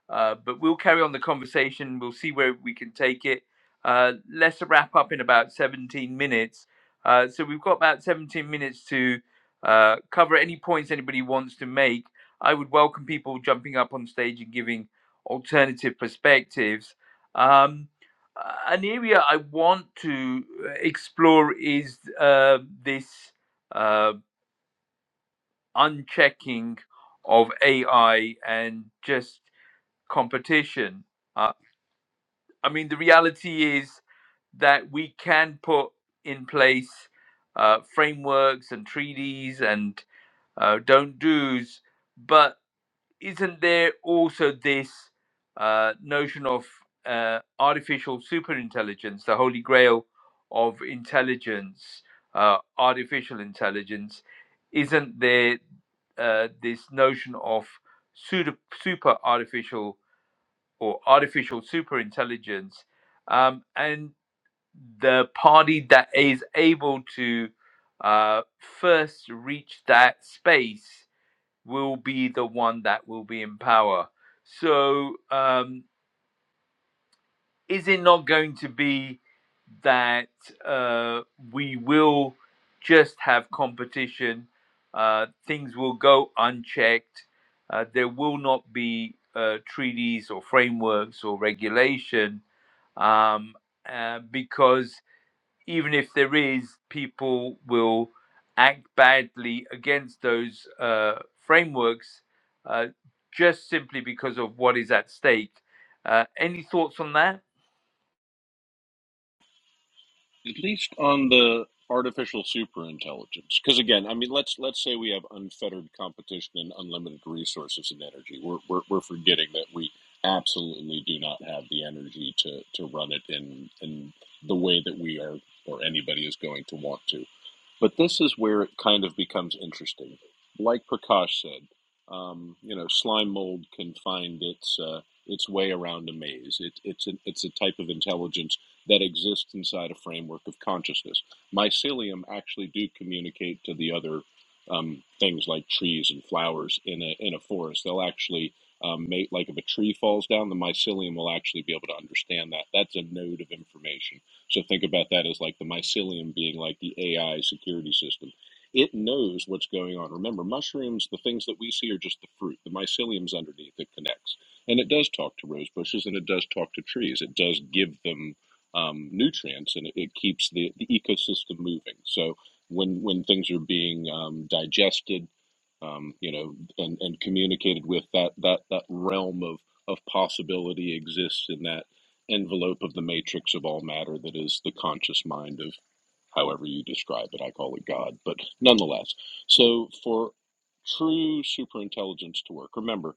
Uh, but we'll carry on the conversation. We'll see where we can take it. Uh, let's wrap up in about 17 minutes. Uh, so we've got about 17 minutes to uh, cover any points anybody wants to make I would welcome people jumping up on stage and giving alternative perspectives. Um, uh, an area I want to uh, explore is uh, this uh, unchecking of AI and just competition. Uh, I mean, the reality is that we can put in place uh, frameworks and treaties and uh, don't do's, but isn't there also this uh, notion of uh, artificial superintelligence, the holy grail of intelligence, uh, artificial intelligence? Isn't there uh, this notion of super, super artificial or artificial superintelligence? Um, and the party that is able to uh, first reach that space will be the one that will be in power. So, um, is it not going to be that uh, we will just have competition? Uh, things will go unchecked. Uh, there will not be uh, treaties or frameworks or regulation um, uh, because even if there is, people will act badly against those uh, frameworks uh, just simply because of what is at stake. Uh, any thoughts on that? At least on the artificial superintelligence, because again, I mean, let's let's say we have unfettered competition and unlimited resources and energy. We're we're, we're forgetting that we absolutely do not have the energy to to run it in in the way that we are or anybody is going to want to. But this is where it kind of becomes interesting. Like Prakash said, um, you know, slime mold can find its uh, its way around a maze. It, it's an, it's a type of intelligence that exists inside a framework of consciousness. Mycelium actually do communicate to the other um, things like trees and flowers in a in a forest. They'll actually um, mate. Like if a tree falls down, the mycelium will actually be able to understand that. That's a node of information so think about that as like the mycelium being like the AI security system. It knows what's going on. Remember, mushrooms, the things that we see are just the fruit. The mycelium's underneath that connects. And it does talk to rose bushes and it does talk to trees. It does give them um, nutrients and it, it keeps the, the ecosystem moving. So when, when things are being um, digested, um, you know, and, and communicated with that, that, that realm of, of possibility exists in that envelope of the matrix of all matter that is the conscious mind of however you describe it. I call it God, but nonetheless. So for true superintelligence to work, remember,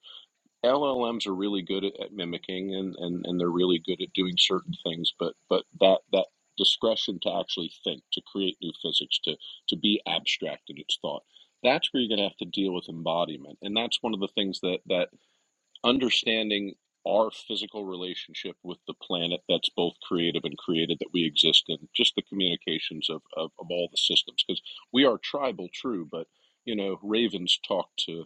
LLMs are really good at, at mimicking and, and, and they're really good at doing certain things, but, but that, that discretion to actually think, to create new physics, to, to be abstract in its thought. That's where you're going to have to deal with embodiment, and that's one of the things that that understanding our physical relationship with the planet that's both creative and created that we exist in just the communications of, of, of all the systems because we are tribal true but you know ravens talk to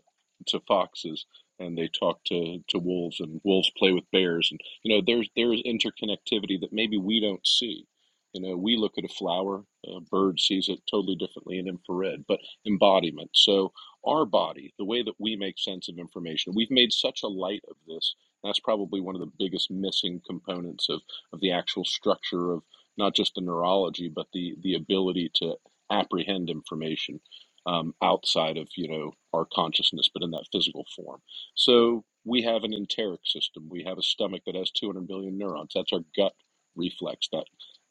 to foxes and they talk to, to wolves and wolves play with bears and you know there's there's interconnectivity that maybe we don't see you know we look at a flower a bird sees it totally differently in infrared but embodiment so our body, the way that we make sense of information. We've made such a light of this. That's probably one of the biggest missing components of, of the actual structure of not just the neurology, but the, the ability to apprehend information um, outside of you know our consciousness, but in that physical form. So we have an enteric system. We have a stomach that has 200 billion neurons. That's our gut reflex. That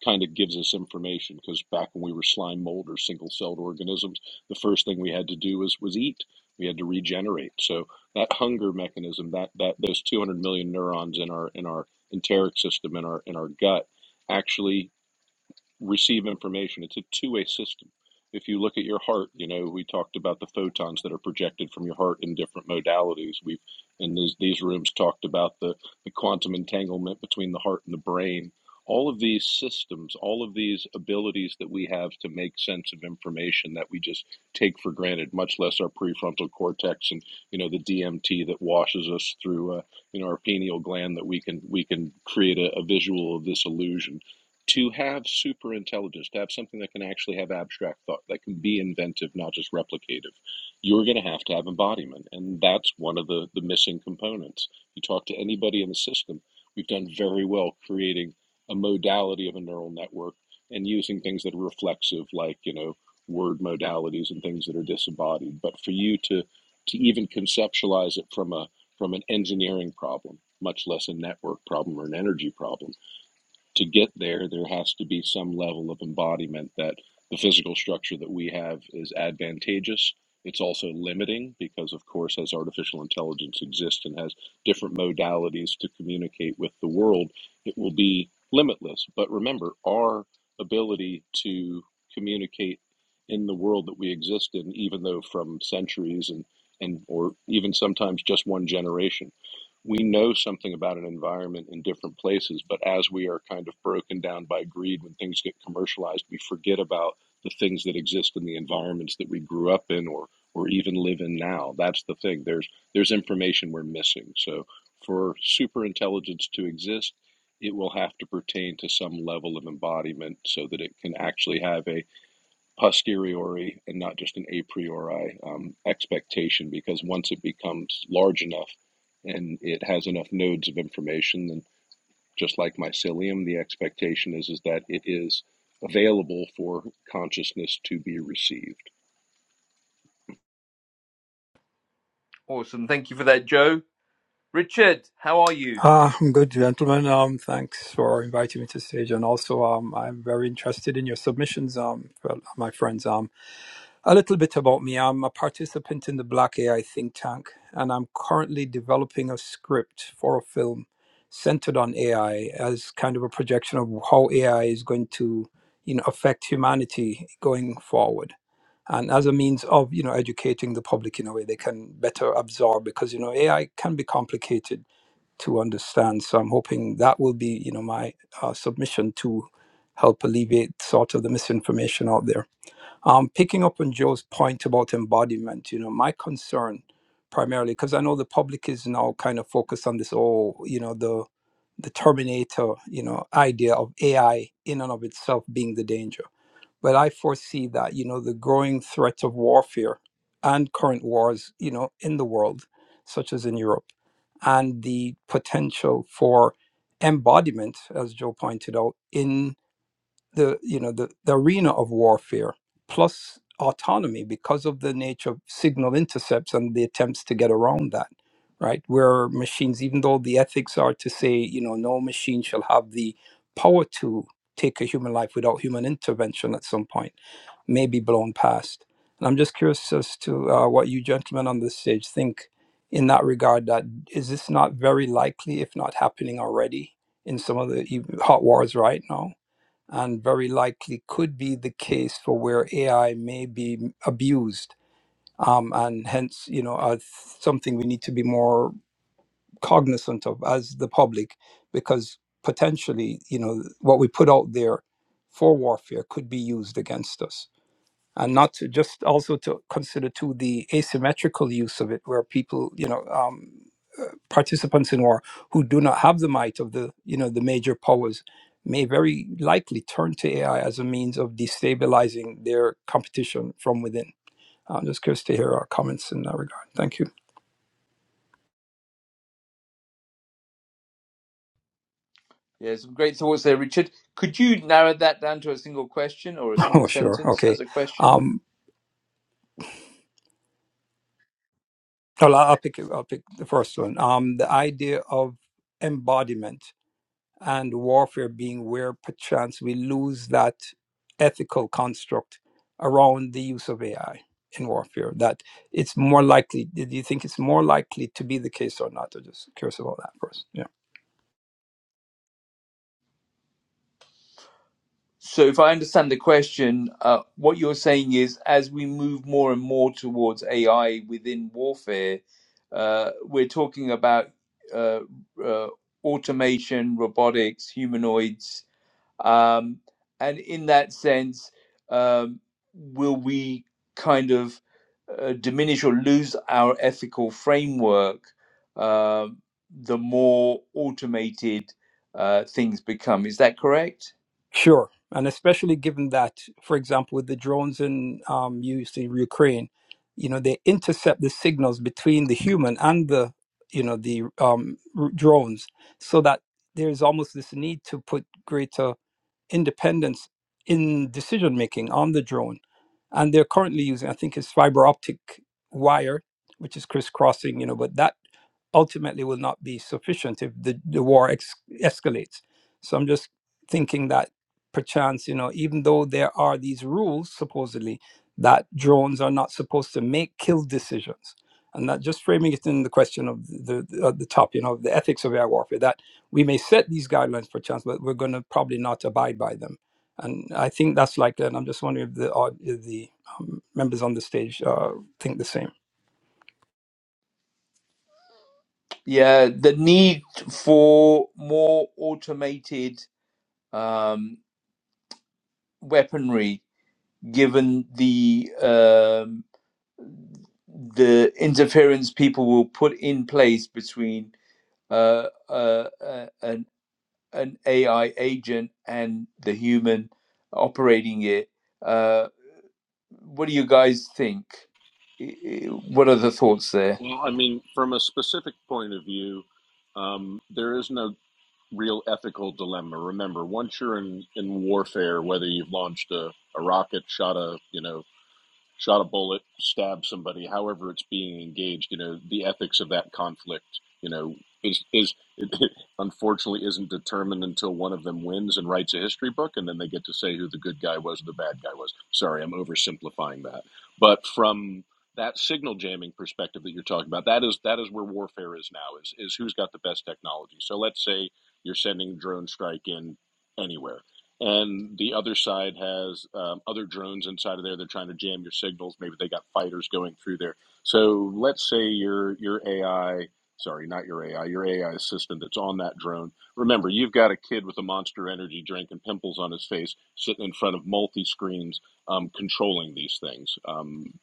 kind of gives us information because back when we were slime mold or single celled organisms the first thing we had to do was was eat. We had to regenerate. So that hunger mechanism, that that those 200 million neurons in our in our enteric system in our in our gut, actually receive information. It's a two way system. If you look at your heart, you know, we talked about the photons that are projected from your heart in different modalities. We've, in these, these rooms, talked about the, the quantum entanglement between the heart and the brain. All of these systems, all of these abilities that we have to make sense of information that we just take for granted, much less our prefrontal cortex and you know the DMT that washes us through, uh, you know our pineal gland that we can we can create a, a visual of this illusion to have super intelligence, to have something that can actually have abstract thought, that can be inventive, not just replicative, you're going to have to have embodiment. And that's one of the, the missing components. You talk to anybody in the system, we've done very well creating a modality of a neural network and using things that are reflexive, like, you know, word modalities and things that are disembodied. But for you to, to even conceptualize it from a from an engineering problem, much less a network problem or an energy problem to get there, there has to be some level of embodiment that the physical structure that we have is advantageous. It's also limiting because, of course, as artificial intelligence exists and has different modalities to communicate with the world, it will be limitless. But remember, our ability to communicate in the world that we exist in, even though from centuries and, and or even sometimes just one generation we know something about an environment in different places, but as we are kind of broken down by greed when things get commercialized, we forget about the things that exist in the environments that we grew up in or or even live in now. That's the thing. There's there's information we're missing. So for super intelligence to exist, it will have to pertain to some level of embodiment so that it can actually have a posteriori and not just an a priori um, expectation because once it becomes large enough and it has enough nodes of information then just like mycelium the expectation is is that it is available for consciousness to be received Awesome. Thank you for that, Joe. Richard, how are you? Ah, I'm good, gentlemen. Um, thanks for inviting me to stage, and also, um, I'm very interested in your submissions. Um, for my friends. Um, a little bit about me. I'm a participant in the Black AI think tank, and I'm currently developing a script for a film centered on AI as kind of a projection of how AI is going to, you know, affect humanity going forward. And as a means of, you know, educating the public in a way they can better absorb, because you know, AI can be complicated to understand. So I'm hoping that will be, you know, my uh, submission to help alleviate sort of the misinformation out there. Um, picking up on Joe's point about embodiment, you know, my concern primarily because I know the public is now kind of focused on this, oh, you know, the the Terminator, you know, idea of AI in and of itself being the danger but I foresee that you know the growing threat of warfare and current wars, you know, in the world, such as in Europe, and the potential for embodiment, as Joe pointed out, in the you know the, the arena of warfare, plus autonomy because of the nature of signal intercepts and the attempts to get around that right where machines even though the ethics are to say you know no machine shall have the power to take a human life without human intervention at some point may be blown past. And I'm just curious as to uh, what you gentlemen on this stage think in that regard. That is this not very likely, if not happening already, in some of the ev- hot wars right now, and very likely could be the case for where AI may be abused, um, and hence you know uh, something we need to be more cognizant of as the public, because potentially you know what we put out there for warfare could be used against us and not to just also to consider too the asymmetrical use of it where people you know um, uh, participants in war who do not have the might of the you know the major powers may very likely turn to ai as a means of destabilizing their competition from within i'm just curious to hear our comments in that regard thank you Yeah, some great thoughts there, Richard. Could you narrow that down to a single question or a single oh sure sentence okay as a question? um well i'll I'll pick i'll pick the first one um the idea of embodiment and warfare being where perchance we lose that ethical construct around the use of AI in warfare. That it's more likely. Do you think it's more likely to be the case or not? I'm just curious about that first. Yeah, So, if I understand the question, uh, what you're saying is as we move more and more towards AI within warfare, uh, we're talking about uh, uh, automation, robotics, humanoids. Um, and in that sense, um, will we kind of uh, diminish or lose our ethical framework uh, the more automated uh, things become? Is that correct? sure. And especially given that, for example, with the drones in um, used in Ukraine, you know they intercept the signals between the human and the you know the um, r- drones, so that there is almost this need to put greater independence in decision making on the drone. And they're currently using, I think, is fiber optic wire, which is crisscrossing, you know, but that ultimately will not be sufficient if the, the war ex- escalates. So I'm just thinking that perchance, you know, even though there are these rules supposedly that drones are not supposed to make kill decisions, and that just framing it in the question of the the, uh, the top, you know, the ethics of air warfare, that we may set these guidelines perchance, but we're going to probably not abide by them. And I think that's like that. And I'm just wondering if the, aud- if the um, members on the stage uh, think the same. Yeah, the need for more automated um, weaponry, given the um, the interference people will put in place between uh, uh, uh, an an AI agent and the human operating it. Uh, What do you guys think? I- I- What are the thoughts there? Well, I mean, from a specific point of view, um, there is no real ethical dilemma. Remember, once you're in, in warfare, whether you've launched a, a rocket, shot a you know shot a bullet, stabbed somebody, however it's being engaged, you know, the ethics of that conflict, you know, is is it unfortunately isn't determined until one of them wins and writes a history book and then they get to say who the good guy was, the bad guy was. Sorry, I'm oversimplifying that. But from that signal jamming perspective that you're talking about, that is that is where warfare is now, is is who's got the best technology. So let's say you're sending drone strike in anywhere and the other side has um, other drones inside of there. They're trying to jam your signals. Maybe they got fighters going through there. So let's say your your AI, sorry, not your AI, your AI assistant that's on that drone. Remember, you've got a kid with a Monster Energy drink and pimples on his face sitting in front of multi screens, um, controlling these things. Um,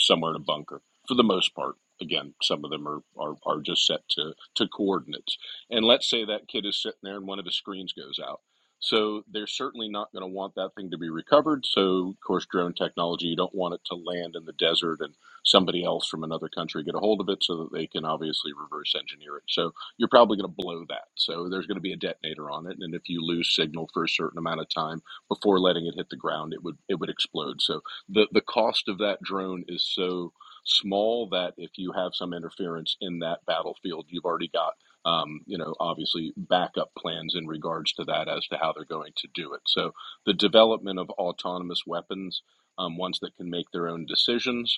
somewhere in a bunker for the most part. Again, some of them are, are, are just set to, to coordinates. And let's say that kid is sitting there and one of his screens goes out. So they're certainly not going to want that thing to be recovered. So, of course, drone technology, you don't want it to land in the desert and somebody else from another country get a hold of it so that they can obviously reverse engineer it. So you're probably going to blow that. So there's going to be a detonator on it. And if you lose signal for a certain amount of time before letting it hit the ground, it would, it would explode. So the the cost of that drone is so small that if you have some interference in that battlefield, you've already got um, you know obviously backup plans in regards to that as to how they're going to do it. So the development of autonomous weapons, um, ones that can make their own decisions.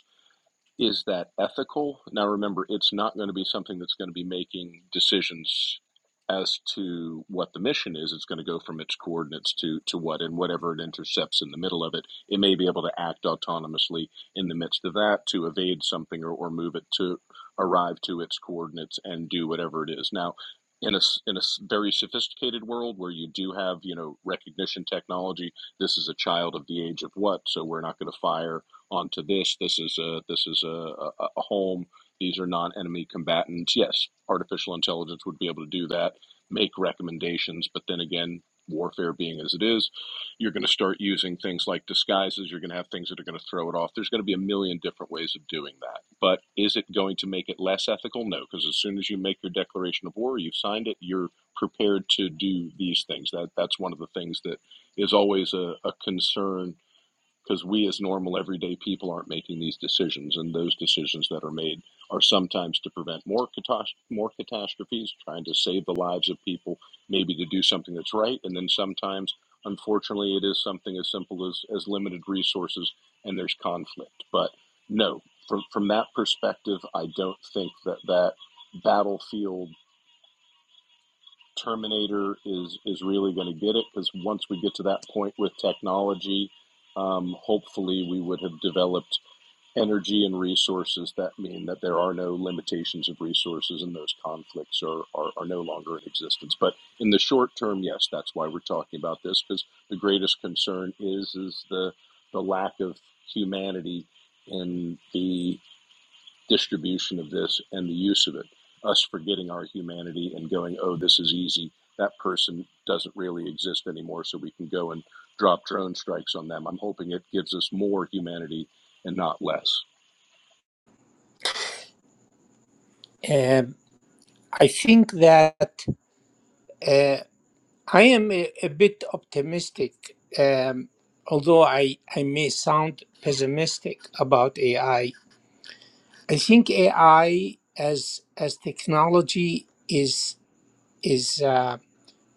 Is that ethical? Now, remember, it's not going to be something that's going to be making decisions as to what the mission is. It's going to go from its coordinates to, to what and whatever it intercepts in the middle of it. It may be able to act autonomously in the midst of that to evade something or, or move it to arrive to its coordinates and do whatever it is. Now, in a in a very sophisticated world where you do have, you know, recognition technology, this is a child of the age of what, so we're not going to fire onto this. This is a this is a, a, a home. These are non-enemy combatants. Yes, artificial intelligence would be able to do that, make recommendations. But then again, warfare being as it is, you're going to start using things like disguises. You're going to have things that are going to throw it off. There's going to be a million different ways of doing that. But is it going to make it less ethical? No, because as soon as you make your declaration of war, you've signed it. You're prepared to do these things. That that's one of the things that is always a, a concern because we as normal everyday people aren't making these decisions and those decisions that are made are sometimes to prevent more catas- more catastrophes trying to save the lives of people maybe to do something that's right and then sometimes unfortunately it is something as simple as as limited resources and there's conflict but no from from that perspective i don't think that that battlefield Terminator is is really going to get it because once we get to that point with technology, um, hopefully we would have developed energy and resources that mean that there are no limitations of resources and those conflicts are, are, are no longer in existence. But in the short term, yes, that's why we're talking about this because the greatest concern is is the the lack of humanity in the distribution of this and the use of it. Us forgetting our humanity and going, oh, this is easy. That person doesn't really exist anymore, so we can go and drop drone strikes on them. I'm hoping it gives us more humanity and not less. Um, i think that uh, i am a, a bit optimistic um, although I, I may sound pessimistic about ai I think AI as as technology is is uh,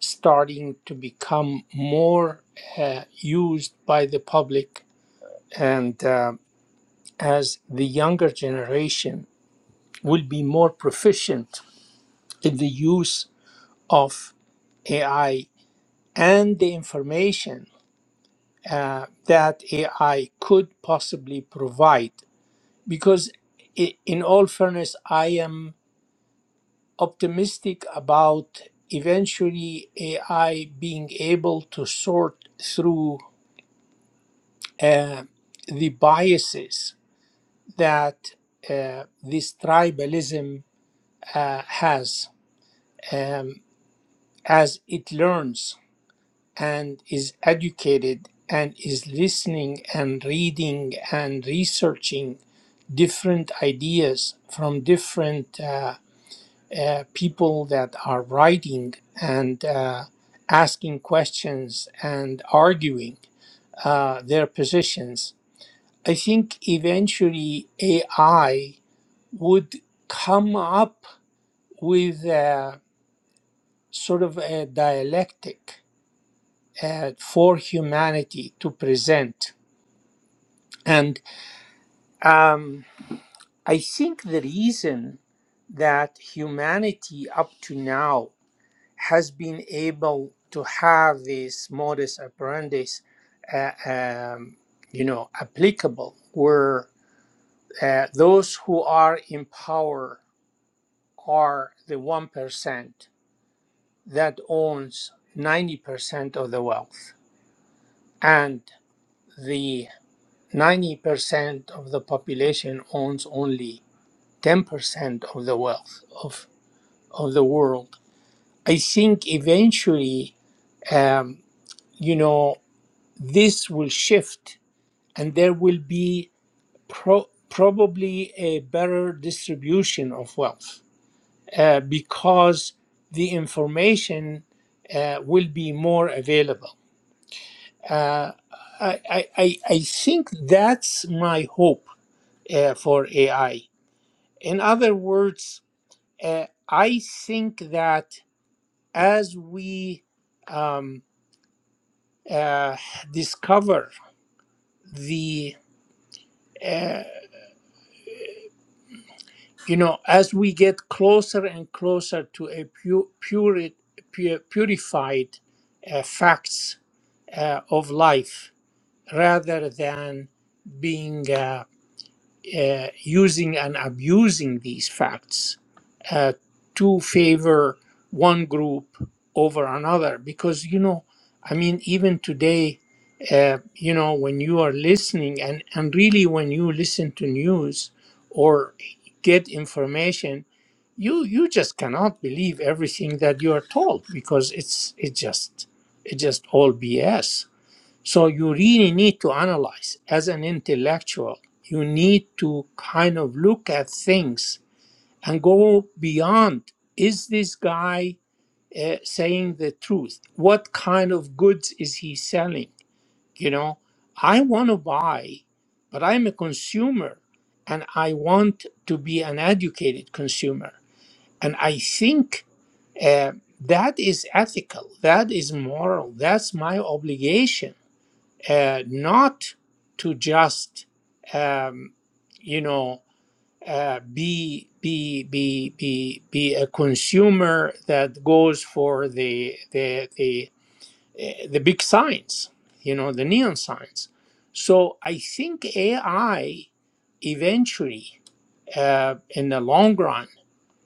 starting to become more uh, used by the public, and uh, as the younger generation will be more proficient in the use of AI and the information uh, that AI could possibly provide, because i- in all fairness, I am. optimistic about eventually AI being able to sort through uh, the biases that uh, this tribalism uh, has um, as it learns and is educated and is listening and reading and researching different ideas from different uh, uh, people that are writing and uh, asking questions and arguing uh, their positions, I think eventually AI would come up with a, sort of a dialectic uh, for humanity to present. And um, I think the reason that humanity up to now has been able to have this modus operandi, uh, um, you know, applicable, where uh, those who are in power are the one percent that owns ninety percent of the wealth, and the ninety percent of the population owns only ten percent of the wealth of of the world. I think eventually um, you know this will shift and there will be pro- probably a better distribution of wealth uh, because the information uh, will be more available. Uh, I, I, I I think that's my hope uh, for AI. In other words, uh, I think that as we um, uh, discover the uh, you know, as we get closer and closer to a pu- pure, pure, purified uh, facts uh, of life rather than being uh, uh, using and abusing these facts uh, to favor one group over another. Because, you know, I mean, even today, uh, you know, when you are listening and, and really when you listen to news or get information, you, you just cannot believe everything that you are told because it's it just it's just all BS so you really need to analyze as an intellectual. You need to kind of look at things and go beyond. Is this guy uh, saying the truth? What kind of goods is he selling? You know, I want to buy, but I'm a consumer and I want to be an educated consumer. And I think uh, that is ethical, that is moral, that's my obligation uh, not to just um, you know uh, be be be be be a consumer that goes for the the the eh, the big signs, you know, the neon signs. So I think AI eventually, uh, in the long run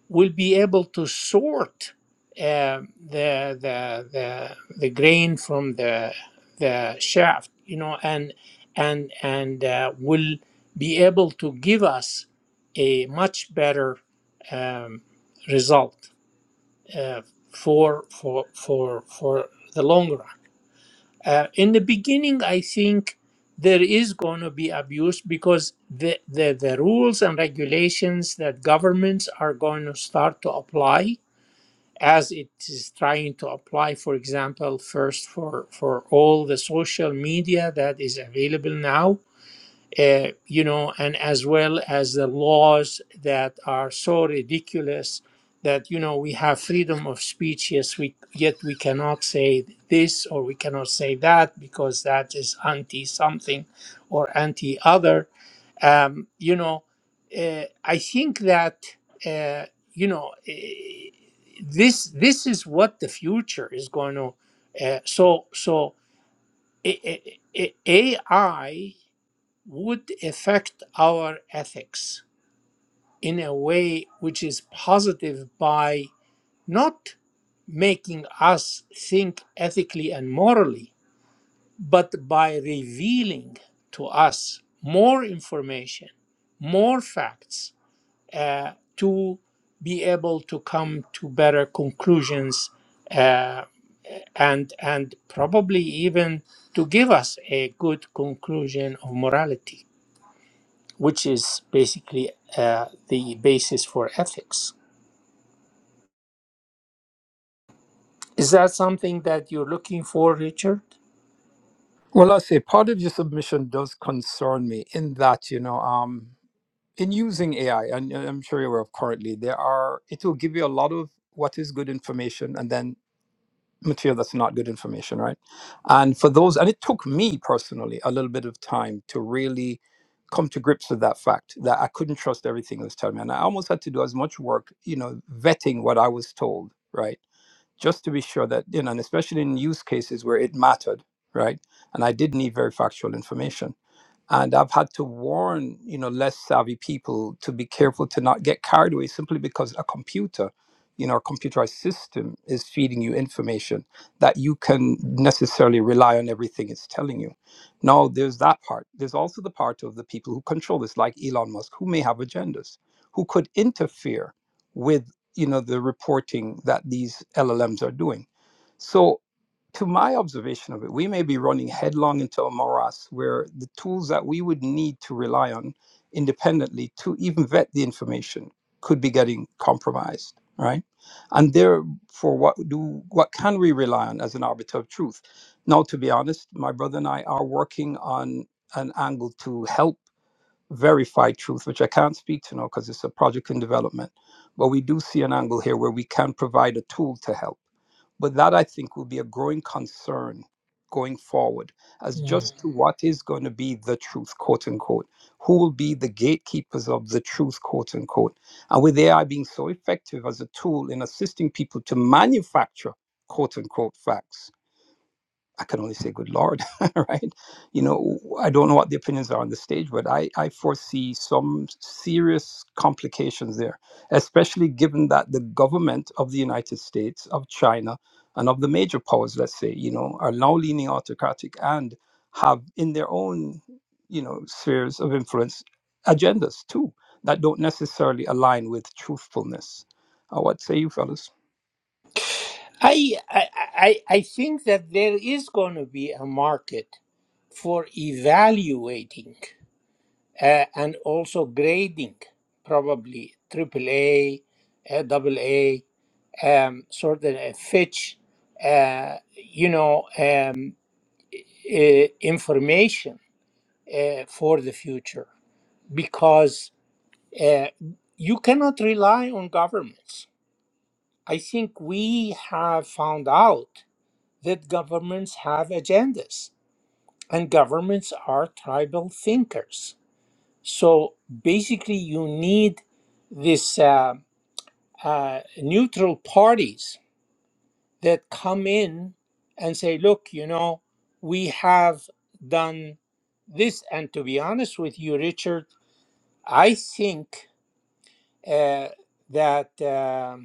will be able to sort uh, the, the the the grain from the the shaft, you know, and and and uh, will be able to give us a much better um, result uh, for for for for the long run. Uh, in the beginning, I think there is going to be abuse because the, the the rules and regulations that governments are going to start to apply as it is trying to apply, for example, first for, for all the social media that is available now, uh, you know, and as well as the laws that are so ridiculous that you know we have freedom of speech. Yes, we yet we cannot say this or we cannot say that because that is anti something or anti other. Um, you know, uh, I think that uh, you know eh, this this is what the future is going to. Uh, so so. A- AI would affect our ethics in a way which is positive by not making us think ethically and morally, but by revealing to us more information, more facts uh, to be able to come to better conclusions uh, and and probably even to give us a good conclusion of morality which is basically uh, the basis for ethics. Is that something that you're looking for, Richard? Well, I say part of your submission does concern me in that, you know, um, in using AI, and uh, I'm sure you're aware of currently, there are, it will give you a lot of what is good information and then material that's not good information, right? And for those, and it took me personally a little bit of time to really come to grips with that fact that I couldn't trust everything it was telling me. And I almost had to do as much work, you know, vetting what I was told, right? just to be sure that you know, and especially in use cases where it mattered, right? And I did need very factual information and I've had to warn you know less savvy people to be careful to not get carried away simply because a computer, you know, a computerized system is feeding you information that you can necessarily rely on everything it's telling you. No, there's that part. There's also the part of the people who control this, like Elon Musk, who may have agendas, who could interfere with you know the reporting that these LLMs are doing. So to my observation of it, we may be running headlong into a morass where the tools that we would need to rely on independently to even vet the information could be getting compromised, right? And therefore, what do what can we rely on as an arbiter of truth? Now, to be honest, my brother and I are working on an angle to help verify truth, which I can't speak to now because it's a project in development. But we do see an angle here where we can provide a tool to help. But that I think will be a growing concern going forward as Mm. just to what is going to be the truth, quote unquote. Who will be the gatekeepers of the truth, quote unquote. And with AI being so effective as a tool in assisting people to manufacture, quote unquote, facts I can only say, good Lord, right? You know, I don't know what the opinions are on the stage, but I, I foresee some serious complications there, especially given that the government of the United States, of China, and of the major powers, let's say, you know, are now leaning autocratic and have in their own, you know, spheres of influence agendas too that don't necessarily align with truthfulness. Uh, what say you, fellas? I, I I I think that there is going to be a market for evaluating uh, and also grading, probably AAA, uh, AA, um, sort of a Fitch, uh, you know, um, uh, information uh, for the future because Uh, you cannot rely on governments. I think we have found out that governments have agendas and governments are tribal thinkers. So basically, you need these uh, uh, neutral parties that come in and say, look, you know, we have done this. And to be honest with you, Richard, I think uh, that. um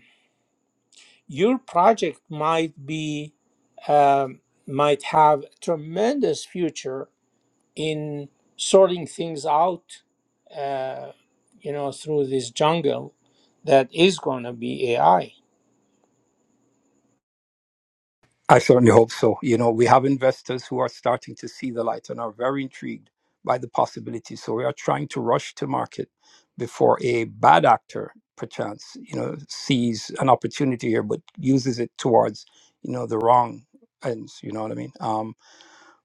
your project might be um, might have tremendous future in sorting things out uh, you know through this jungle that is going to be ai I certainly hope so. You know, we have investors who are starting to see the light and are very intrigued by the possibilities. So we are trying to rush to market before a bad actor, perchance, you know, sees an opportunity here but uses it towards, you know, the wrong ends. You know what I mean? Um,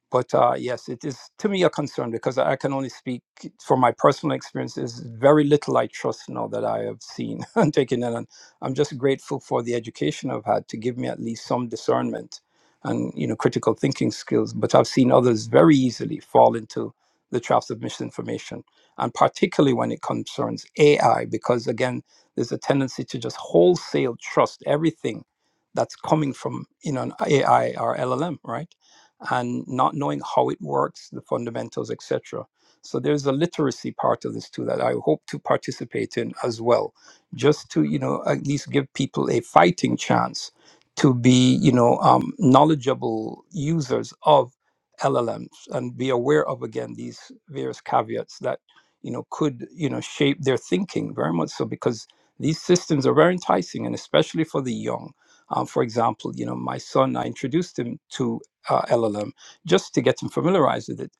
But uh, yes, it is to me a concern because I can only speak from my personal experiences. Very little I trust now that I have seen and taken in, and I'm just grateful for the education I've had to give me at least some discernment and you know critical thinking skills. But I've seen others very easily fall into the traps of misinformation, and particularly when it concerns AI, because again, there's a tendency to just wholesale trust everything that's coming from you know an AI or LLM, right? and not knowing how it works, the fundamentals, etc. So there's a literacy part of this too that I hope to participate in as well, just to you know at least give people a fighting chance to be you know um, knowledgeable users of LLMs and be aware of again these various caveats that you know could you know shape their thinking very much so because these systems are very enticing and especially for the young. Um, for example, you know my son, I introduced him to uh, LLM just to get them familiarized with it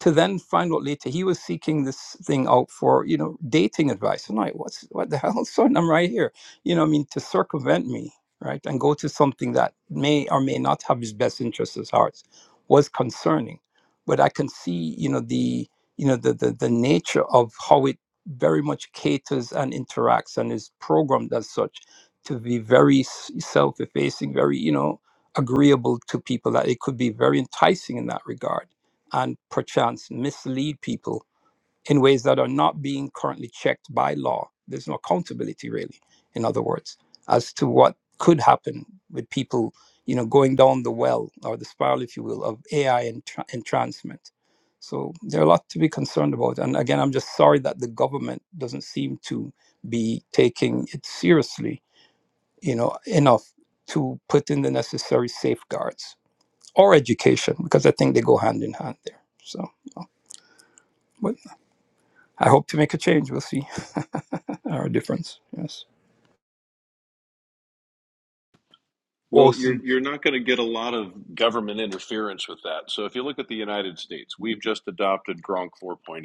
to then find out later he was seeking this thing out for you know dating advice and like what's what the hell son i'm right here you know i mean to circumvent me right and go to something that may or may not have his best interests at heart was concerning but i can see you know the you know the the, the nature of how it very much caters and interacts and is programmed as such to be very s- self-effacing very you know agreeable to people that it could be very enticing in that regard and perchance mislead people in ways that are not being currently checked by law. There's no accountability, really, in other words, as to what could happen with people, you know, going down the well or the spiral, if you will, of AI entra- entrancement. So there are a lot to be concerned about. And again, I'm just sorry that the government doesn't seem to be taking it seriously, you know, enough to put in the necessary safeguards or education, because I think they go hand in hand there. So. but I hope to make a change. We'll see our difference. Yes. Well, Awesome. you're you're not going to get a lot of government interference with that. So if you look at the United States, we've just adopted Gronk 4.0,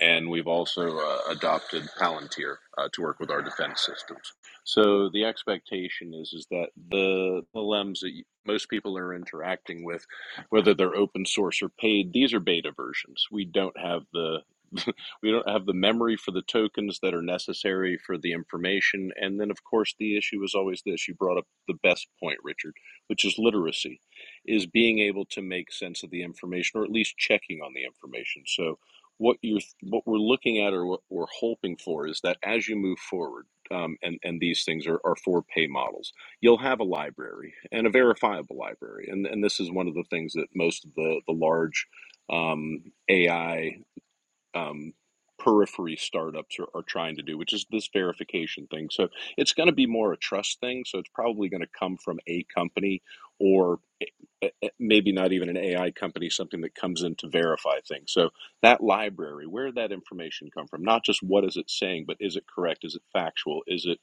and we've also uh, adopted Palantir uh, to work with our defense systems. So the expectation is is that the LMs that you, most people are interacting with, whether they're open source or paid, these are beta versions. We don't have the we don't have the memory for the tokens that are necessary for the information. And then, of course, the issue is always this. You brought up the best point, Richard, which is literacy, is being able to make sense of the information or at least checking on the information. So what you're what we're looking at or what we're hoping for is that as you move forward, um, and and these things are, are for pay models, you'll have a library and a verifiable library, and and this is one of the things that most of the the large um, AI um, periphery startups are, are trying to do, which is this verification thing. So it's going to be more a trust thing. So it's probably going to come from a company or eh, eh, maybe not even an AI company, something that comes in to verify things. So that library, where did that information come from? Not just what is it saying, but is it correct? Is it factual? Is it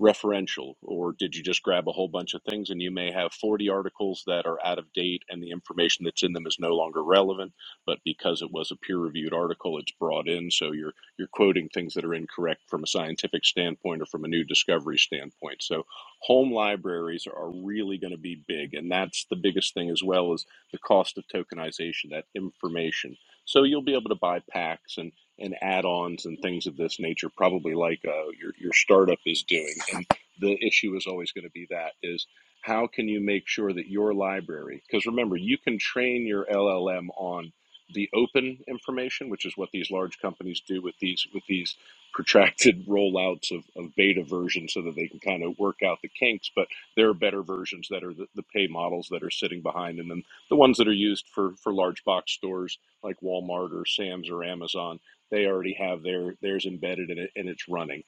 referential or did you just grab a whole bunch of things and you may have 40 articles that are out of date and the information that's in them is no longer relevant but because it was a peer-reviewed article, it's brought in. So you're you're quoting things that are incorrect from a scientific standpoint or from a new discovery standpoint. So home libraries are really going to be big, and that's the biggest thing as well as the cost of tokenization, that information. So you'll be able to buy packs and and add-ons and things of this nature, probably like uh, your your startup is doing. And the issue is always going to be that is how can you make sure that your library because remember you can train your llm on the open information, which is what these large companies do with these with these protracted rollouts of, of beta versions so that they can kind of work out the kinks. But there are better versions that are the, the pay models that are sitting behind and then the ones that are used for, for large box stores like Walmart or Sam's or Amazon, they already have their theirs embedded in it and it's running.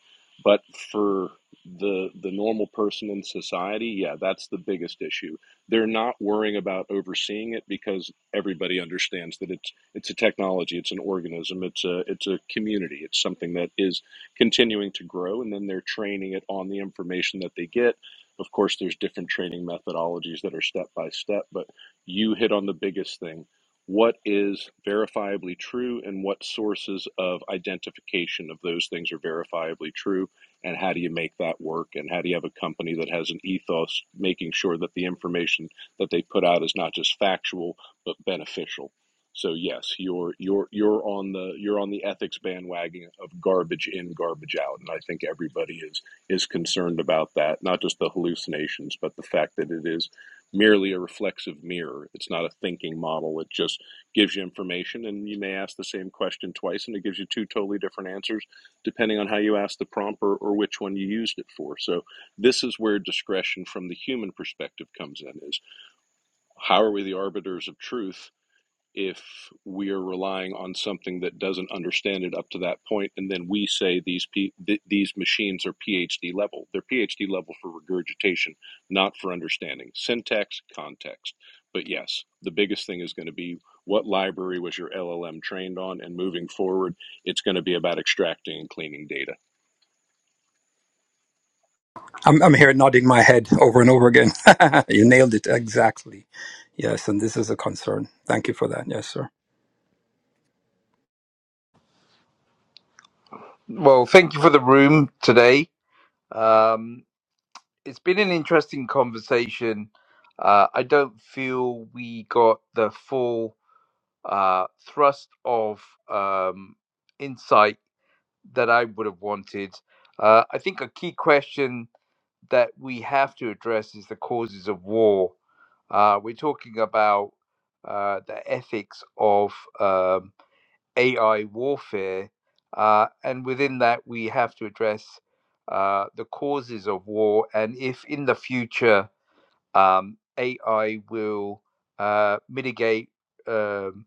But for the the normal person in society, yeah, that's the biggest issue. They're not worrying about overseeing it because everybody understands that it's it's a technology. It's an organism. It's a it's a community. It's something that is continuing to grow, and then they're training it on the information that they get. Of course, there's different training methodologies that are step by step, but you hit on the biggest thing. What is verifiably true, and what sources of identification of those things are verifiably true, and how do you make that work? And how do you have a company that has an ethos, making sure that the information that they put out is not just factual but beneficial? So yes, you're you're you're on the you're on the ethics bandwagon of garbage in, garbage out, and I think everybody is is concerned about that. Not just the hallucinations, but the fact that it is merely a reflexive mirror. It's not a thinking model. It just gives you information, and you may ask the same question twice, and it gives you two totally different answers depending on how you ask the prompt or, or which one you used it for. So this is where discretion from the human perspective comes in: is how are we the arbiters of truth? if we are relying on something that doesn't understand it up to that point, and then we say these P- th- these machines are PhD level. They're PhD level for regurgitation, not for understanding syntax context. But yes, the biggest thing is going to be what library was your LLM trained on, and moving forward, it's going to be about extracting and cleaning data. I'm, I'm here nodding my head over and over again. you nailed it exactly. Yes, and this is a concern. Thank you for that. Yes, sir. Well, thank you for the room today. Um, it's been an interesting conversation. Uh, I don't feel we got the full uh, thrust of um, insight that I would have wanted. Uh, I think a key question that we have to address is the causes of war. Uh, we're talking about uh, the ethics of um, AI warfare, uh, and within that, we have to address uh, the causes of war and if in the future um, AI will uh, mitigate, um,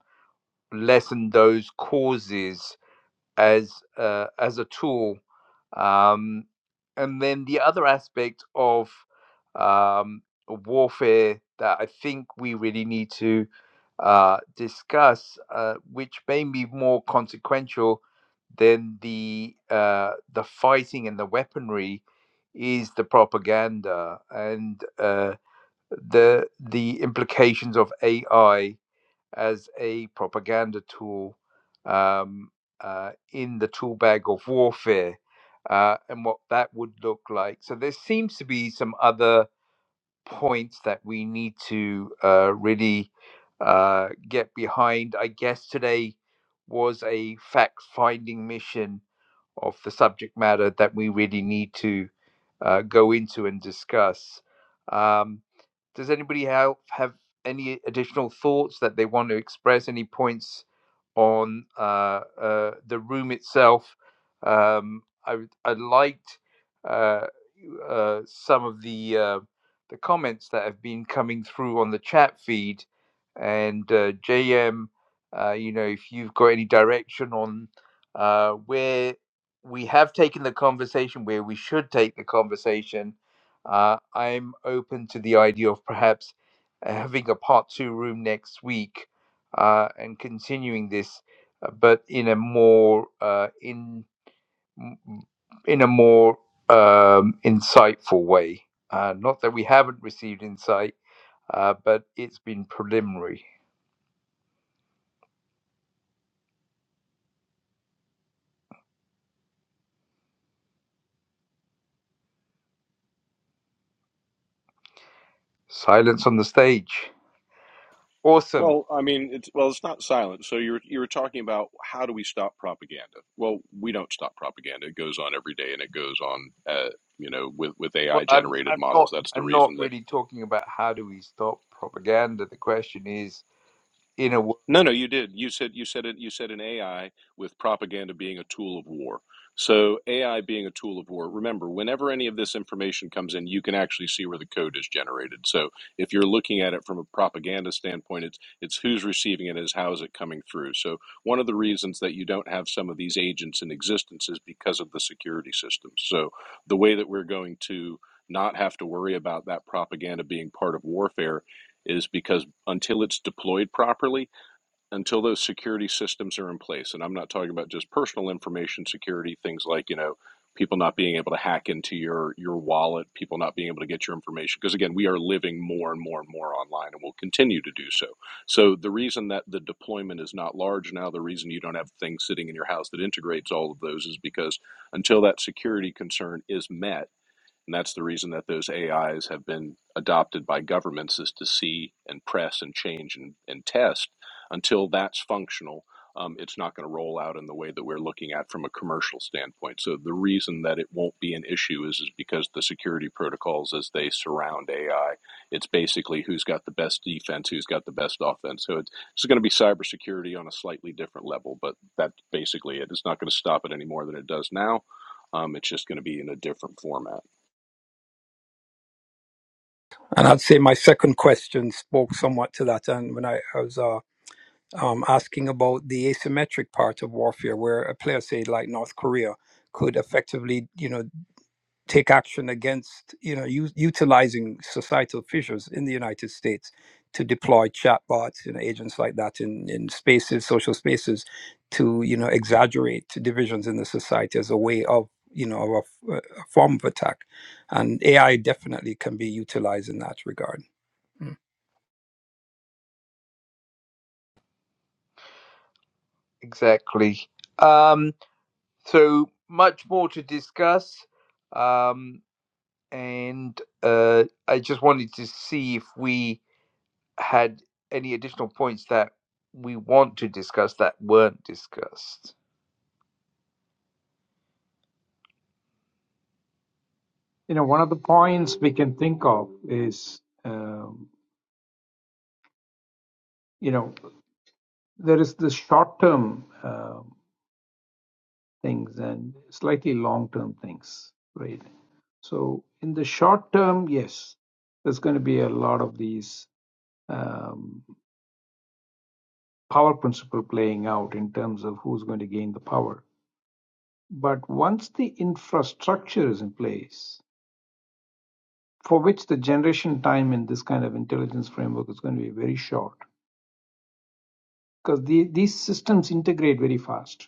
lessen those causes as uh, as a tool. Um, and then the other aspect of um, warfare that I think we really need to uh, discuss, uh, which may be more consequential than the uh, the fighting and the weaponry, is the propaganda and uh, the the implications of AI as a propaganda tool um, uh, in the tool bag of warfare uh, and what that would look like. So there seems to be some other points that we need to uh, really uh, get behind. I guess today was a fact finding mission of the subject matter that we really need to uh, go into and discuss. Um, does anybody have, have any additional thoughts that they want to express? Any points on uh, uh, the room itself? Um, I, I liked uh, uh, some of the. uh, the comments that have been coming through on the chat feed. And uh, JM, uh, you know, if you've got any direction on uh, where we have taken the conversation, where we should take the conversation, uh, I'm open to the idea of perhaps having a part two room next week uh, and continuing this, uh, but in a more uh, in in a more um, insightful way. Uh, not that we haven't received insight, uh, but it's been preliminary. Silence on the stage. Awesome. Well, I mean, it's well, it's not silent. So you were you were talking about how do we stop propaganda? Well, we don't stop propaganda. It goes on every day, and it goes on, uh, you know, with with Well, AI I'm generated I'm models. not That's the I'm not reason that really talking about how do we stop propaganda. The question is in a wo- No, no, you did. You said you said it. You said an AI with propaganda being a tool of war. So AI being a tool of war. Remember, whenever any of this information comes in, you can actually see where the code is generated. So if you're looking at it from a propaganda standpoint, it's it's who's receiving it, is how is it coming through. So one of the reasons that you don't have some of these agents in existence is because of the security systems. So the way that we're going to not have to worry about that propaganda being part of warfare is because until it's deployed properly until those security systems are in place and i'm not talking about just personal information security things like you know people not being able to hack into your your wallet people not being able to get your information because again we are living more and more and more online and will continue to do so so the reason that the deployment is not large now the reason you don't have things sitting in your house that integrates all of those is because until that security concern is met and that's the reason that those AIs have been adopted by governments is to see and press and change and, and test until that's functional. Um, it's not going to roll out in the way that we're looking at from a commercial standpoint. So the reason that it won't be an issue is, is because the security protocols as they surround AI, it's basically who's got the best defense, who's got the best offense. So it's, it's going to be cybersecurity on a slightly different level, but that's basically it. It's not going to stop it any more than it does now. Um, it's just going to be in a different format. And I'd say my second question spoke somewhat to that. And when I, I was uh, um, asking about the asymmetric part of warfare, where a player, say, like North Korea, could effectively, you know, take action against you know u- utilizing societal fissures in the United States to deploy chatbots and agents like that in, in spaces, social spaces, to you know exaggerate divisions in the society as a way of you know of a, f- a form of attack, and AI definitely can be utilized in that regard. Mm. exactly. Um, so much more to discuss, um, and uh, I just wanted to see if we had any additional points that we want to discuss that weren't discussed. You know, one of the points we can think of is, um, you know, there is the short term um things and slightly long term things, right? So, in the short term, yes, there's going to be a lot of these. um, power principle playing out in terms of who's going to gain the power. But once the infrastructure is in place, for which the generation time in this kind of intelligence framework is going to be very short, because the, these systems integrate very fast,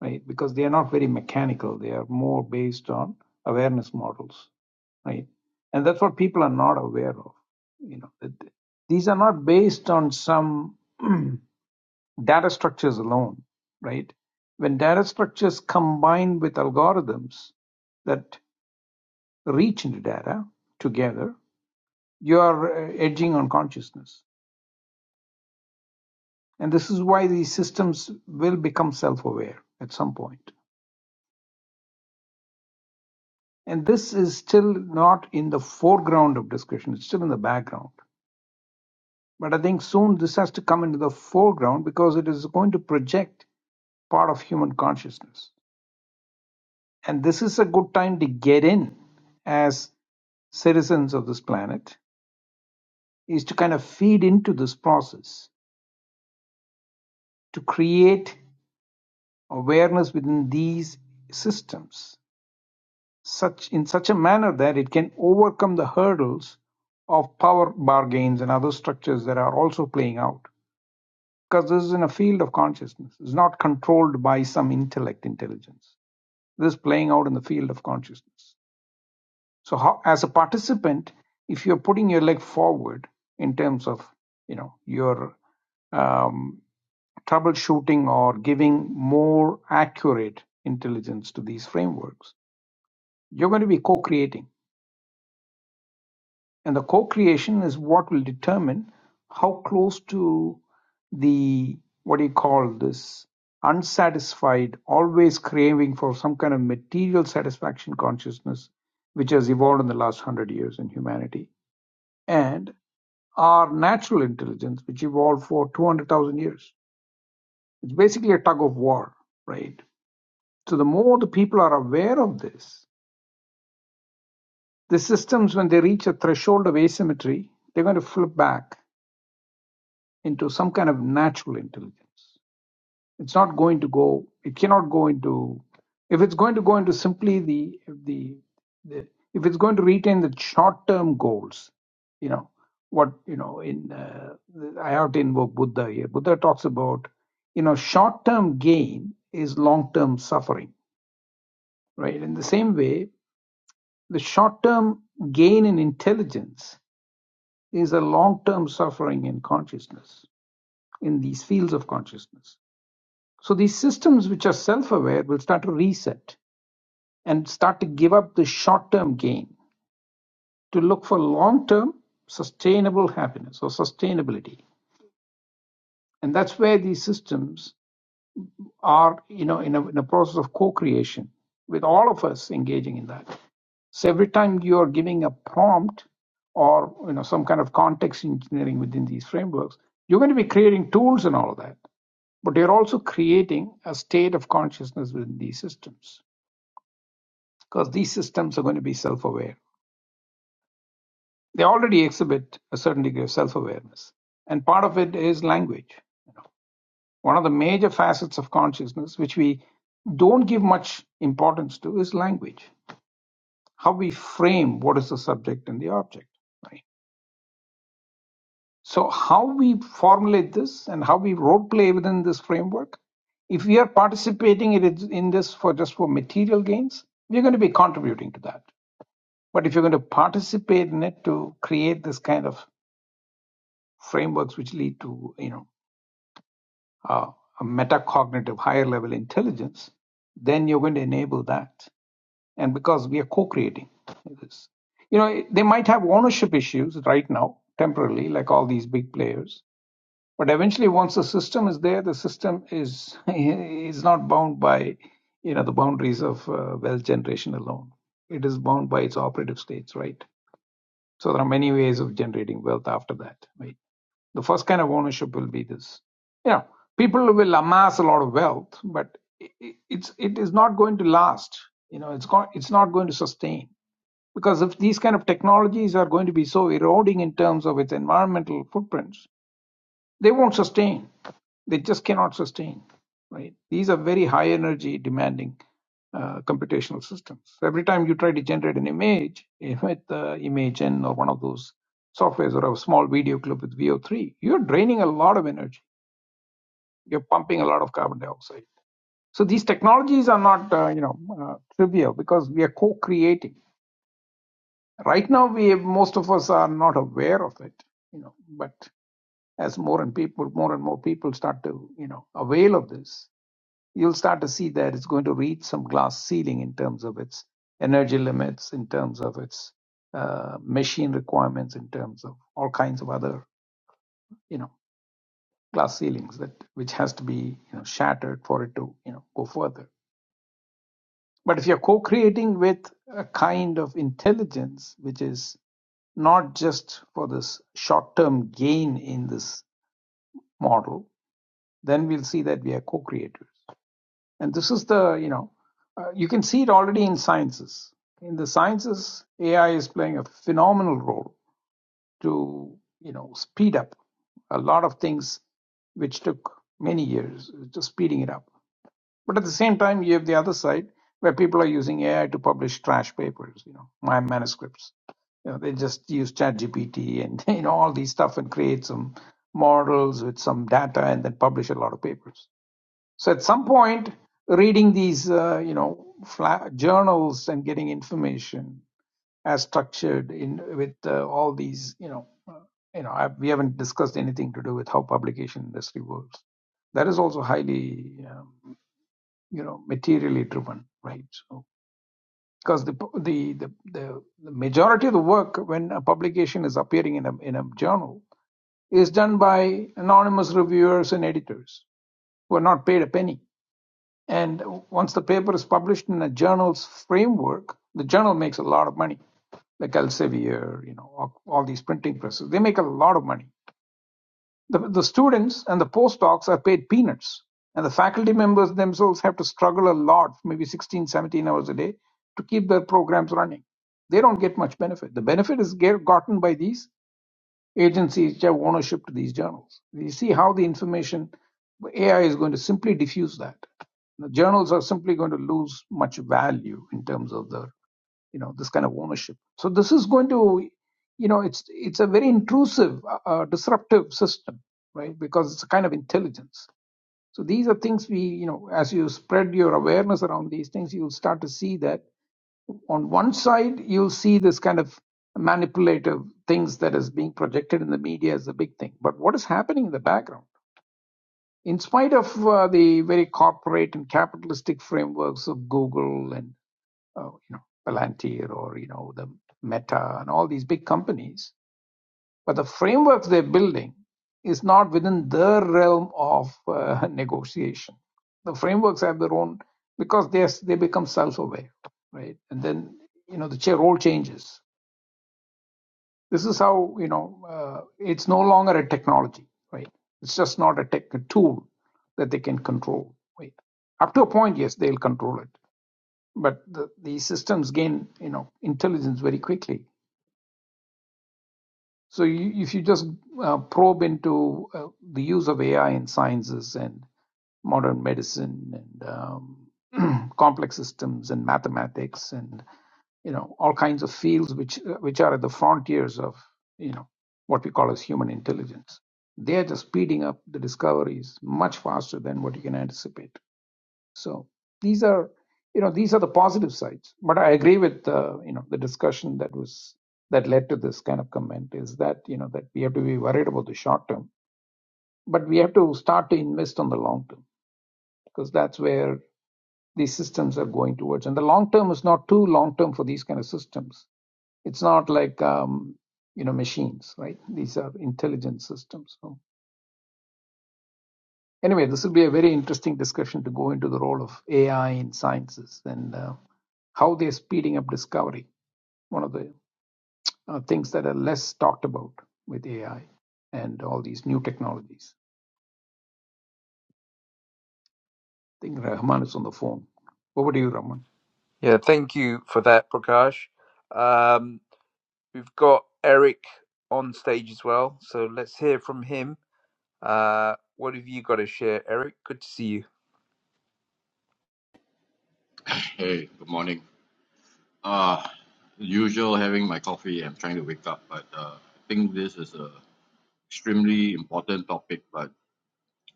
right? Because they are not very mechanical, they are more based on awareness models, right? And that's what people are not aware of. You know, that these are not based on some data structures alone, right? When data structures combine with algorithms that reach into data together, you are uh, edging on consciousness. And this is why these systems will become self aware at some point. And this is still not in the foreground of discussion, it's still in the background. But I think soon this has to come into the foreground because it is going to project part of human consciousness. And this is a good time to get in as citizens of this planet is to kind of feed into this process to create awareness within these systems such in such a manner that it can overcome the hurdles of power bargains and other structures that are also playing out because this is in a field of consciousness it's not controlled by some intellect intelligence this is playing out in the field of consciousness So how, as a participant, if you're putting your leg forward in terms of you know your um, troubleshooting or giving more accurate intelligence to these frameworks, you're going to be co-creating, and the co-creation is what will determine how close to the what do you call this unsatisfied, always craving for some kind of material satisfaction consciousness, which has evolved in the last hundred years in humanity, and are natural intelligence, which evolved for 200,000 years. It's basically a tug of war, right? So the more the people are aware of this, the systems, when they reach a threshold of asymmetry, they're going to flip back into some kind of natural intelligence. It's not going to go. It cannot go into. If it's going to go into simply the the, the if it's going to retain the short term goals, you know what you know in uh, I have to invoke Buddha here. Buddha talks about you know short term gain is long term suffering, right? In the same way, the short term gain in intelligence is a long term suffering in consciousness in these fields of consciousness So these systems which are self-aware will start to reset and start to give up the short-term gain to look for long-term sustainable happiness or sustainability. And that's where these systems are, you know, in a, in a process of co-creation with all of us engaging in that. So every time you're giving a prompt or you know some kind of context engineering within these frameworks, you're going to be creating tools and all of that. But you're also creating a state of consciousness within these systems. because these systems are going to be self aware. They already exhibit a certain degree of self awareness. And part of it is language, one of the major facets of consciousness, which we don't give much importance to, is language. How we frame what is the subject and the object. Right? So, how we formulate this and how we role play within this framework, if we are participating in it- in this for just for material gains, we're going to be contributing to that. But if you're going to participate in it to create this kind of frameworks which lead to you know uh, a metacognitive higher level intelligence then you're going to enable that and because we are co-creating this you know they might have ownership issues right now temporarily like all these big players but eventually once the system is there the system is is not bound by you know the boundaries of uh, wealth generation alone it is bound by its operative states right so there are many ways of generating wealth after that, right? The first kind of ownership will be this. You know, people will amass a lot of wealth, but it's it is not going to last. You know, it's go- it's not going to sustain because if these kind of technologies are going to be so eroding in terms of its environmental footprints, they won't sustain. They just cannot sustain. Right? These are very high energy demanding uh, computational systems. So every time you try to generate an image eh, with uh, ImageN or one of those softwares or a small video clip with VO3, you're draining a lot of energy. You're pumping a lot of carbon dioxide. So these technologies are not, uh, you know, uh, trivial because we are co-creating. Right now, we most of us are not aware of it, you know, but as more and people more and more people start to you know avail of this you'll start to see that it's going to reach some glass ceiling in terms of its energy limits in terms of its uh, machine requirements in terms of all kinds of other you know glass ceilings that which has to be you know shattered for it to you know go further but if you're co-creating with a kind of intelligence which is not just for this short-term gain in this model then we'll see that we are co-creators And this is the, you know, uh, you can see it already in sciences. In the sciences, AI is playing a phenomenal role to, you know, speed up a lot of things which took many years, just speeding it up. But at the same time, you have the other side where people are using AI to publish trash papers, you know, my manuscripts. You know, they just use ChatGPT and you know all these stuff and create some models with some data and then publish a lot of papers. So at some point, reading these, uh, you know, fla- journals and getting information as structured in with uh, all these, you know, uh, you know, I, we haven't discussed anything to do with how publication industry works. That is also highly, um, you know, materially driven, right? So because the, the the the the majority of the work when a publication is appearing in a in a journal is done by anonymous reviewers and editors who are not paid a penny And once the paper is published in a journal's framework, the journal makes a lot of money. Like Elsevier, you know, all, all these printing presses, they make a lot of money. The, the students and the postdocs are paid peanuts, and the faculty members themselves have to struggle a lot, maybe 16, 17 hours a day, to keep their programs running. They don't get much benefit. The benefit is get, gotten by these agencies which have ownership to these journals. You see how the information AI is going to simply diffuse that. The journals are simply going to lose much value in terms of the, you know, this kind of ownership. So this is going to, you know, it's it's a very intrusive, uh, uh, disruptive system, right? Because it's a kind of intelligence. So these are things we, you know, as you spread your awareness around these things, you'll start to see that on one side you see this kind of manipulative things that is being projected in the media as a big thing but what is happening in the background in spite of uh, the very corporate and capitalistic frameworks of google and uh, you know palantir or you know the meta and all these big companies but the framework they're building is not within their realm of uh, negotiation. The frameworks have their own because they they become self-aware, right? And then you know the cha- role changes. This is how you know uh, it's no longer a technology, right? It's just not a tech a tool that they can control. Right? Up to a point, yes, they'll control it, but the, the systems gain you know intelligence very quickly So you, if you just uh, probe into uh, the use of AI in sciences and modern medicine and um, complex systems and mathematics and you know all kinds of fields which uh, which are at the frontiers of you know what we call as human intelligence, they are just speeding up the discoveries much faster than what you can anticipate. So these are, you know, these are the positive sides. But I agree with, uh, you know, the discussion that was that led to this kind of comment is that you know that we have to be worried about the short term, but we have to start to invest on the long term because that's where these systems are going towards. And the long term is not too long term for these kind of systems. It's not like um, you know machines, right? These are intelligent systems. So Anyway, this will be a very interesting discussion to go into the role of AI in sciences and uh, how they're speeding up discovery. One of the uh, things that are less talked about with AI and all these new technologies. I think Rahman is on the phone. Over to you, Rahman. Yeah, thank you for that, Prakash. Um, we've got Eric on stage as well, so let's hear from him. Uh, what have you got to share, Eric? Good to see you. Hey, good morning. Uh, usual having my coffee. I'm trying to wake up, but uh, I think this is a extremely important topic, but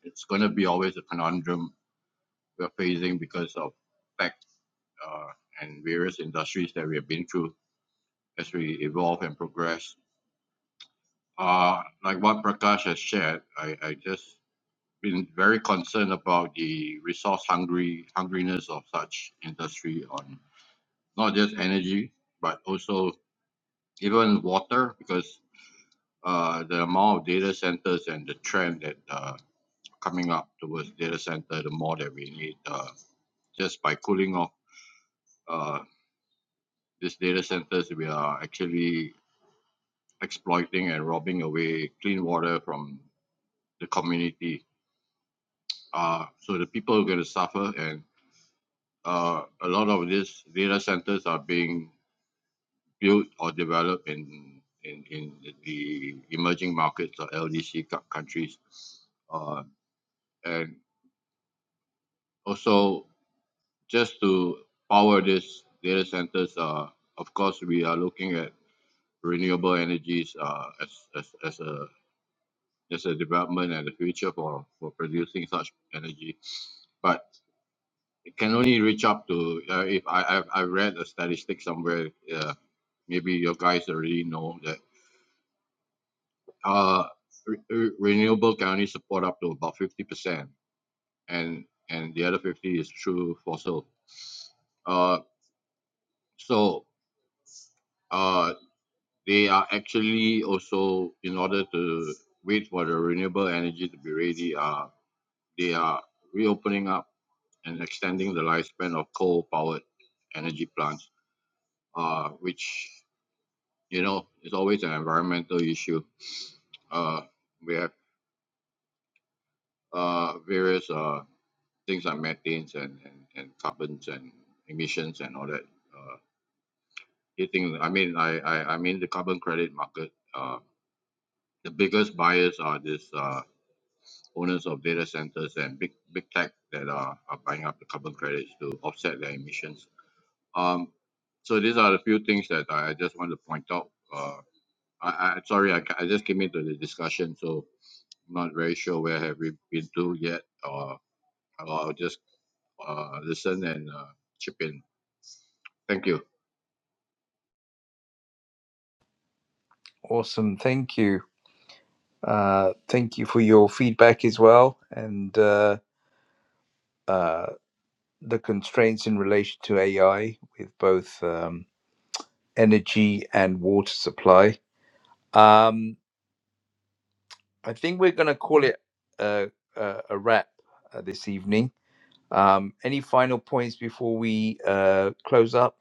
it's going to be always a conundrum we're facing because of facts uh, and various industries that we have been through as we evolve and progress. Uh, like what Prakash has shared, I, I just been very concerned about the resource hungry hungriness of such industry on not just energy but also even water because uh, the amount of data centers and the trend that uh, coming up towards data center, the more that we need uh, just by cooling off uh, these data centers, we are actually exploiting and robbing away clean water from the community. Uh, so the people are going to suffer, and uh, a lot of these data centers are being built or developed in in, in the emerging markets or LDC countries. Uh, and Also, just to power these data centers, uh, of course, we are looking at renewable energies uh, as, as, as a as a development and the future for, for producing such energy. But it can only reach up to, uh, if I, I've, I have read a statistic somewhere, uh, maybe your guys already know that uh, re- re- renewable can only support up to about 50%, and, and the other 50 is through fossil. Uh, so uh, they are actually also in order to wait for the renewable energy to be ready uh, they are reopening up and extending the lifespan of coal powered energy plants uh, which you know is always an environmental issue uh, we have uh, various uh, things like methanes and, and, and carbons and emissions and all that uh, hitting i mean I, I i mean the carbon credit market uh, the biggest buyers are this. uh, owners of data centers and big big tech that are, are buying up the carbon credits to offset their emissions. Um, so these are the few things that I just want to point out. Uh, I, I sorry, I, I just came into the discussion, so I'm not very sure where have we been to yet. Or I'll just uh, listen and uh, chip in. Thank you. Awesome, thank you. Uh, thank you for your feedback as well, and. Uh, uh, the constraints in relation to AI with both um, energy and water supply. Um, I think we're going to call it a, a, a wrap uh, this evening. Um, any final points before we uh, close up?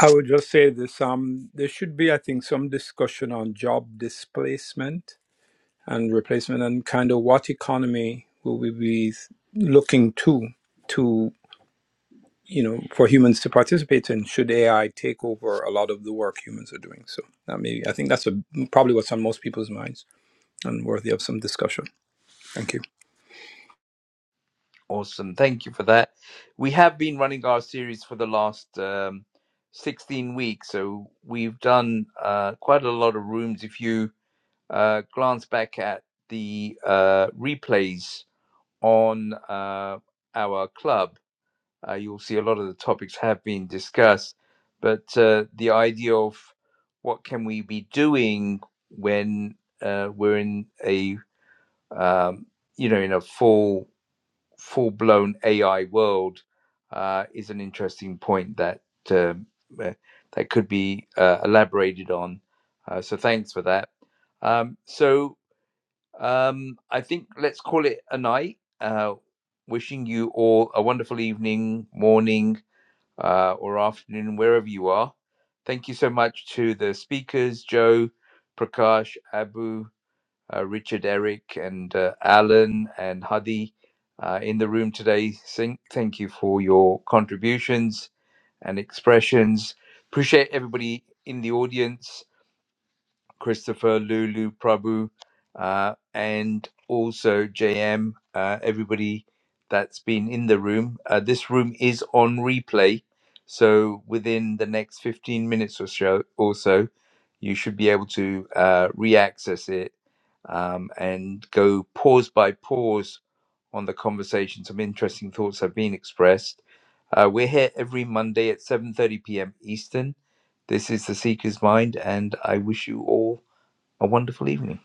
I would just say this: um, there should be, I think, some discussion on job displacement and replacement and kind of what economy will we be looking to to you know for humans to participate in should ai take over a lot of the work humans are doing so that may i think that's a, probably what's on most people's minds and worthy of some discussion thank you Awesome. Thank you for that. We have been running our series for the last um, 16 weeks, so we've done uh, quite a lot of rooms. If you uh, glance back at the uh, replays on uh, our club, uh, you'll see a lot of the topics have been discussed, but uh, the idea of what can we be doing when uh, we're in a um, you know in a full full blown AI world uh, is an interesting point that uh, uh, that could be uh, elaborated on. Uh, so thanks for that. Um, so um, I think let's call it a night. Uh, wishing you all a wonderful evening, morning, uh, or afternoon, wherever you are. Thank you so much to the speakers, Joe, Prakash, Abu, uh, Richard, Eric, and uh, Alan and Hadi uh, in the room today. Thank, thank you for your contributions and expressions. Appreciate everybody in the audience Christopher, Lulu, Prabhu, uh, and also JM, uh, everybody that's been in the room. Uh, this room is on replay. So within the next 15 minutes or so, or so you should be able to uh, re access it um, and go pause by pause on the conversation. Some interesting thoughts have been expressed. Uh, we're here every Monday at 7:30 p.m. Eastern. This is the Seeker's Mind, and I wish you all a wonderful evening.